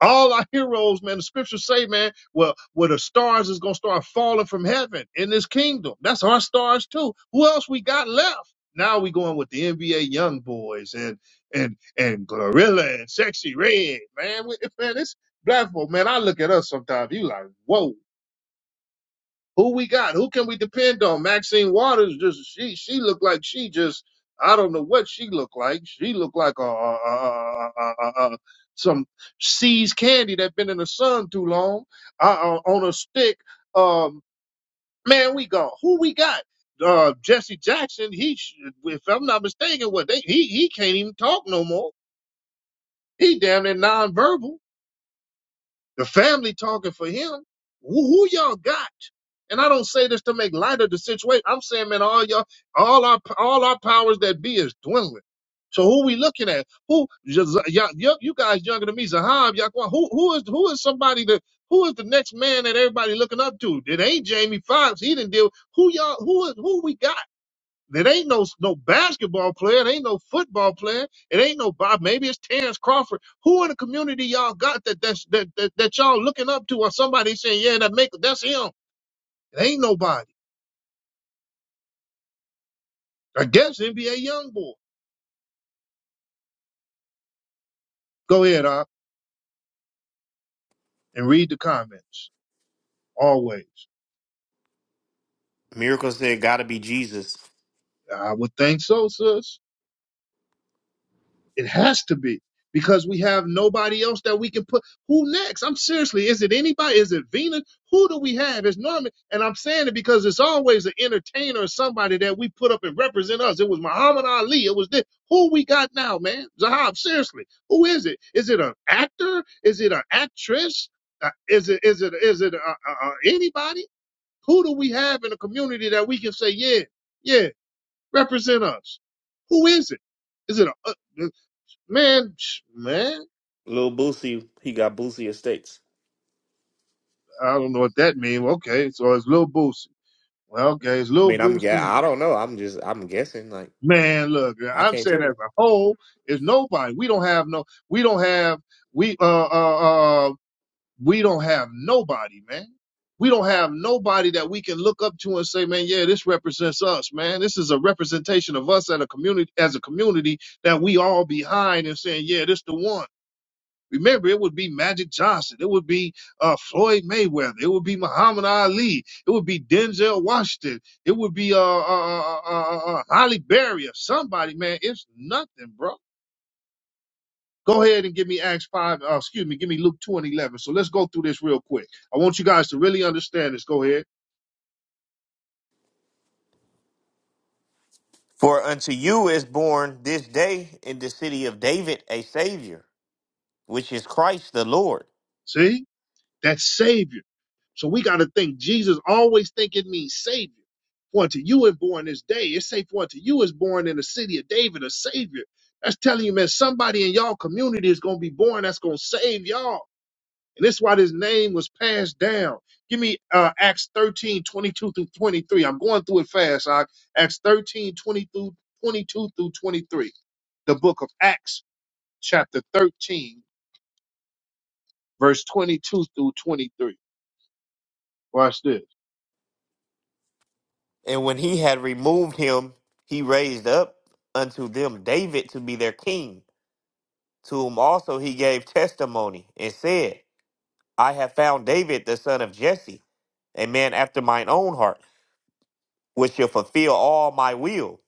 All our heroes, man, the scriptures say, man, well, where the stars is gonna start falling from heaven in this kingdom. That's our stars too. Who else we got left? Now we going with the NBA young boys and and and Glorilla and Sexy Red, man. We, man, this black folk, man. I look at us sometimes. You like, whoa, who we got? Who can we depend on? Maxine Waters just she she looked like she just I don't know what she looked like. She looked like a, a, a, a, a, a some seized candy that been in the sun too long uh, uh, on a stick. Um, man, we got who we got. Uh, Jesse Jackson. He, sh- if I'm not mistaken, what they he he can't even talk no more. He damn near nonverbal. The family talking for him. Who, who y'all got? And I don't say this to make light of the situation. I'm saying, man, all y'all, all our, all our powers that be is dwindling. So who we looking at? Who Yaz- y'all, you you guys younger than me, Zahab, Yaquan? Who who is who is somebody that who is the next man that everybody looking up to? It ain't Jamie Foxx. He didn't deal. Who y'all? Who is who we got? It ain't no no basketball player. It ain't no football player. It ain't no Bob. Maybe it's Terrence Crawford. Who in the community y'all got that that's, that, that that y'all looking up to, or somebody saying, "Yeah, that make that's him." It ain't nobody. I guess NBA young boy. Go ahead, uh, and read the comments. Always, Miracle said, "Gotta be Jesus." I would think so, sis. It has to be because we have nobody else that we can put. Who next? I'm seriously, is it anybody? Is it Venus? Who do we have? It's Norman. And I'm saying it because it's always an entertainer or somebody that we put up and represent us. It was Muhammad Ali. It was this. Who we got now, man? Zahab, seriously, who is it? Is it an actor? Is it an actress? Uh, is it is it is it uh, uh, uh, anybody? Who do we have in the community that we can say, yeah, yeah, represent us? Who is it? Is it a? uh, Man, psh, man, Little Boosie, he got Boosie estates. I don't know what that means. Okay, so it's Lil Boosie. Well, okay, it's I Lil mean, I'm Boosie. yeah, I don't know. I'm just I'm guessing. Like Man, look, I I'm can't tell saying as you. a whole, is nobody. We don't have no. We don't have. We uh uh uh. We don't have nobody, man. We don't have nobody that we can look up to and say, man, yeah, this represents us, man. This is a representation of us as a community, as a community that we all behind and saying, yeah, this the one. Remember, it would be Magic Johnson. It would be uh, Floyd Mayweather. It would be Muhammad Ali. It would be Denzel Washington. It would be uh, uh, uh, uh, uh, uh, Holly Berry or somebody, man. It's nothing, bro. Go ahead and give me Acts 5, uh, excuse me, give me Luke 2 and 11. So let's go through this real quick. I want you guys to really understand this. Go ahead. For unto you is born this day in the city of David a Savior, which is Christ the Lord. See? That Savior. So we got to think Jesus always think it means Savior. For unto you is born this day. It say for unto you is born in the city of David a Savior. That's telling you, man, somebody in y'all community is gonna be born that's gonna save y'all. And that's why this name was passed down. Give me uh, Acts thirteen twenty-two through 23. I'm going through it fast. Ak. Acts 13 22 through, through 23. The book of Acts, chapter 13, verse 22 through 23. Watch this. And when he had removed him, he raised up unto them David to be their king, to whom also he gave testimony, and said, I have found David the son of Jesse, a man after mine own heart, which shall fulfill all my will.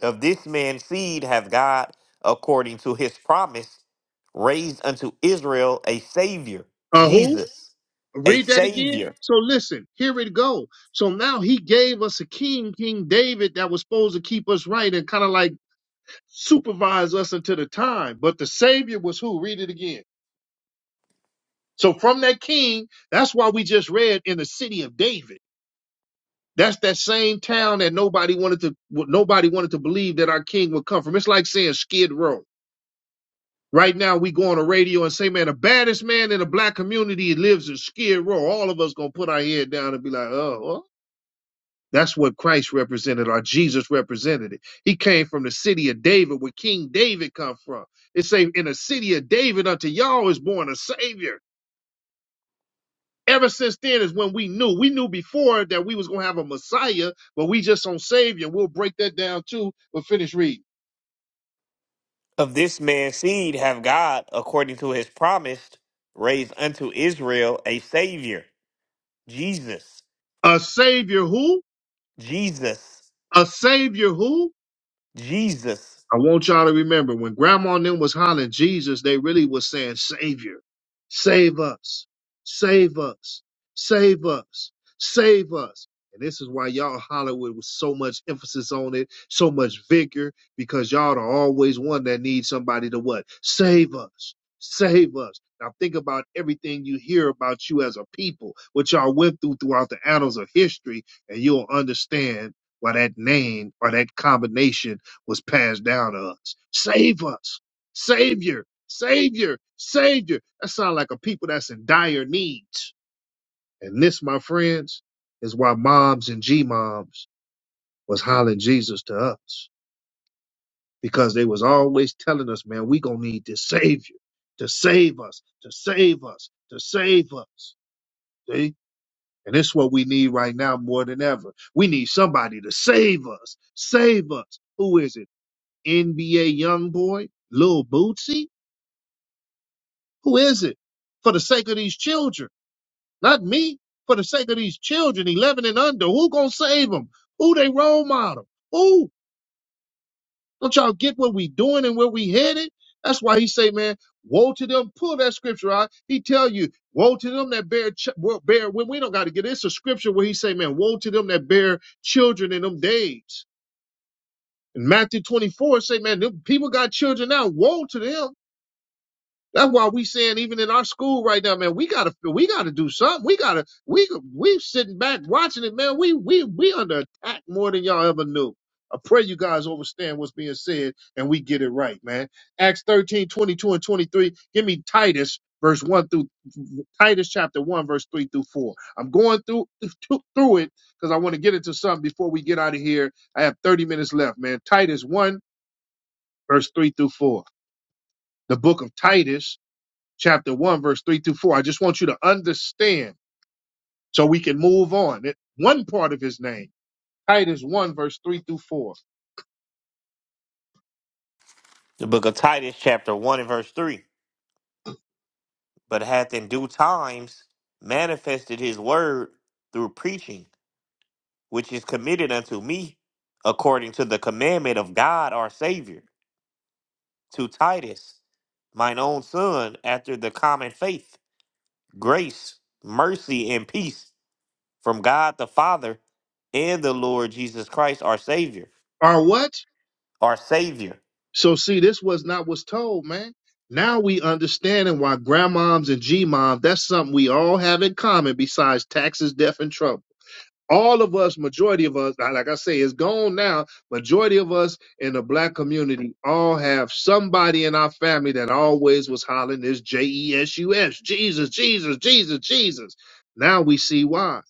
Of this man's seed hath God, according to his promise, raised unto Israel a Savior, Uh, who? Jesus, a Read that again. Savior. So listen, here it go. So now he gave us a king, King David, that was supposed to keep us right and kind of like supervise us until the time. But the Savior was who? Read it again. So from that king, that's why we just read in the city of David. That's that same town that nobody wanted to nobody wanted to believe that our king would come from. It's like saying Skid Row. Right now we go on the radio and say, man, the baddest man in the black community lives in Skid Row. All of us gonna put our head down and be like, oh. what? That's what Christ represented, or Jesus represented it. He came from the city of David, where King David come from. It say, "In the city of David, unto y'all is born a Savior." Ever since then is when we knew. We knew before that we was gonna have a Messiah, but we just on Savior. We'll break that down too. But finish reading. of this man's seed have God, according to his promise, raised unto Israel a Savior, Jesus, A Savior who? Jesus, A Savior who? Jesus. I want y'all to remember when grandma and them was hollering Jesus, they really was saying, Savior, save us, save us, save us, save us. And this is why y'all holler with, with so much emphasis on it, so much vigor, because y'all are always one that needs somebody to what? Save us, save us. Now think about everything you hear about you as a people, what y'all went through throughout the annals of history, and you'll understand why that name or that combination was passed down to us. Save us. Savior. Savior. Savior. That sounds like a people that's in dire need. And this, my friends, is why moms and G moms was hollering Jesus to us. Because they was always telling us, man, we gonna need this savior to save us, to save us, to save us. See? And this is what we need right now more than ever. We need somebody to save us. Save us. Who is it? NBA young boy? Lil Bootsy? Who is it? For the sake of these children, not me. For the sake of these children, 11 and under, who gonna save them? Who they role model? Who? Don't y'all get what we doing and where we headed? That's why he say, man, woe to them. Pull that scripture out. He tell you, woe to them that bear, ch- wo- bear when we don't got to get it. It's a scripture where he say, man, woe to them that bear children in them days. In Matthew 24, say, man, them people got children now. Woe to them That's why we saying even in our school right now, man, we gotta we gotta do something. We gotta we we sitting back watching it, man. We we we under attack more than y'all ever knew. I pray you guys understand what's being said and we get it right, man. Acts 13 22 and 23. Give me Titus verse 1 through Titus chapter 1, verse 3 through 4. I'm going through through it because I want to get into something before we get out of here. I have 30 minutes left, man. Titus 1, verse 3 through 4. The book of Titus chapter 1, verse 3 through 4. I just want you to understand so we can move on. It, one part of his name, Titus 1, verse 3 through 4. The book of Titus, chapter 1 and verse 3. But hath in due times manifested his word through preaching, which is committed unto me, according to the commandment of God our Savior, to Titus, mine own son, after the common faith, grace, mercy, and peace from God the Father and the Lord Jesus Christ, our Savior, Are what? our Savior. So see, this was not what's told, man. Now we understanding why grandmoms and G moms, that's something we all have in common besides taxes, death, and trouble all of us, majority of us, now, like I say, it's gone now. Majority of us in the black community all have somebody in our family that always was hollering this J E S U S, Jesus, Jesus, Jesus, Jesus. Now we see why.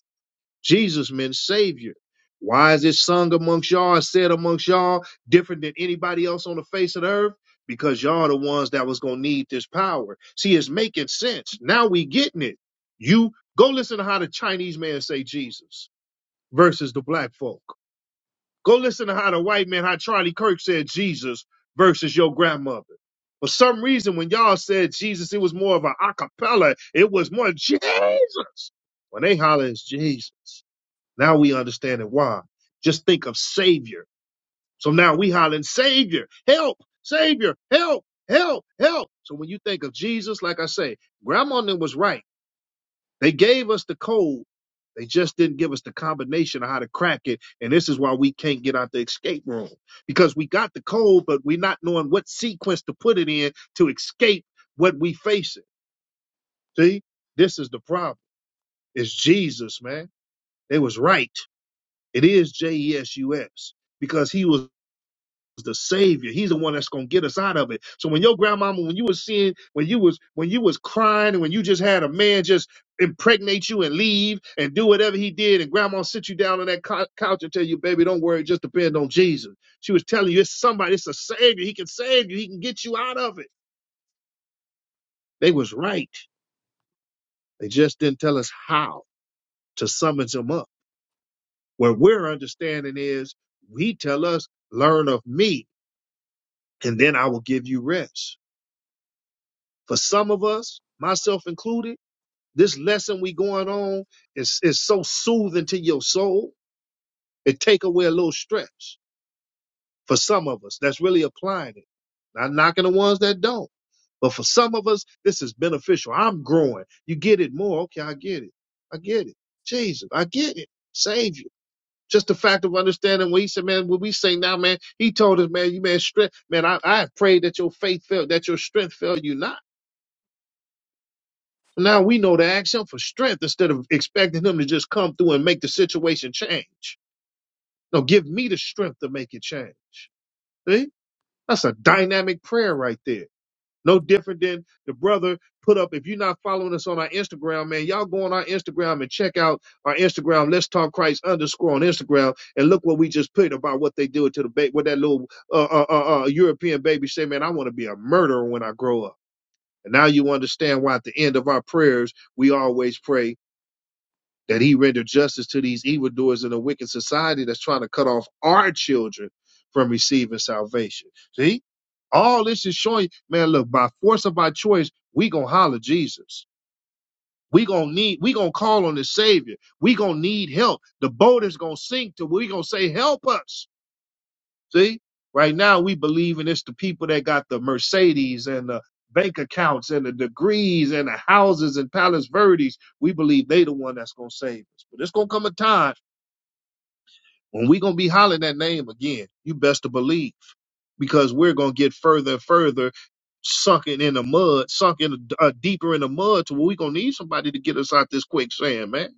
Jesus meant Savior. Why is it sung amongst y'all and said amongst y'all different than anybody else on the face of the earth? Because y'all the ones that was gonna need this power. See, it's making sense. Now we getting it. You go listen to how the Chinese man say Jesus versus the black folk. Go listen to how the white man, how Charlie Kirk said Jesus versus your grandmother. For some reason, when y'all said Jesus, it was more of an acapella. It was more Jesus. When they holler, it's Jesus. Now we understand it why. Just think of Savior. So now we hollering, Savior, help, Savior, help, help, help. So when you think of Jesus, like I say, Grandma then was right. They gave us the code. They just didn't give us the combination of how to crack it. And this is why we can't get out the escape room because we got the code, but we're not knowing what sequence to put it in to escape what we facing. See, this is the problem. It's Jesus, man. They was right. It is J E S U S because he was the savior. He's the one that's gonna get us out of it. So when your grandmama, when you was seeing, when you was when you was crying, and when you just had a man just impregnate you and leave and do whatever he did, and grandma sit you down on that cou- couch and tell you, baby, don't worry, just depend on Jesus. She was telling you, it's somebody, it's a savior. He can save you. He can get you out of it. They was right. They just didn't tell us how to summons him up. Where we're understanding is, he tell us, learn of me, and then I will give you rest. For some of us, myself included, this lesson we going on is, is so soothing to your soul, it take away a little stress. For some of us, that's really applying it. Not knocking the ones that don't. But for some of us, this is beneficial. I'm growing. You get it more. Okay, I get it. I get it. Jesus, I get it. Savior. Just the fact of understanding what he said, man, when we say now, man, he told us, man, you man, strength, man, I, I prayed that your faith failed, that your strength failed you not. So Now we know to ask him for strength instead of expecting him to just come through and make the situation change. No, give me the strength to make it change. See? That's a dynamic prayer right there. No different than the brother put up. If you're not following us on our Instagram, man, y'all go on our Instagram and check out our Instagram. Let's talk Christ underscore on Instagram and look what we just put about what they do to the baby. What that little uh, uh, uh, uh, European baby say, man, I want to be a murderer when I grow up. And now you understand why at the end of our prayers we always pray that he rendered justice to these evildoers in a wicked society that's trying to cut off our children from receiving salvation. See, all this is showing, man, look, by force of our choice, we gonna holler Jesus. We gonna need, we gonna call on the Savior. We gonna need help. The boat is gonna sink to we gonna say, help us. See, right now we believe, believing it's the people that got the Mercedes and the bank accounts and the degrees and the houses and Palace Verdes. We believe they the one that's gonna save us. But it's gonna come a time When we're gonna be hollering that name again, you best to believe, because we're gonna get further and further sunken in the mud, sunk in uh, deeper in the mud, to where we're gonna need somebody to get us out this quicksand, man.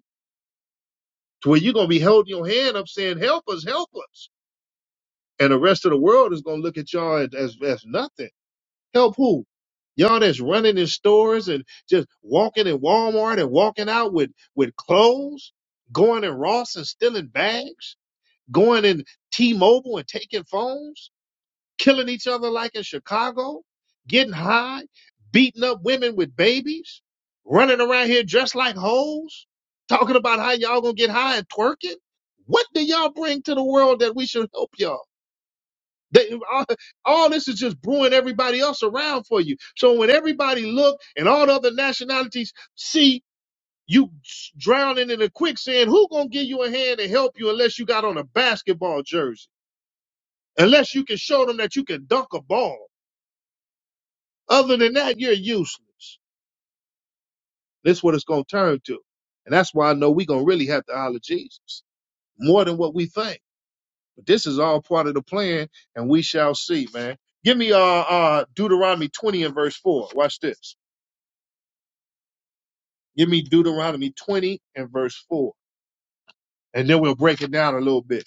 To where you're gonna be holding your hand up saying, Help us, help us. And the rest of the world is gonna look at y'all as, as, as nothing. Help who? Y'all that's running in stores and just walking in Walmart and walking out with, with clothes, going in Ross and stealing bags, going in T Mobile and taking phones killing each other like in Chicago, getting high, beating up women with babies, running around here dressed like hoes, talking about how y'all gonna get high and twerking. What do y'all bring to the world that we should help y'all? That all, all this is just brewing everybody else around for you. So when everybody look and all the other nationalities see you drowning in a quicksand, who gonna give you a hand and help you unless you got on a basketball jersey? Unless you can show them that you can dunk a ball Other than that, you're useless. That's what it's going to turn to. And that's why I know we're going to really have to holler Jesus more than what we think. But this is all part of the plan, and we shall see, man. Give me uh, uh Deuteronomy 20 and verse 4. Watch this. Give me Deuteronomy 20 and verse 4. And then we'll break it down a little bit.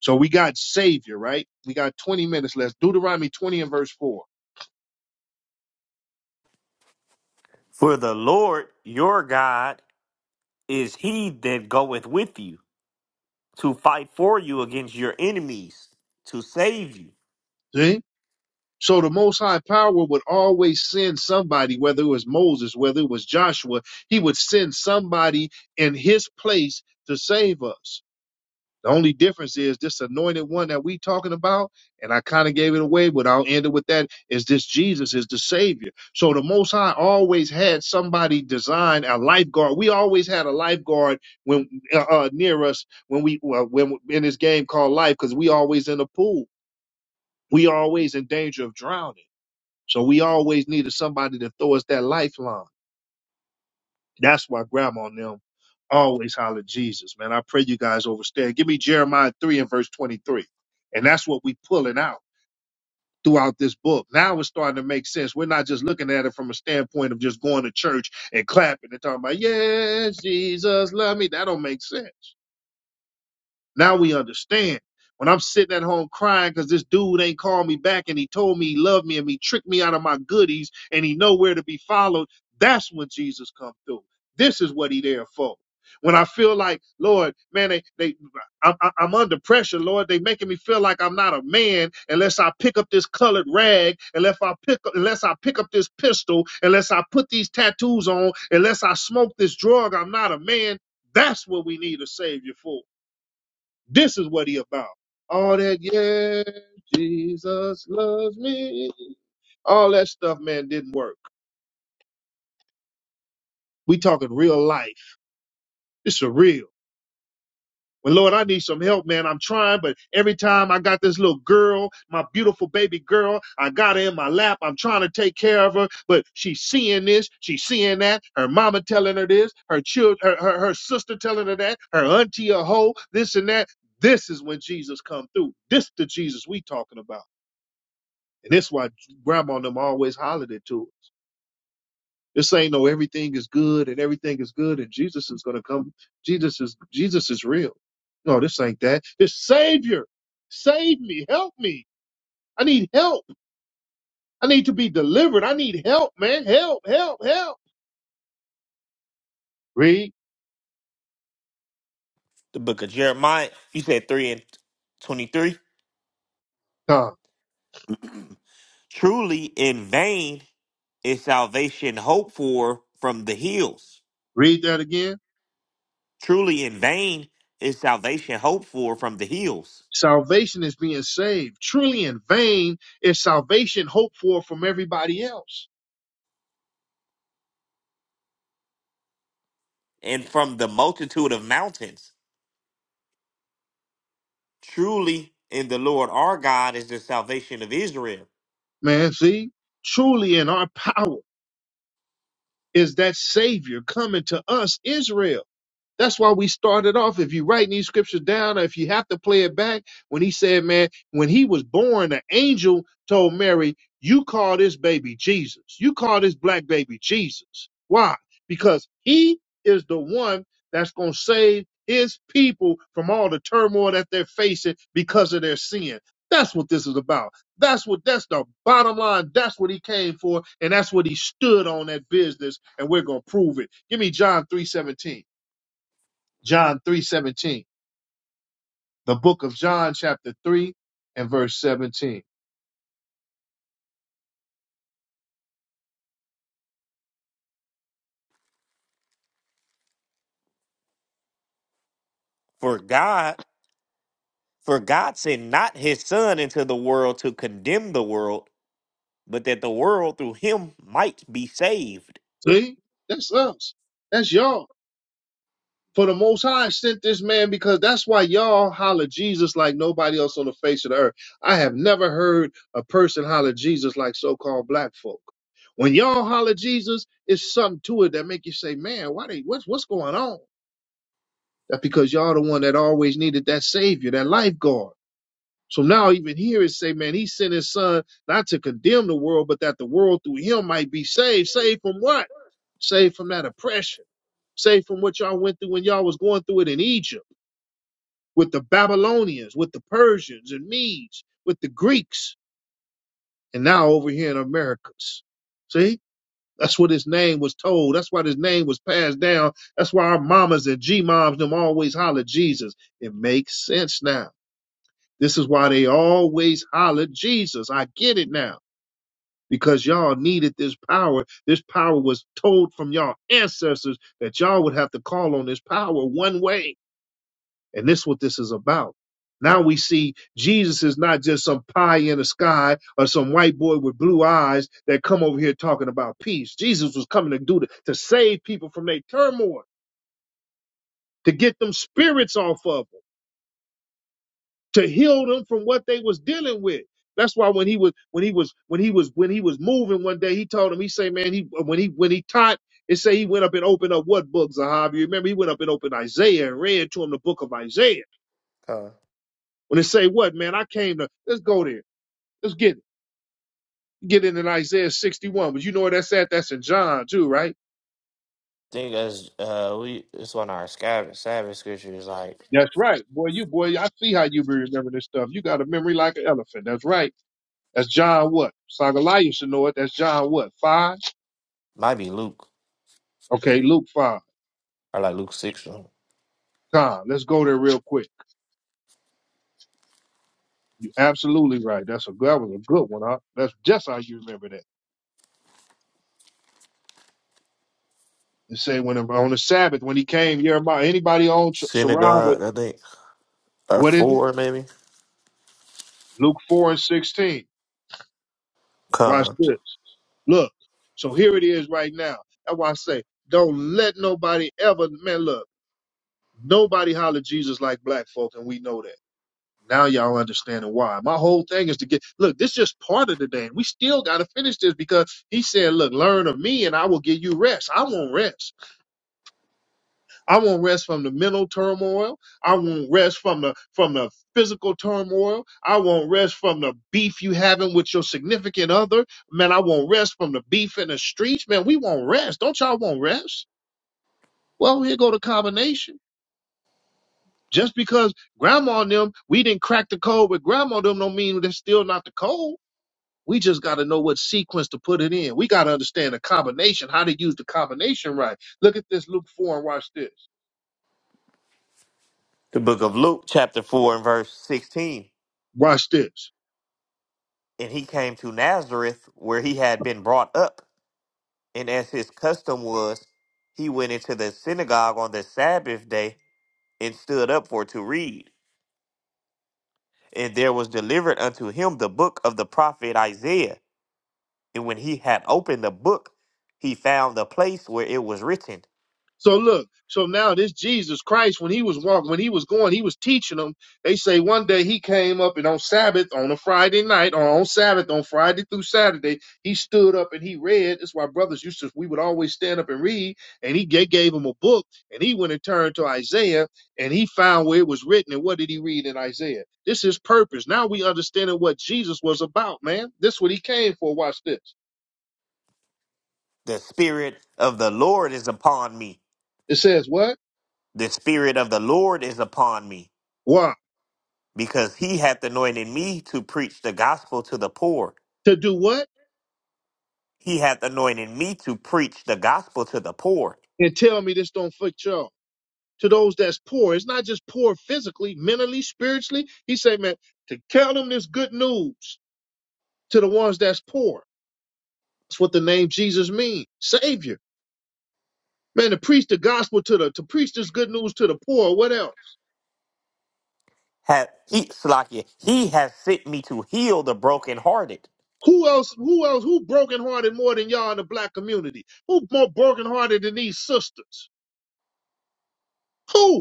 So we got Savior, right? We got 20 minutes left. Deuteronomy 20 and verse 4. For the Lord your God is he that goeth with you to fight for you against your enemies, to save you. See? So the Most High Power would always send somebody, whether it was Moses, whether it was Joshua, he would send somebody in his place to save us. The only difference is this anointed one that we talking about, and I kind of gave it away, but I'll end it with that, is this Jesus is the Savior. So the Most High always had somebody design a lifeguard. We always had a lifeguard when uh, uh, near us when we uh, when in this game called life, because we always in a pool. We always in danger of drowning. So we always needed somebody to throw us that lifeline. That's why grandma and them always holler Jesus, man. I pray you guys overstand. Give me Jeremiah 3 and verse 23. And that's what we pulling out throughout this book. Now it's starting to make sense. We're not just looking at it from a standpoint of just going to church and clapping and talking about, yes, Jesus, love me. That don't make sense. Now we understand. When I'm sitting at home crying because this dude ain't called me back and he told me he loved me and he tricked me out of my goodies and he nowhere to be followed, that's when Jesus come through. This is what he there for. When I feel like, Lord, man, they, they, I'm, I'm I'm under pressure, Lord. They making me feel like I'm not a man unless I pick up this colored rag, unless I pick, up, unless I pick up this pistol, unless I put these tattoos on, unless I smoke this drug. I'm not a man. That's what we need a savior for. This is what he about. All that, yeah, Jesus loves me. All that stuff, man, didn't work. We talking real life. This is real. Well, Lord, I need some help, man. I'm trying, but every time I got this little girl, my beautiful baby girl, I got her in my lap. I'm trying to take care of her, but she's seeing this, she's seeing that. Her mama telling her this, her child, her, her, her sister telling her that, her auntie a hoe, this and that. This is when Jesus come through. This the Jesus we talking about. And that's why grandma and them always hollered it to us. This ain't no everything is good and everything is good and Jesus is gonna come. Jesus is Jesus is real. No, this ain't that. This Savior, save me, help me. I need help. I need to be delivered. I need help, man. Help, help, help. Read, The book of Jeremiah, you said 3 and 23. come. Truly in vain is salvation hoped for from the hills. Read that again. Truly in vain is salvation hoped for from the hills Salvation is being saved. Truly in vain is salvation hoped for from everybody else. and from the multitude of mountains Truly in the Lord our God is the salvation of Israel. Man, see? Truly in our power. is that Savior coming to us, Israel. That's why we started off. If you write these scriptures down, or if you have to play it back, when he said, man, when he was born, an angel told Mary, you call this baby Jesus. You call this black baby Jesus. Why? Because he is the one that's going to save his people from all the turmoil that they're facing because of their sin. That's what this is about. That's what that's the bottom line. That's what he came for, and that's what he stood on that business, and we're gonna prove it. Give me John 3:17. John 3 17, The book of John, chapter 3 and verse 17. For God, for God sent not his son into the world to condemn the world, but that the world through him might be saved. See? That's us. That's y'all. For the Most High sent this man because that's why y'all holler Jesus like nobody else on the face of the earth. I have never heard a person holler Jesus like so called black folk. When y'all holler Jesus, it's something to it that make you say, man, why they, what's, what's going on? That's because y'all the one that always needed that savior, that lifeguard. So now even here it say, man, he sent his son not to condemn the world, but that the world through him might be saved. Saved from what? Saved from that oppression. Saved from what y'all went through when y'all was going through it in Egypt with the Babylonians, with the Persians and Medes, with the Greeks, and now over here in Americas. See? That's what his name was told. That's why his name was passed down. That's why our mamas and G moms them always holler Jesus. It makes sense now. This is why they always hollered, Jesus, I get it now. Because y'all needed this power. This power was told from y'all ancestors that y'all would have to call on this power one way. And this is what this is about. Now we see Jesus is not just some pie in the sky or some white boy with blue eyes that come over here talking about peace. Jesus was coming to do to, to save people from their turmoil, to get them spirits off of them. to heal them from what they was dealing with. That's why when he was when he was when he was when he was moving one day, he told him he say, man, he when he when he taught it say he went up and opened up what books Zahav? You remember he went up and opened Isaiah and read to him the book of Isaiah. Con. I When it say what man, I came to let's go there, let's get it. Get it in Isaiah 61, but you know where that's at? That's in John too, right? think as uh we it's one of our Sabbath, Sabbath scriptures like That's right, boy. You boy, I see how you be remembering this stuff. You got a memory like an elephant. That's right. That's John what? Sagaliah should know it. That's John what? Five. might be Luke Okay, Luke five. or like Luke six or something. Con, let's go there real quick. You're absolutely right. That's a that was a good one. Huh? That's just how you remember that. It say when on the Sabbath when he came, Jeremiah. Anybody on Sh- Sharab? synagogue I think or what is it? four maybe Luke four and sixteen. Watch comes this. Look. So here it is right now. That's why I say don't let nobody ever man look. Nobody holler Jesus like black folk, and we know that. Now y'all understanding why. My whole thing is to get look, this is just part of the day. We still gotta finish this because he said, Look, learn of me and I will give you rest. I want rest. I want rest from the mental turmoil. I want rest from the from the physical turmoil. I want rest from the beef you having with your significant other. Man, I want rest from the beef in the streets. Man, we want rest. Don't y'all want rest? Well, here go the combination. Just because grandma and them, we didn't crack the code with grandma and them don't mean that's still not the code. We just got to know what sequence to put it in. We got to understand the combination, how to use the combination right. Look at this Luke 4 and watch this. The book of Luke, chapter 4, and verse 16. Watch this. And he came to Nazareth, where he had been brought up. And as his custom was, he went into the synagogue on the Sabbath day and stood up for to read. And there was delivered unto him the book of the prophet Isaiah. And when he had opened the book, he found the place where it was written, So look, so now this Jesus Christ, when he was walking, when he was going, he was teaching them. They say one day he came up and on Sabbath, on a Friday night, or on Sabbath, on Friday through Saturday, he stood up and he read. That's why brothers used to, we would always stand up and read. And he gave, gave him a book and he went and turned to Isaiah and he found where it was written. And what did he read in Isaiah? This is purpose. Now we understanding what Jesus was about, man. This is what he came for. Watch this. The Spirit of the Lord is upon me. It says what? The Spirit of the Lord is upon me, Why? because he hath anointed me to preach the gospel to the poor. To do what? He hath anointed me to preach the gospel to the poor. And tell me this don't fit y'all. to those that's poor. It's not just poor physically, mentally, spiritually. He said, man, to tell them this good news to the ones that's poor. That's what the name Jesus means. Savior. Man, to preach the gospel to the to preach this good news to the poor. What else? have he Salakia, he has sent me to heal the brokenhearted, Who else? Who else? Who brokenhearted more than y'all in the black community? Who more brokenhearted than these sisters? Who?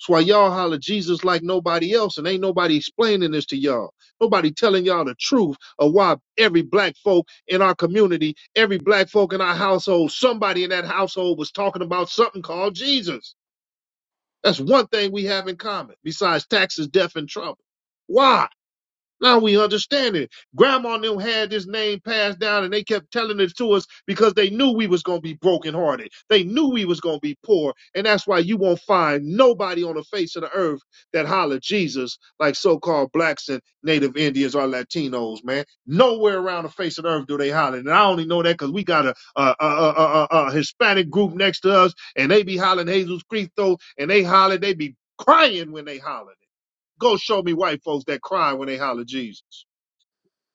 That's why y'all holler Jesus like nobody else, and ain't nobody explaining this to y'all. Nobody telling y'all the truth of why every black folk in our community, every black folk in our household, somebody in that household was talking about something called Jesus. That's one thing we have in common, besides taxes, death, and trouble. Why? Now we understand it. Grandma and them had this name passed down and they kept telling it to us because they knew we was gonna be brokenhearted. They knew we was gonna be poor. And that's why you won't find nobody on the face of the earth that holler Jesus like so-called blacks and native Indians or Latinos, man. Nowhere around the face of the earth do they holler. And I only know that because we got a, a, a, a, a, a Hispanic group next to us and they be hollering Jesus Christo and they holler, they be crying when they holler. Go show me white folks that cry when they holler Jesus.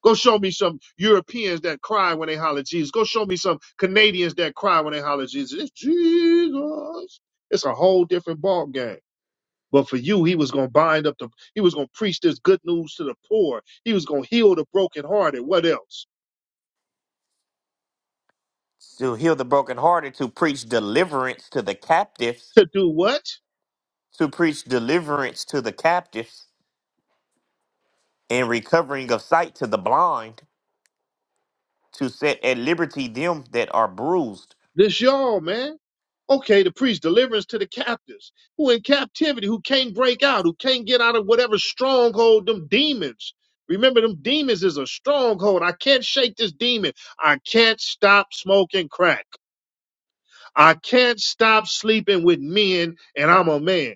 Go show me some Europeans that cry when they holler Jesus. Go show me some Canadians that cry when they holler Jesus. It's Jesus. It's a whole different ball game. But for you, he was going to bind up the, he was going to preach this good news to the poor. He was going to heal the brokenhearted. What else? to heal the brokenhearted, to preach deliverance to the captives, To do what? to preach deliverance to the captives, and recovering of sight to the blind, to set at liberty them that are bruised, This y'all, man. Okay, to preach deliverance to the captives who in captivity, who can't break out, who can't get out of whatever stronghold, them demons. Remember, them demons is a stronghold. I can't shake this demon. I can't stop smoking crack. I can't stop sleeping with men, and I'm a man.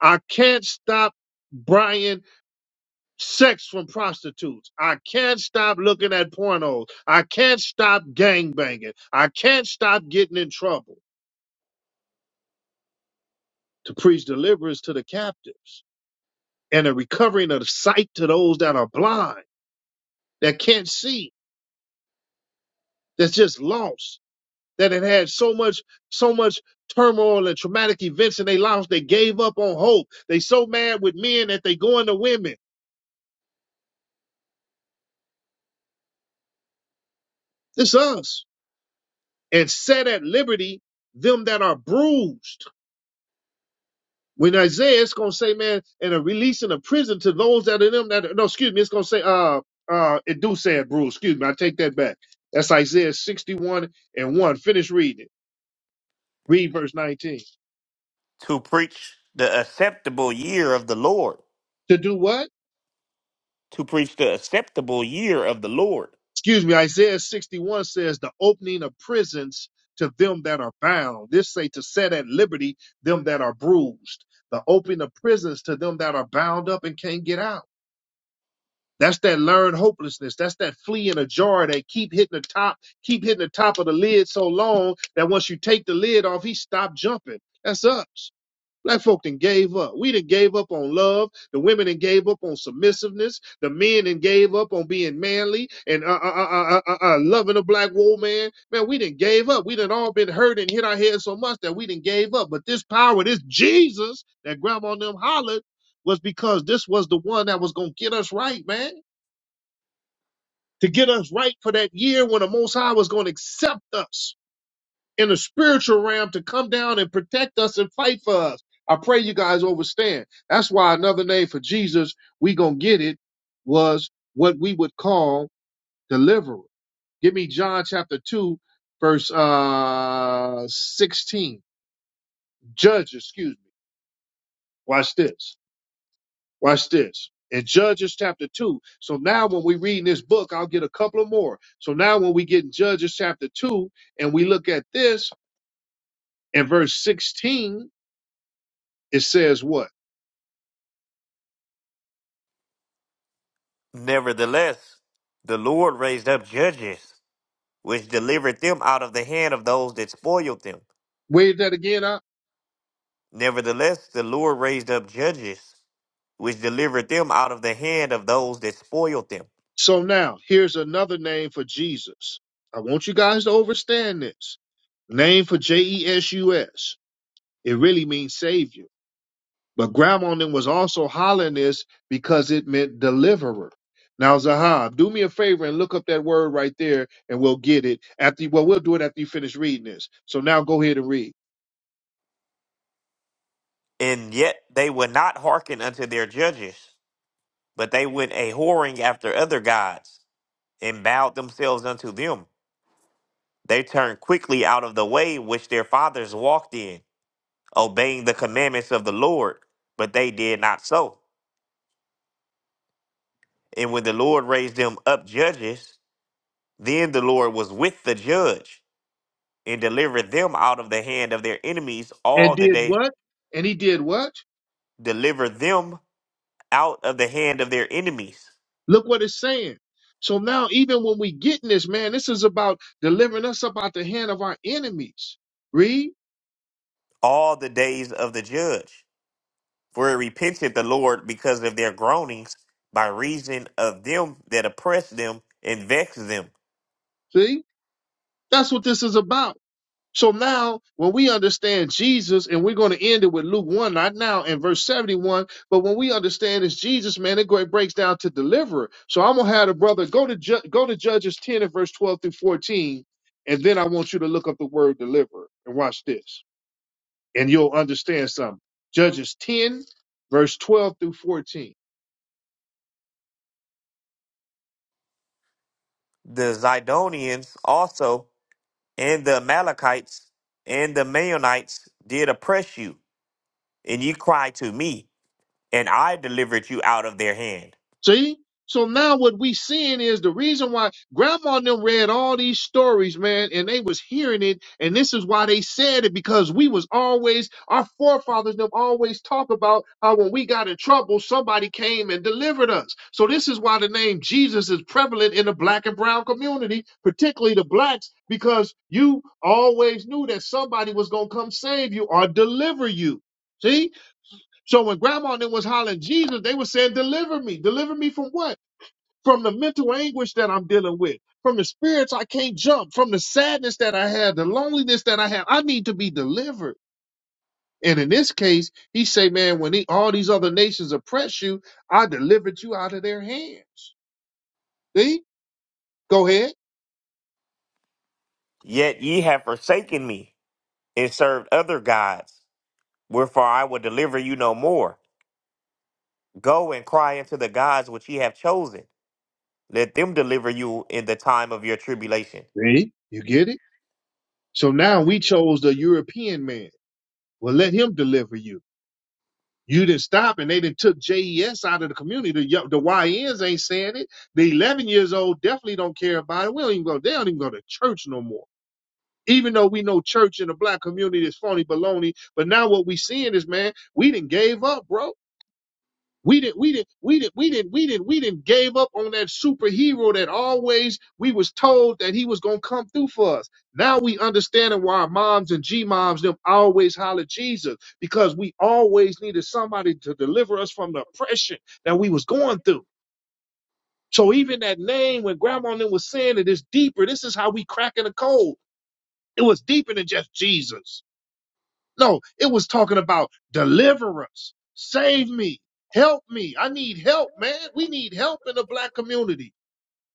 I can't stop buying sex from prostitutes. I can't stop looking at pornos. I can't stop gangbanging. I can't stop getting in trouble. to preach deliverance to the captives and a recovering of sight to those that are blind, that can't see, that's just lost, that had had so much, so much turmoil and traumatic events in their lives, they gave up on hope. They so mad with men that they go into women. This us. And set at liberty them that are bruised When Isaiah, it's gonna say, man, and a releasing of prison to those that are in them that no, excuse me, it's gonna say, uh, uh, it do say it, Bruce. Excuse me, I take that back. That's Isaiah 61 and 1. Finish reading. Read verse 19. to preach the acceptable year of the Lord, To do what? to preach the acceptable year of the Lord. Excuse me, Isaiah 61 says, the opening of prisons to them that are bound. This say to set at liberty them that are bruised. The opening of prisons to them that are bound up and can't get out That's that learned hopelessness. That's that flea in a jar that keep hitting the top, keep hitting the top of the lid so long that once you take the lid off, he stopped jumping. That's us. Black folk done gave up. We done gave up on love. The women done gave up on submissiveness. The men done gave up on being manly and uh, uh, uh, uh, uh, uh, loving a black woman. Man, we done gave up. We done all been hurt and hit our heads so much that we done gave up. But this power, this Jesus that grandma and them hollered was because this was the one that was going to get us right, man to get us right for that year when the Most High was going to accept us in the spiritual realm to come down and protect us and fight for us. I pray you guys understand. That's why another name for Jesus, we gonna get it, was what we would call deliverer. Give me John chapter 2, verse uh 16. Judge, excuse me. Watch this. Watch this. In Judges chapter 2. So now when we read this book, I'll get a couple of more. So now when we get in Judges chapter 2 and we look at this in verse 16, it says what? Nevertheless, the Lord raised up judges, which delivered them out of the hand of those that spoiled them Wave that again up. Nevertheless, the Lord raised up judges, which delivered them out of the hand of those that spoiled them. So now here's another name for Jesus. I want you guys to understand this. Name for J E S U S. It really means savior. But grandma and them was also hollering this because it meant deliverer. Now, Zahab, do me a favor and look up that word right there, and we'll get it. After well, we'll do it after you finish reading this. So now go ahead and read. And yet they would not hearken unto their judges, but they went a whoring after other gods, and bowed themselves unto them. They turned quickly out of the way which their fathers walked in, obeying the commandments of the Lord, but they did not so. And when the Lord raised them up judges, then the Lord was with the judge and deliver them out of the hand of their enemies all And the did day. what? And he did what? Deliver them out of the hand of their enemies Look what it's saying. So now, even when we get in this, man, this is about delivering us up out the hand of our enemies. Read, all the days of the judge. For it repented the Lord because of their groanings by reason of them that oppress them and vex them. see, that's what this is about. So now, when we understand Jesus, and we're going to end it with Luke 1, not now, in verse 71, but when we understand it's Jesus, man, it, go, it breaks down to deliverer. So I'm going to have the brother go to, Ju- go to Judges 10 and verse 12 through 14, and then I want you to look up the word deliverer and watch this, and you'll understand something. Judges 10, verse 12 through 14. The Zidonians also and the Amalekites and the Maonites did oppress you, and ye cried to me, and I delivered you out of their hand. See? So now what we seeing is the reason why grandma and them read all these stories, man, and they was hearing it, and this is why they said it, because we was always, our forefathers them always talk about how when we got in trouble, somebody came and delivered us. So this is why the name Jesus is prevalent in the black and brown community, particularly the blacks, because you always knew that somebody was gonna come save you or deliver you. See? So when grandma and them was hollering Jesus, they were saying, Deliver me. Deliver me from what? From the mental anguish that I'm dealing with, from the spirits I can't jump, from the sadness that I have, the loneliness that I have. I need to be delivered. And in this case, he say, Man, when he, all these other nations oppress you, I delivered you out of their hands. See? Go ahead. Yet ye have forsaken me, and served other gods. Wherefore I will deliver you no more. Go and cry unto the gods which ye have chosen. Let them deliver you in the time of your tribulation. See? You get it? So now we chose the European man. Well, let him deliver you. You didn't stop and they didn't took JES out of the community. The, yo- the YNs ain't saying it. The 11 years old definitely don't care about it. We don't even go, they don't even go to church no more. Even though we know church in the black community is phony baloney. But now what we seeing is, man, we didn't gave up, bro. We didn't, we didn't, we didn't, we didn't, we didn't, we didn't gave up on that superhero that always we was told that he was gonna come through for us. Now we understanding why our moms and G moms them always holler Jesus because we always needed somebody to deliver us from the oppression that we was going through. So even that name when grandma and them was saying it is deeper, this is how we cracking the code. It was deeper than just Jesus. No, it was talking about deliver us, save me, help me. I need help, man. We need help in the black community.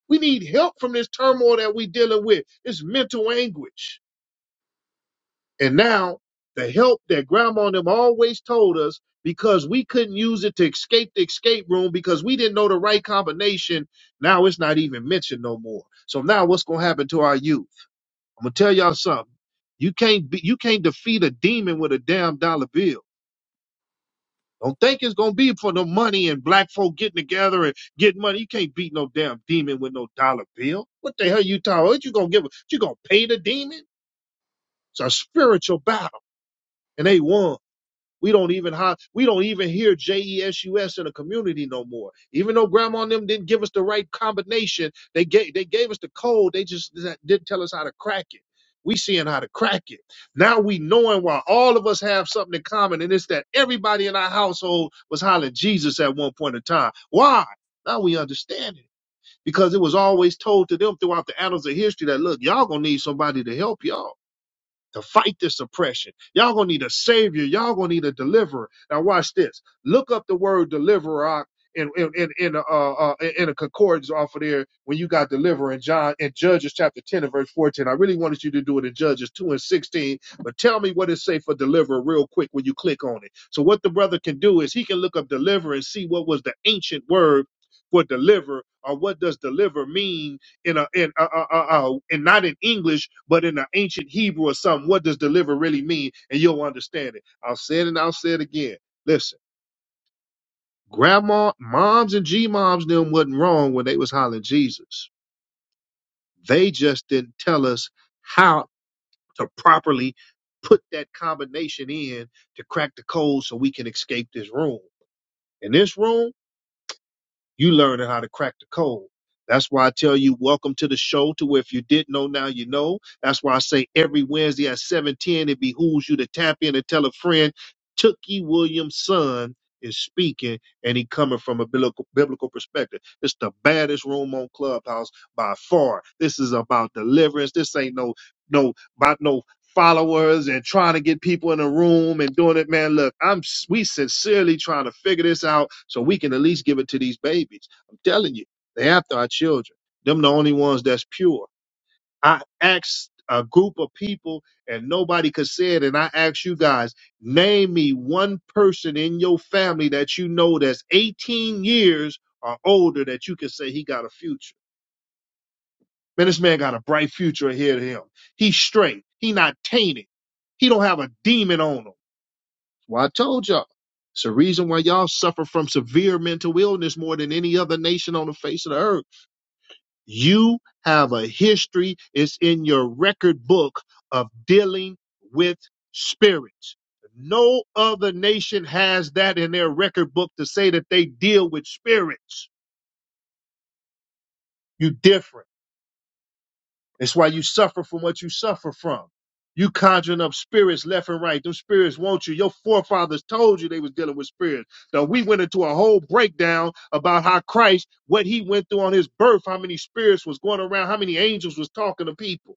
We need help from this turmoil that we dealing with. It's mental anguish. And now the help that grandma and them always told us because we couldn't use it to escape the escape room because we didn't know the right combination. Now it's not even mentioned no more. So now what's gonna happen to our youth? I'm gonna tell y'all something. You can't be, you can't defeat a demon with a damn dollar bill. Don't think it's gonna be for the money and black folk getting together and getting money. You can't beat no damn demon with no dollar bill. What the hell you talking? about? What you gonna give? a- You gonna pay the demon? It's a spiritual battle, and they won. We don't even how we don't even hear J E S U S in a community no more. Even though grandma and them didn't give us the right combination, they gave they gave us the code. They just didn't tell us how to crack it. We seeing how to crack it. Now we knowing why all of us have something in common, and it's that everybody in our household was hollering Jesus at one point in time. Why? Now we understand it. Because it was always told to them throughout the annals of history that look, y'all gonna need somebody to help y'all to fight this oppression. Y'all gonna need a savior. Y'all gonna need a deliverer. Now watch this. Look up the word deliverer uh, in in in, in, a uh, uh, in a concordance off of there when you got deliverer in John in Judges chapter ten and verse fourteen. I really wanted you to do it in Judges two and sixteen, but tell me what it say for deliverer real quick when you click on it. So what the brother can do is he can look up deliverer and see what was the ancient word for deliver or what does deliver mean in a in uh, uh, uh, uh, and not in English, but in an ancient Hebrew or something. What does deliver really mean? And you'll understand it. I'll say it and I'll say it again. Listen, grandma, moms, and G moms them wasn't wrong when they was hollering Jesus. They just didn't tell us how to properly put that combination in to crack the code so we can escape this room. In this room You learning how to crack the code. That's why I tell you, welcome to the show. To where if you didn't know, now you know. That's why I say every Wednesday at 7:10, it behooves you to tap in and tell a friend. Tookie Williams' son is speaking, and he coming from a biblical, biblical perspective. It's the baddest room on Clubhouse by far. This is about deliverance. This ain't no no about no followers and trying to get people in the room and doing it, man. Look, I'm we sincerely trying to figure this out so we can at least give it to these babies. I'm telling you, they after our children. Them the only ones that's pure. I asked a group of people and nobody could say it, and I asked you guys, name me one person in your family that you know that's 18 years or older that you can say he got a future. Man, this man got a bright future ahead of him. He's straight. He not tainted. He don't have a demon on him. Well, I told y'all. It's the reason why y'all suffer from severe mental illness more than any other nation on the face of the earth. You have a history. It's in your record book of dealing with spirits. No other nation has that in their record book to say that they deal with spirits. You different. It's why you suffer from what you suffer from. You conjuring up spirits left and right. Them spirits want you. Your forefathers told you they was dealing with spirits. Now we went into a whole breakdown about how Christ, what he went through on his birth, how many spirits was going around, how many angels was talking to people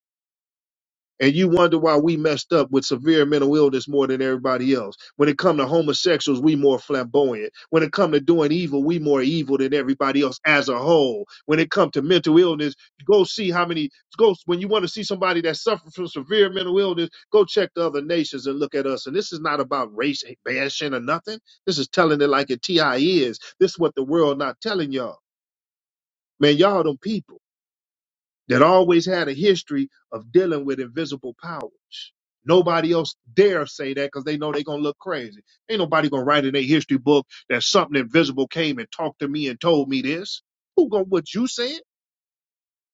and you wonder why we messed up with severe mental illness more than everybody else. When it come to homosexuals, we more flamboyant. When it come to doing evil, we more evil than everybody else as a whole. When it come to mental illness, go see how many go when you want to see somebody that suffers from severe mental illness, go check the other nations and look at us. And this is not about race bashing or nothing. This is telling it like it TI is. This is what the world not telling y'all. Man, y'all them people that always had a history of dealing with invisible powers. Nobody else dare say that because they know they're gonna look crazy. Ain't nobody gonna write in their history book that something invisible came and talked to me and told me this. Who gonna what you said?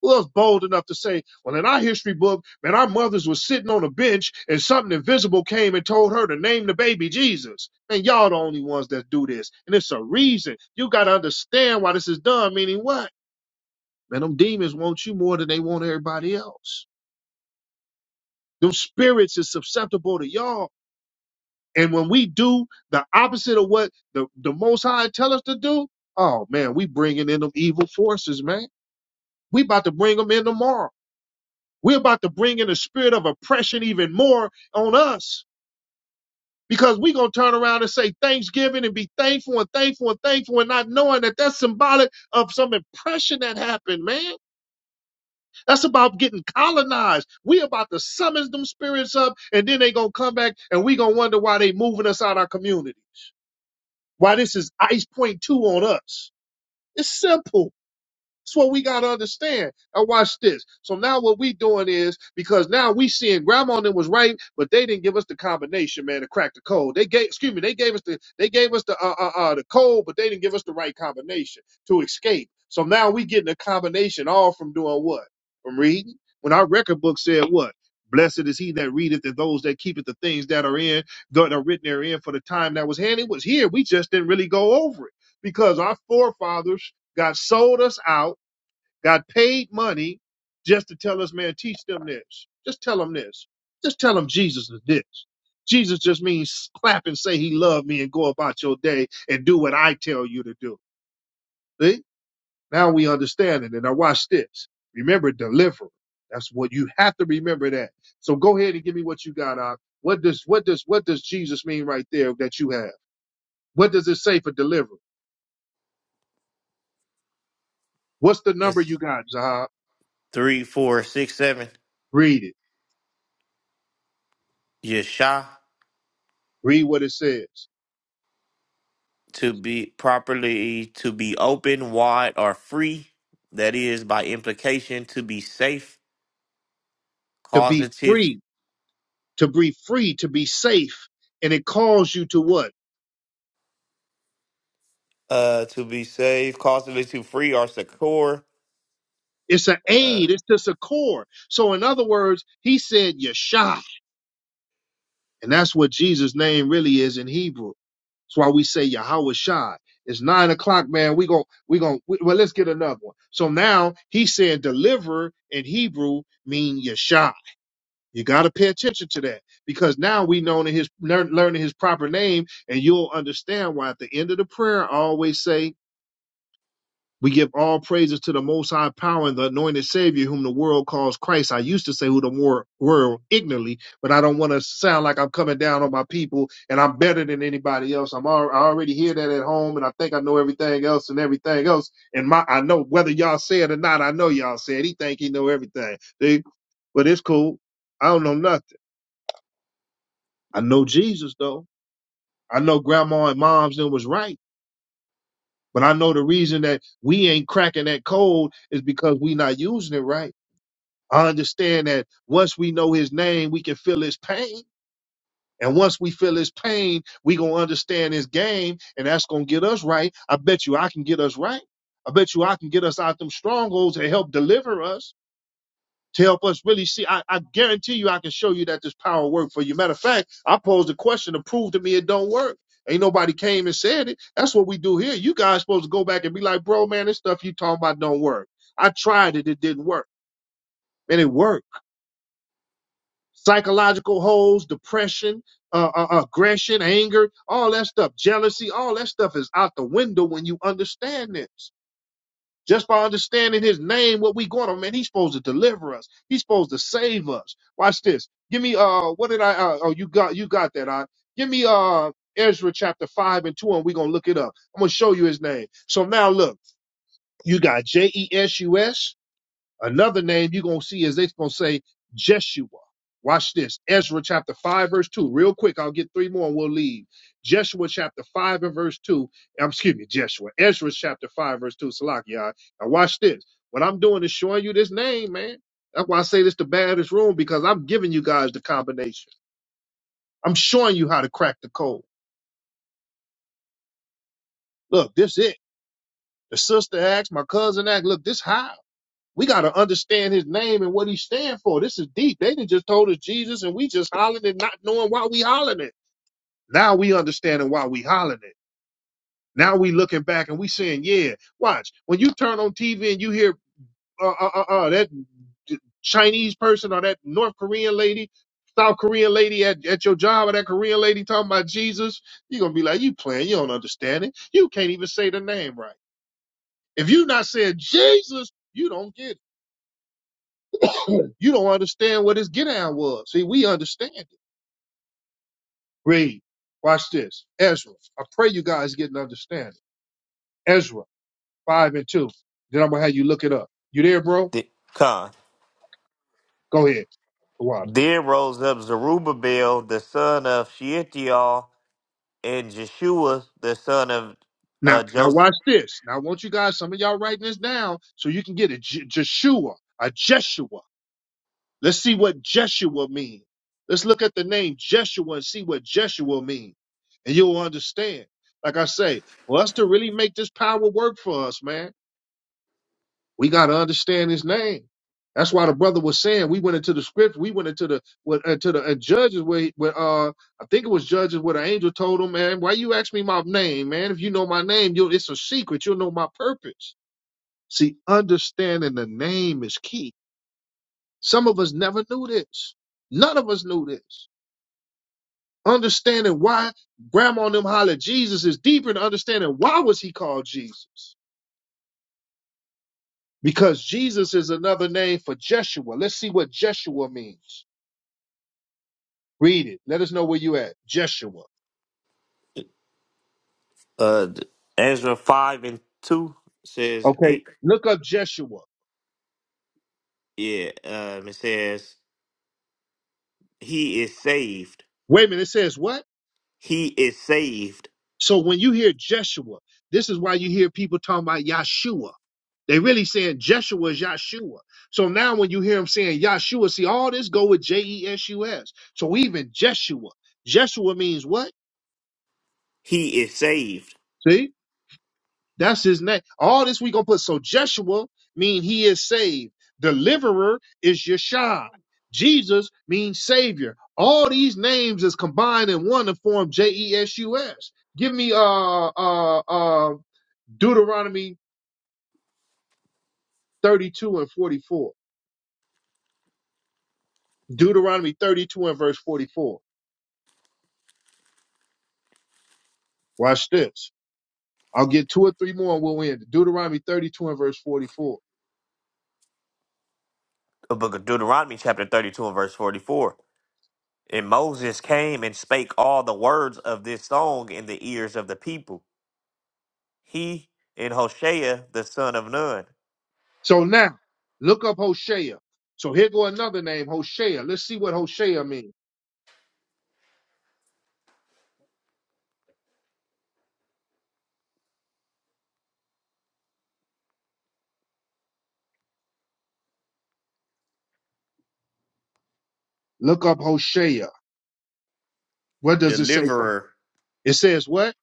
Who else bold enough to say, well, in our history book, man, our mothers was sitting on a bench and something invisible came and told her to name the baby Jesus. Man, y'all the only ones that do this. And it's a reason. You gotta understand why this is done, meaning what? Man, them demons want you more than they want everybody else. Those spirits is susceptible to y'all. And when we do the opposite of what the, the Most High tell us to do, oh man, we bringing in them evil forces, man. We about to bring them in tomorrow. We're about to bring in the spirit of oppression even more on us because we going to turn around and say Thanksgiving and be thankful and thankful and thankful and not knowing that that's symbolic of some oppression that happened, man. That's about getting colonized. We about to summon them spirits up, and then they gonna come back, and we gonna wonder why they moving us out our communities. Why this is ice point two on us. It's simple. That's what we gotta understand. Now watch this. So now what we doing is because now we seeing grandma and them was right, but they didn't give us the combination, man, to crack the code. They gave, excuse me, they gave us the they gave us the uh, uh, uh the code, but they didn't give us the right combination to escape. So now we getting a combination all from doing what? From reading. When our record book said what? Blessed is he that readeth and those that keepeth the things that are in that are written therein for the time that was handy was here. We just didn't really go over it because our forefathers God sold us out got paid money just to tell us, man, teach them this. Just tell them this. Just tell them Jesus is this. Jesus just means clap and say he loved me and go about your day and do what I tell you to do. See? Now we understand it. And now watch this. Remember, deliver. That's what you have to remember that. So go ahead and give me what you got out. What does what does what does Jesus mean right there that you have? What does it say for deliver? What's the number It's you got, Zahab? three, four, six, seven. Read it. Yesha Read what it says. to be properly to be open, wide, or free. That is by implication to be safe, To be causative, free to be free, to be safe. And it calls you to what? uh, to be safe, causatively to free or secure. It's an Uh, aid, it's just a core. So, in other words, he said Yeshua. And that's what Jesus' name really is in Hebrew. That's why we say Yahweh Shai. It's nine o'clock, man. We gon' we gon' we, well, let's get another one. So now he said deliverer in Hebrew mean Yeshua. You gotta pay attention to that because now we know in his learn- learning his proper name, and you'll understand why at the end of the prayer I always say We give all praises to the Most High Power and the Anointed Savior, whom the world calls Christ. I used to say who the wor- world ignorantly, but I don't want to sound like I'm coming down on my people and I'm better than anybody else. I'm al- I already hear that at home, and I think I know everything else and everything else. And my I know whether y'all say it or not. I know y'all said he think he know everything. See? But it's cool. I don't know nothing. I know Jesus though. I know Grandma and Mom's and was right, but I know the reason that we ain't cracking that code is because we not using it right I understand that once we know his name, we can feel his pain. And once we feel his pain, we gonna understand his game, and that's gonna get us right. I bet you I can get us right. I bet you I can get us out them strongholds and help deliver us to help us really see. I, I guarantee you I can show you that this power work for you. Matter of fact, I posed a question to prove to me it don't work. Ain't nobody came and said it. That's what we do here. You guys supposed to go back and be like, bro, man, this stuff you talking about don't work. I tried it, it didn't work. And it worked. psychological holes, depression, uh, uh, aggression, anger, all that stuff, jealousy, all that stuff is out the window when you understand this. Just by understanding his name, what we going on, man, he's supposed to deliver us. He's supposed to save us. Watch this. Give me uh what did I uh, oh you got you got that I Give me uh Ezra chapter five and two, and we're gonna look it up. I'm gonna show you his name. So now look, you got J E S U S Another name you're going to see is they're going to say Jeshua. Watch this. Ezra chapter 5, verse 2. Real quick, I'll get three more and we'll leave. Jeshua chapter 5 and verse 2. Um, excuse me, Jeshua. Ezra chapter 5, verse 2. Salak, y'all. Now, watch this. What I'm doing is showing you this name, man. That's why I say this the baddest room because I'm giving you guys the combination. I'm showing you how to crack the code. Look, this it. The sister acts, my cousin acts. Look, this high. We got to understand his name and what he stand for. This is deep. They done just told us Jesus and we just hollering it, not knowing why we hollering it. Now we understanding why we hollering it. Now we looking back and we saying, yeah, watch. When you turn on TV and you hear uh, uh, uh, uh, that Chinese person or that North Korean lady, South Korean lady at, at your job or that Korean lady talking about Jesus, you're going to be like, you playing. You don't understand it. You can't even say the name right. If you not saying Jesus, you don't get it. You don't understand what his get down was. See, we understand it. Read. Watch this. Ezra. I pray you guys get an understanding. Ezra 5 and 2. Then I'm going to have you look it up. You there, bro? the, con. Go ahead. Water. Then rose up Zerubbabel, the son of Shealtiel, and Jeshua, the son of uh, Now, now Joseph. watch this. Now I want you guys, some of y'all writing this down so you can get a J- Jeshua, a Jeshua. Let's see what Jeshua means. Let's look at the name Jeshua and see what Jeshua means. And you'll understand. Like I say, for us to really make this power work for us, man We got to understand his name. That's why the brother was saying we went into the script, we went into the what uh, to the uh, judges where, he- where uh I think it was judges where the angel told him, man, why you ask me my name, man? If you know my name, you it's a secret. You'll know my purpose. See, understanding the name is key. Some of us never knew this. None of us knew this. Understanding why grandma and them hollered Jesus is deeper than understanding why was he called Jesus? Because Jesus is another name for Jeshua. Let's see what Jeshua means. Read it. Let us know where you at. Jeshua. Uh, Ezra 5 and 2 says, Okay. 8. Look up Jeshua. Yeah, um, it says, He is saved. Wait a minute. It says what? He is saved. So when you hear Jeshua, this is why you hear people talking about Yahshua. They really saying Jeshua is Yahshua. So now when you hear them saying Yahshua, see all this go with J E S U S. So even Jeshua. Jeshua means what? He is saved. See? That's his name. All this we gonna put. So Jeshua mean he is saved. Deliverer is Yeshua. Jesus means savior. All these names is combined in one to form J E S U S. Give me uh uh uh Deuteronomy 32 and 44. Deuteronomy 32 and verse 44. Watch this. I'll get two or three more and we'll end. Deuteronomy 32 and verse 44. The book of Deuteronomy, chapter 32, and verse 44. And Moses came and spake all the words of this song in the ears of the people. He and Hoshea, the son of Nun, So now look up Hosea. So here go another name, Hosea. Let's see what Hosea means. Look up Hosea. What does it say? For deliverer. it says what?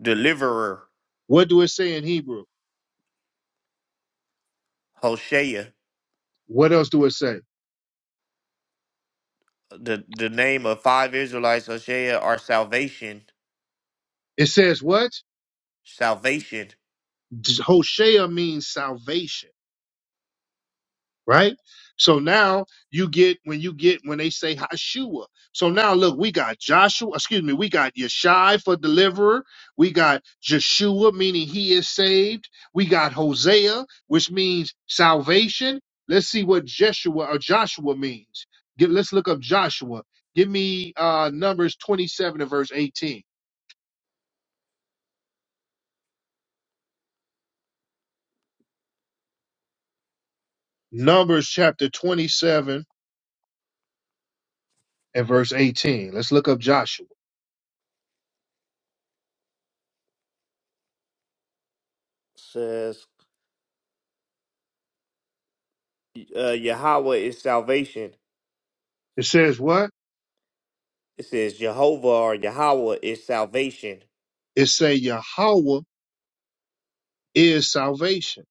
deliverer, What do it say in Hebrew? Hoshea, What else do it say? the, the name of five Israelites, Hoshea, are salvation. It says what? Salvation Hosea means salvation. right? So now you get when you get when they say Hashua. So now look, we got Joshua, excuse me, we got Yeshai for deliverer. We got Joshua, meaning he is saved. We got Hosea, which means salvation. Let's see what Jeshua or Joshua means. Get, let's look up Joshua. Give me uh, Numbers 27 and verse 18. Numbers chapter 27 and verse 18. Let's look up Joshua. says uh, Yahweh is salvation. It says what? It says Jehovah or Yahweh is salvation. It say Yahweh is salvation.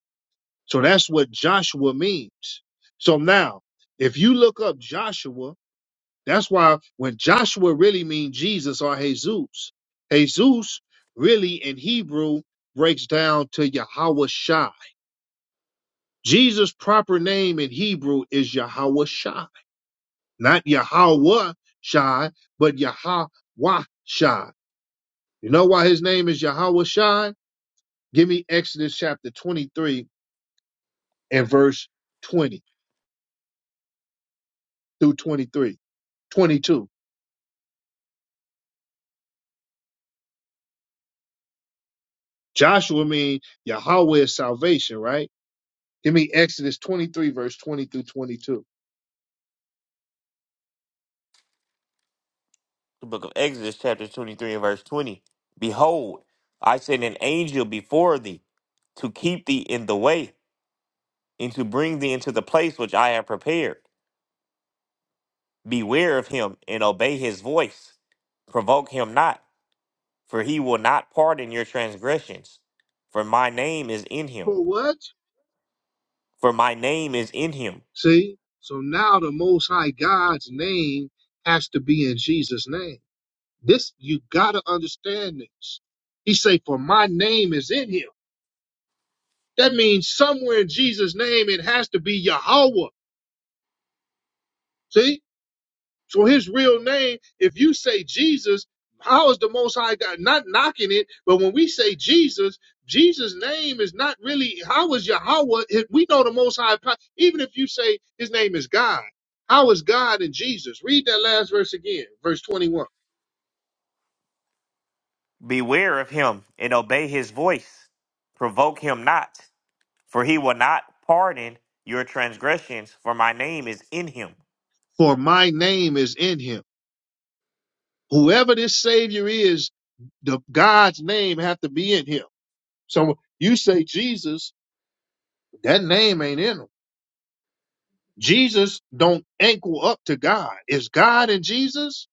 So that's what Joshua means. So now, if you look up Joshua, that's why when Joshua really means Jesus or Jesus, Jesus really in Hebrew breaks down to Yahweh Shai. Jesus' proper name in Hebrew is Yahweh Shai, not Yahweh Shai, but Yahweh Shai. You know why his name is Yahweh Shai? Give me Exodus chapter 23 and verse 20. through 23, 22, Joshua mean Yahweh is salvation, right? Give me Exodus 23, verse 20 through 22. The book of Exodus, chapter 23 and verse 20. Behold, I send an angel before thee to keep thee in the way and to bring thee into the place which I have prepared. Beware of him and obey his voice. Provoke him not For he will not pardon your transgressions. For my name is in him. For what? For my name is in him. See? So now the Most High God's name has to be in Jesus' name. This, you gotta understand this. He say, for my name is in him. That means somewhere in Jesus' name, it has to be Yahweh. See? So his real name, if you say Jesus, how is the Most High God not knocking it? But when we say Jesus, Jesus' name is not really how is Yahweh. if We know the Most High. po- Even if you say His name is God, how is God in Jesus? Read that last verse again, verse twenty-one. Beware of him and obey his voice. Provoke him not, for he will not pardon your transgressions, for my name is in him. For my name is in Him. Whoever this Savior is, the God's name have to be in Him. So you say Jesus, that name ain't in Him. Jesus don't ankle up to God. Is God in Jesus?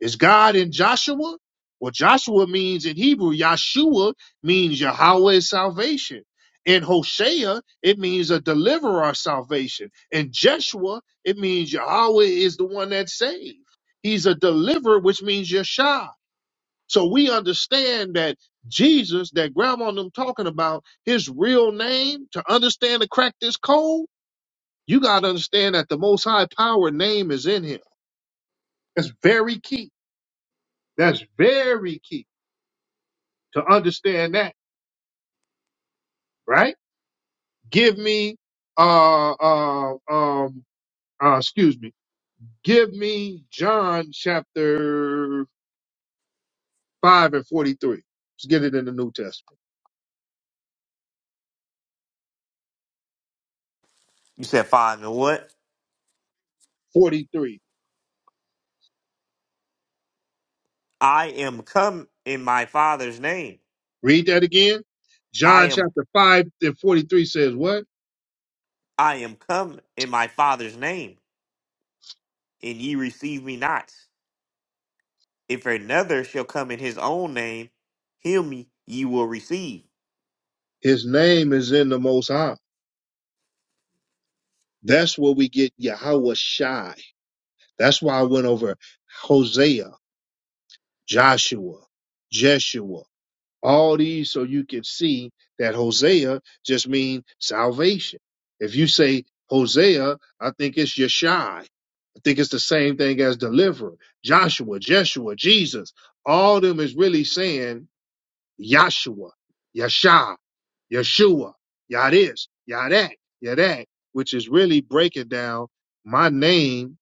Is God in Joshua? Well, Joshua means in Hebrew, Yahshua means Yahweh is salvation. In Hosea, it means a deliverer salvation. In Jeshua, it means Yahweh is the one that saved. He's a deliverer, which means Yeshua. So we understand that Jesus, that grandma and them talking about, his real name, to understand to crack this code, you got to understand that the Most High Power name is in him. That's very key. That's very key to understand that, right? Give me, uh, uh, um, uh, excuse me. Give me John chapter 5 and 43. Let's get it in the New Testament. You said, Father, what? 43. I am come in my father's name. Read that again. I John am chapter 5 and 43 says what? I am come in my father's name, and ye receive me not. If another shall come in his own name, him ye will receive. His name is in the Most High. That's where we get Yahweh Shai. That's why I went over Hosea Joshua, Jeshua, all these so you can see that Hosea just means salvation. If you say Hosea, I think it's Yeshai. I think it's the same thing as deliverer. Joshua, Jeshua, Jesus. All of them is really saying Yahshua, Yasha, Yeshua, Yah this, Yah that, Yah that, which is really breaking down my name.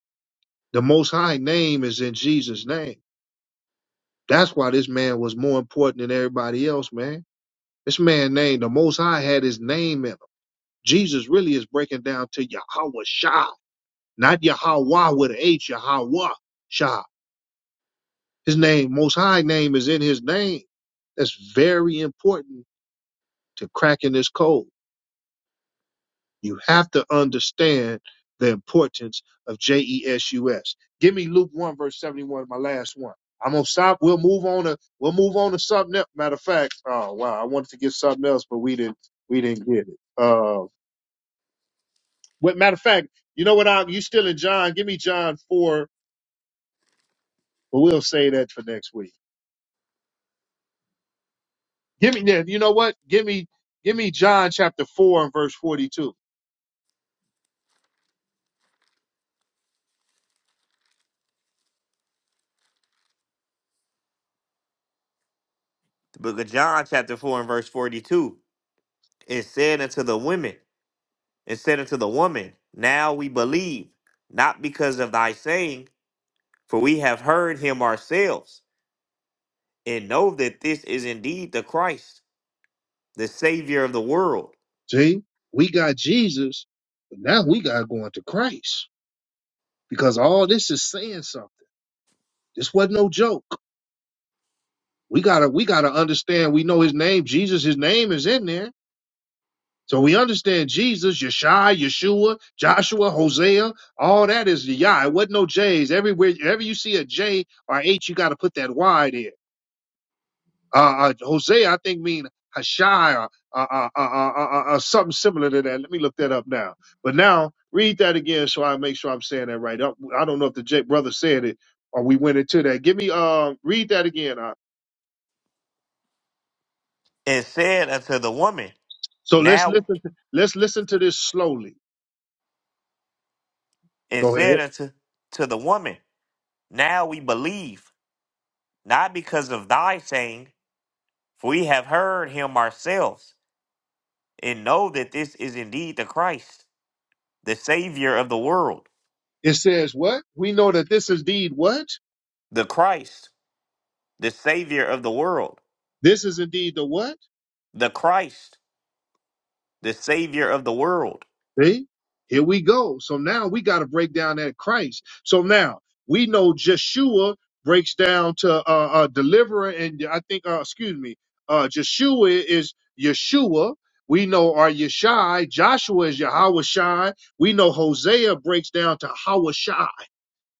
The most high name is in Jesus' name. That's why this man was more important than everybody else, man. This man named the Most High had his name in him. Jesus really is breaking down to Yahweh Shah, not Yahweh with an H, Yahweh Shah. His name, Most High name, is in his name. That's very important to cracking this code. You have to understand the importance of JESUS. Give me Luke 1, verse 71, my last one. I'm gonna stop. We'll move on to we'll move on to something else. Matter of fact, oh wow, I wanted to get something else, but we didn't we didn't get it. Uh what matter of fact, you know what I you still in John, give me John 4, but we'll say that for next week. Give me yeah, you know what? Give me give me John chapter 4 and verse 42. the book of John, chapter 4, and verse 42. It said unto the women, it said unto the woman, Now we believe, not because of thy saying, for we have heard him ourselves, and know that this is indeed the Christ, the Savior of the world. See, we got Jesus, but now we gotta go into Christ. because all this is saying something. This wasn't no joke. We gotta we gotta understand. We know his name, Jesus. His name is in there, so we understand Jesus, Yeshua, Yeshua, Joshua, Hosea. All that is the Yah. It wasn't no J's. Everywhere, wherever you see a J or H, you gotta put that Y there. Uh, uh, Hosea, I think, mean Hashai or uh, uh, uh, uh, uh, uh, uh, something similar to that. Let me look that up now. But now read that again so I make sure I'm saying that right. I, I don't know if the J brother said it or we went into that. Give me uh, read that again. Uh, And said unto the woman, so let's Now, listen. To, let's listen to this slowly. and Go ahead. said unto to the woman, Now we believe, not because of thy saying, for we have heard him ourselves, and know that this is indeed the Christ the Savior of the world, It says what? We know that this is indeed what? the Christ, the Savior of the world, This is indeed the what? the Christ, the Savior of the world. See, here we go. So now we got to break down that Christ. So now we know Joshua breaks down to uh, uh, deliverer, and I think, uh, excuse me, uh, Joshua is Yeshua. We know our Yeshai. Joshua is Yahweh Shai. We know Hosea breaks down to Hawashai.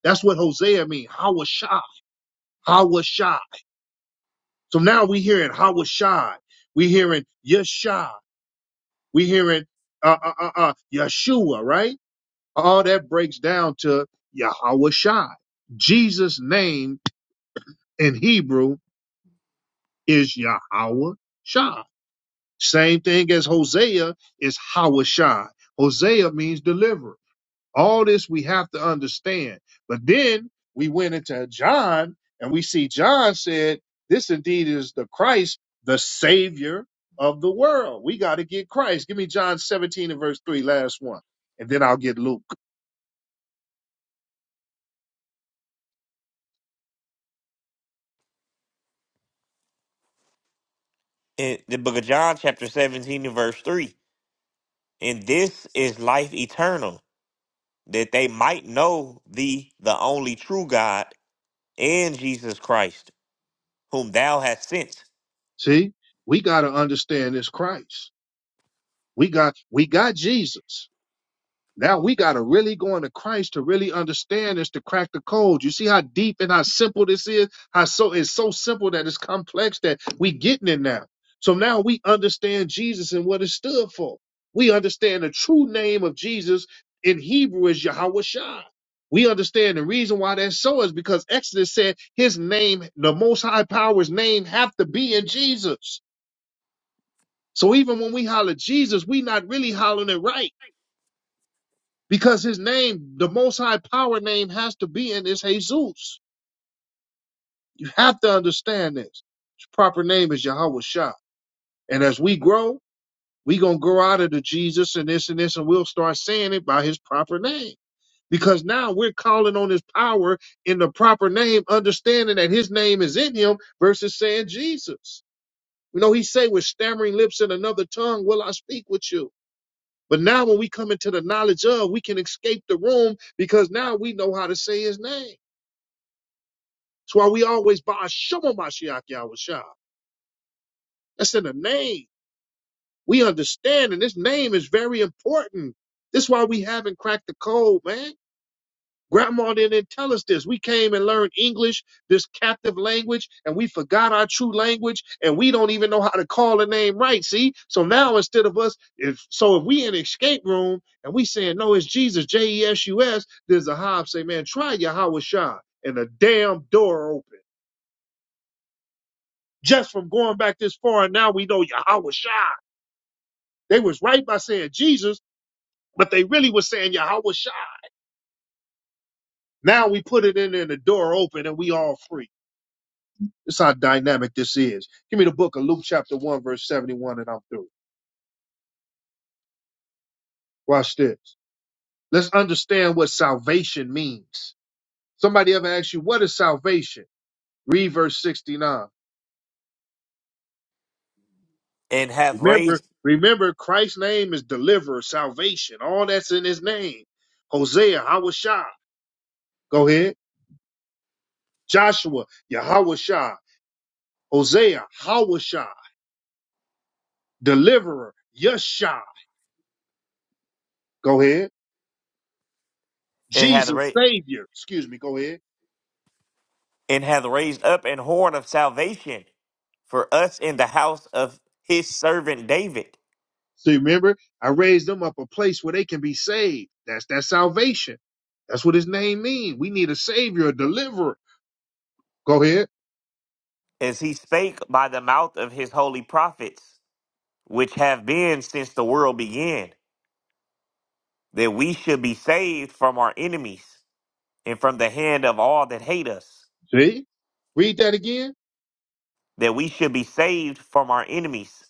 That's what Hosea means. Hawashai. Hawashai. So now we hearing Hawashai. We hearing Yeshai. We hearing uh, uh, uh, uh, Yeshua, right? All that breaks down to Yahweh Shai. Jesus' name in Hebrew is Yahweh Shai. Same thing as Hosea is Hawashai. Hosea means deliverer. All this we have to understand. But then we went into John and we see John said, This indeed is the Christ, the Savior of the world. We got to get Christ. Give me John 17 and verse 3, last one. And then I'll get Luke. In the book of John, chapter 17, and verse 3. And this is life eternal, that they might know thee, the only true God, and Jesus Christ, whom thou hast sent, See, we got to understand this Christ. We got we got Jesus. Now we got to really go into Christ to really understand this to crack the code. You see how deep and how simple this is. How so it's so simple that it's complex that we getting it now. So now we understand Jesus and what it stood for. We understand the true name of Jesus in Hebrew is Yahweh Shai. We understand the reason why that's so is because Exodus said his name, the Most High Power's name, have to be in Jesus. So even when we holler Jesus, we not really hollering it right because his name, the most high power name has to be in is Jesus. You have to understand this. His proper name is Yahweh Shah. And as we grow, we going to grow out of the Jesus and this and this, and we'll start saying it by his proper name. Because now we're calling on his power in the proper name, understanding that his name is in him versus saying Jesus. You know, he say with stammering lips and another tongue, will I speak with you? But now when we come into the knowledge of, we can escape the room because now we know how to say his name. That's why we always buy Shema Mashiach Yahweh Shah. That's in the name. We understand, and this name is very important. That's why we haven't cracked the code, man. Grandma didn't tell us this. We came and learned English, this captive language, and we forgot our true language, and we don't even know how to call a name right. See? So now instead of us, if so if we in escape room and we saying, no, it's Jesus, J-E-S-U-S, there's a hob say, man, try Yahweh Shah. And the damn door open. Just from going back this far, and now we know Yahweh Shah. They was right by saying Jesus, but they really was saying Yahweh Shah. Now we put it in there and the door open and we all free. This is how dynamic this is. Give me the book of Luke chapter 1, verse 71, and I'm through. Watch this. Let's understand what salvation means. Somebody ever asked you, what is salvation? Read verse 69. and hath Remember, raised remember, Christ's name is deliverer, salvation. All that's in his name. Hosea, Hawashah. Go ahead. Joshua, Yahawashah. Hosea, Hawashah. Deliverer, Yeshua. Go ahead. and hath Jesus, raised Savior. Excuse me. Go ahead. and hath raised up an horn of salvation for us in the house of his servant David So you remember, I raised them up a place where they can be saved. That's that salvation. That's what his name means. We need a savior, a deliverer. Go ahead. as he spake by the mouth of his holy prophets, which have been since the world began, that we should be saved from our enemies and from the hand of all that hate us, See? Read that again. that we should be saved from our enemies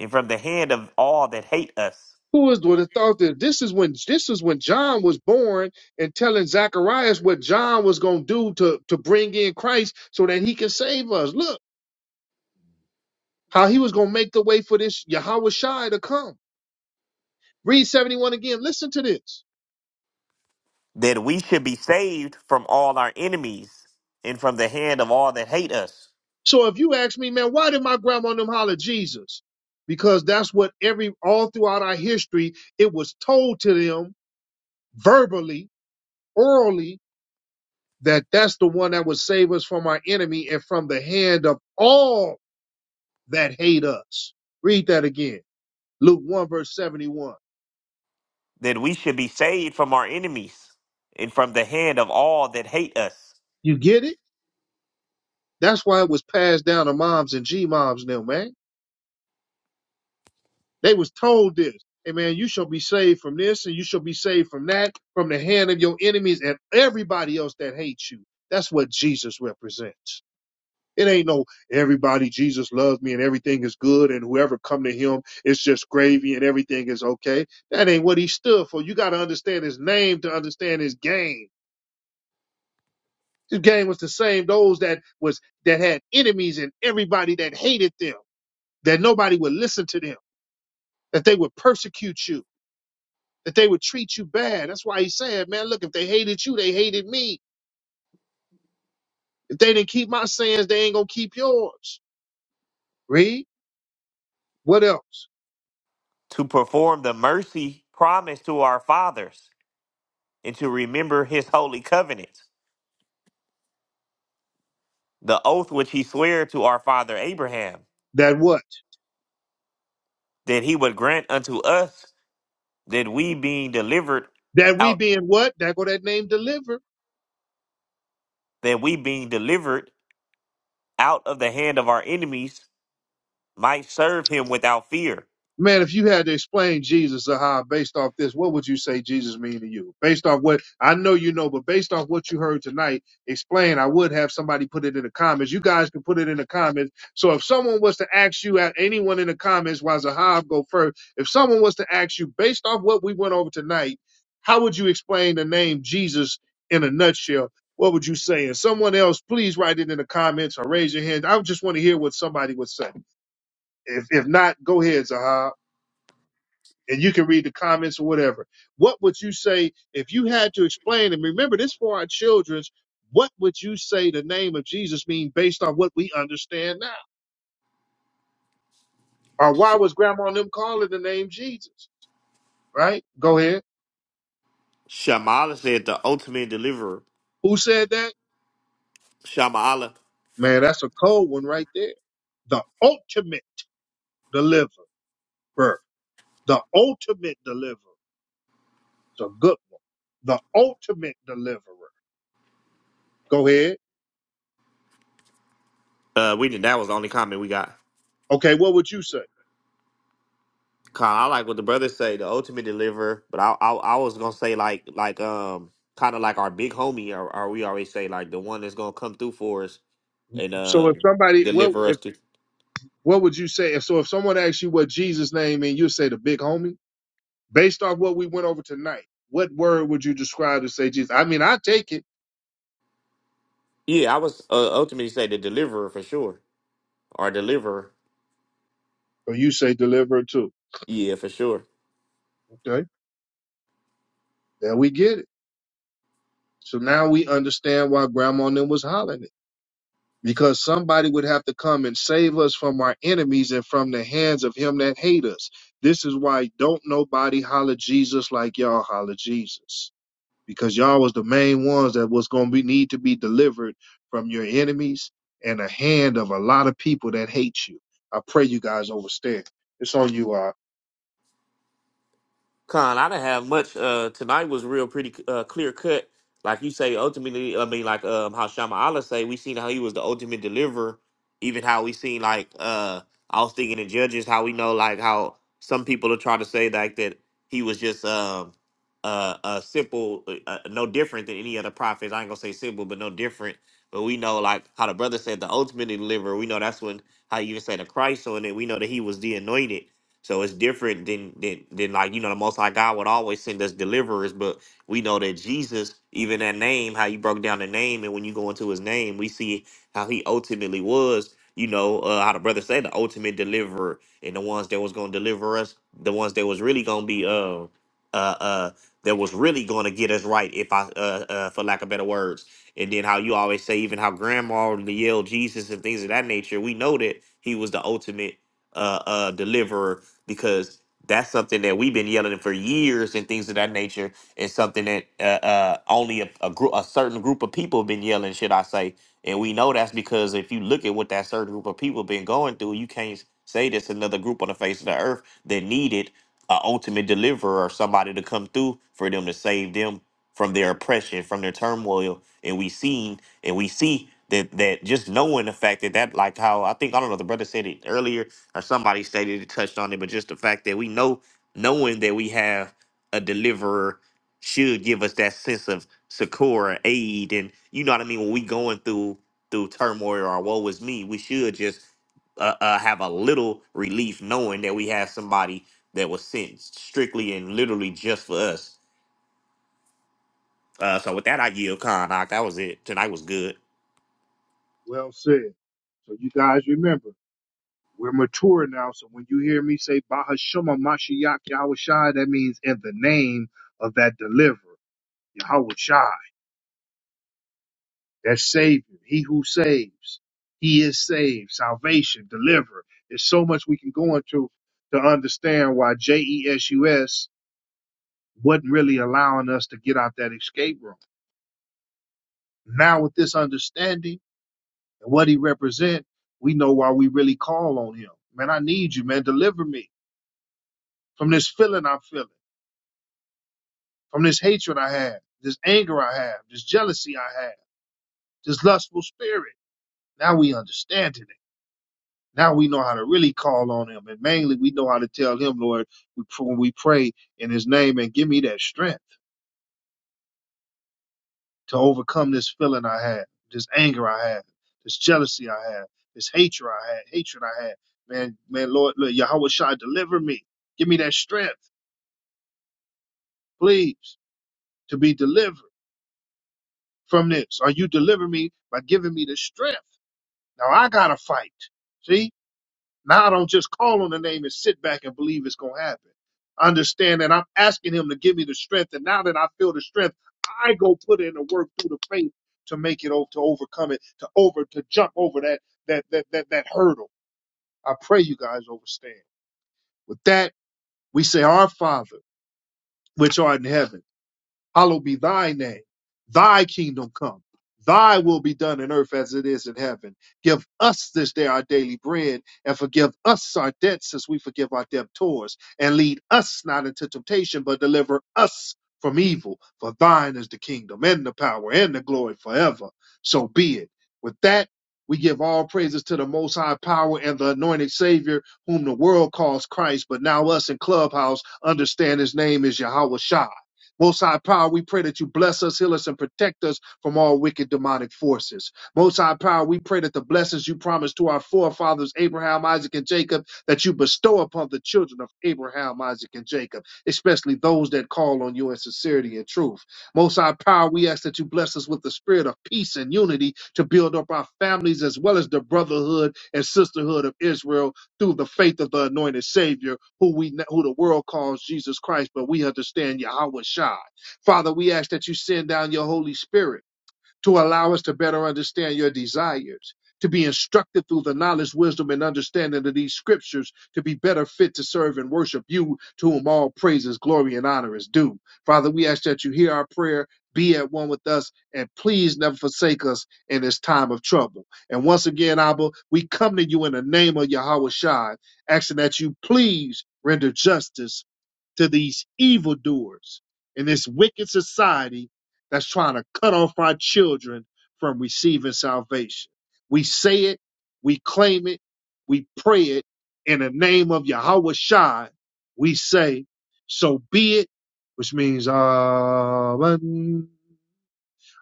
and from the hand of all that hate us, Who is would have thought that this is when this is when John was born and telling Zacharias what John was gonna do to, to bring in Christ so that he can save us. Look how he was gonna make the way for this Yahweh Shai to come. Read 71 again. Listen to this. that we should be saved from all our enemies and from the hand of all that hate us, So if you ask me, man, why did my grandma and them holler Jesus? Because that's what every all throughout our history, it was told to them verbally, orally, that that's the one that would save us from our enemy and from the hand of all that hate us. Read that again. Luke 1 verse 71. that we should be saved from our enemies and from the hand of all that hate us You get it? That's why it was passed down to moms and G moms now, man. They was told this. Amen. You shall be saved from this and you shall be saved from that, from the hand of your enemies and everybody else that hates you. That's what Jesus represents. It ain't no everybody Jesus loves me and everything is good and whoever come to him it's just gravy and everything is okay. That ain't what he stood for. You got to understand his name to understand his game. His game was the same those that was that had enemies and everybody that hated them, that nobody would listen to them, that they would persecute you that they would treat you bad. That's why he said, man, look, if they hated you, they hated me. If they didn't keep my sayings, they ain't gonna keep yours. Read what else? to perform the mercy promised to our fathers and to remember his holy covenant, the oath which he sware to our father Abraham, That what? that he would grant unto us that we being delivered That we out being what? That go that name delivered. that we being delivered out of the hand of our enemies might serve him without fear. Man, if you had to explain Jesus, Zahar, based off this, what would you say Jesus mean to you? Based off what I know you know, but based off what you heard tonight, explain. I would have somebody put it in the comments. You guys can put it in the comments. So if someone was to ask you, at anyone in the comments, while Zahab go first, if someone was to ask you, based off what we went over tonight, how would you explain the name Jesus in a nutshell? What would you say? And someone else, please write it in the comments or raise your hand. I just want to hear what somebody would say. If if not, go ahead, Zahab and you can read the comments or whatever. What would you say if you had to explain? And remember this for our children. What would you say the name of Jesus mean based on what we understand now? Or Sh- why was grandma and them calling the name Jesus? Right? Go ahead. Shamala said the ultimate deliverer. Who said that? Shamaala. Man, that's a cold one right there. The ultimate deliverer. The ultimate deliverer. It's a good one. The ultimate deliverer. Go ahead. Uh we did that was the only comment we got. Okay, what would you say? Kind of I like what the brothers say, the ultimate deliverer. But I, I, I was gonna say like, like, um, kind of like our big homie, or, or we always say like the one that's gonna come through for us and So if um somebody, well, deliver us to. What would you say if so? If someone asks you what Jesus' name means, you say the big homie. Based off what we went over tonight, what word would you describe to say Jesus? I mean, I take it, Yeah, I was uh, ultimately say the deliverer for sure, or deliverer. or you say deliverer too. Yeah, for sure. Okay, there we get it. So now we understand why Grandma and them was hollering it because somebody would have to come and save us from our enemies and from the hands of him that hate us. This is why don't nobody holler Jesus like y'all holler Jesus. because y'all was the main ones that was going to be need to be delivered from your enemies and the hand of a lot of people that hate you. I pray you guys overstand. It's on you. Uh, Con, I didn't have much. Uh, tonight was real pretty uh, clear cut. Like you say, ultimately, I mean, like um, how Shama Allah say, we seen how he was the ultimate deliverer. Even how we seen like uh, I was thinking in Judges, how we know like how some people are trying to say like that he was just um uh, uh simple, uh, uh, no different than any other prophets. I ain't gonna say simple, but no different. But we know like how the brother said the ultimate deliverer. We know that's when how you even say the Christ on it. We know that he was the anointed so it's different than than than like you know the Most High God would always send us deliverers, but we know that Jesus, even that name, how you broke down the name, and when you go into His name, we see how He ultimately was. You know uh, how the brother say the ultimate deliverer, and the ones that was going to deliver us, the ones that was really going to be uh uh uh that was really going to get us right, if I uh, uh for lack of better words. And then how you always say even how Grandma would yell Jesus and things of that nature. We know that He was the ultimate uh, uh, deliverer because that's something that we've been yelling for years and things of that nature is something that uh, uh, only a, a group a certain group of people have been yelling should i say and we know that's because if you look at what that certain group of people been going through you can't say there's another group on the face of the earth that needed an ultimate deliverer or somebody to come through for them to save them from their oppression from their turmoil and we seen and we see that that just knowing the fact that that like how i think i don't know the brother said it earlier or somebody stated it touched on it, but just the fact that we know knowing that we have a deliverer should give us that sense of succor, aid, and you know what I mean. When we going through through turmoil or woe is me, we should just uh, uh, have a little relief knowing that we have somebody that was sent strictly and literally just for us. Uh, so with that, I yield, Con. Doc. That was it. Tonight was good. well said. So you guys remember, we're mature now. So when you hear me say Bahashuma Mashiach Yahweh Shai, that means in the name of that deliverer, Yahweh Shai. that Savior, He who saves, He is saved, salvation, deliver. There's so much we can go into to understand why JESUS wasn't really allowing us to get out that escape room. Now, with this understanding and what He represents, we know why we really call on Him. Man, I need you, man. Deliver me from this feeling I'm feeling, from this hatred I have, this anger I have, this jealousy I have, this lustful spirit. Now we understand it Now we know how to really call on him. And mainly we know how to tell him, Lord, we pr- when we pray in his name and give me that strength to overcome this feeling I had, this anger I had, this jealousy I had, this hatred I had, hatred I had. Man, man, Lord, Lord Yahweh Shai, deliver me. Give me that strength, please, to be delivered from this. Or you deliver me by giving me the strength. Now I gotta fight. See? Now I don't just call on the name and sit back and believe it's going to happen. Understand that I'm asking him to give me the strength. And now that I feel the strength, I go put in the work through the faith to make it over, to overcome it, to over, to jump over that, that, that, that, that hurdle. I pray you guys understand. With that, we say, our Father, which art in heaven hallowed be thy name. Thy kingdom come. Thy will be done in earth as it is in heaven. Give us this day our daily bread and forgive us our debts as we forgive our debtors. And lead us not into temptation, but deliver us from evil. For thine is the kingdom and the power and the glory forever. So be it. With that, we give all praises to the most high power and the anointed savior whom the world calls Christ, but now us in clubhouse understand his name is Yahweh Shai. Most High Power, we pray that you bless us, heal us, and protect us from all wicked demonic forces. Most High Power, we pray that the blessings you promised to our forefathers, Abraham, Isaac, and Jacob, that you bestow upon the children of Abraham, Isaac, and Jacob, especially those that call on you in sincerity and truth. Most High Power, we ask that you bless us with the spirit of peace and unity to build up our families as well as the brotherhood and sisterhood of Israel through the faith of the anointed Savior, who we who the world calls Jesus Christ, but we understand Yahweh Shai. Father, we ask that you send down your Holy Spirit to allow us to better understand your desires, to be instructed through the knowledge, wisdom, and understanding of these scriptures, to be better fit to serve and worship you, to whom all praises, glory, and honor is due. Father, we ask that you hear our prayer, be at one with us, and please never forsake us in this time of trouble. And once again, Abba, we come to you in the name of Yahweh Shai, asking that you please render justice to these evildoers in this wicked society that's trying to cut off our children from receiving salvation. We say it, we claim it, we pray it in the name of Yahweh Shai. We say, so be it, which means, Amen.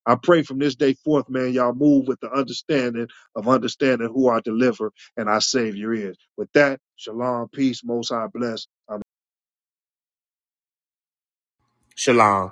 I pray from this day forth, man, y'all move with the understanding of understanding who our deliverer and our savior is. With that, shalom, peace, most high bless. Shalom.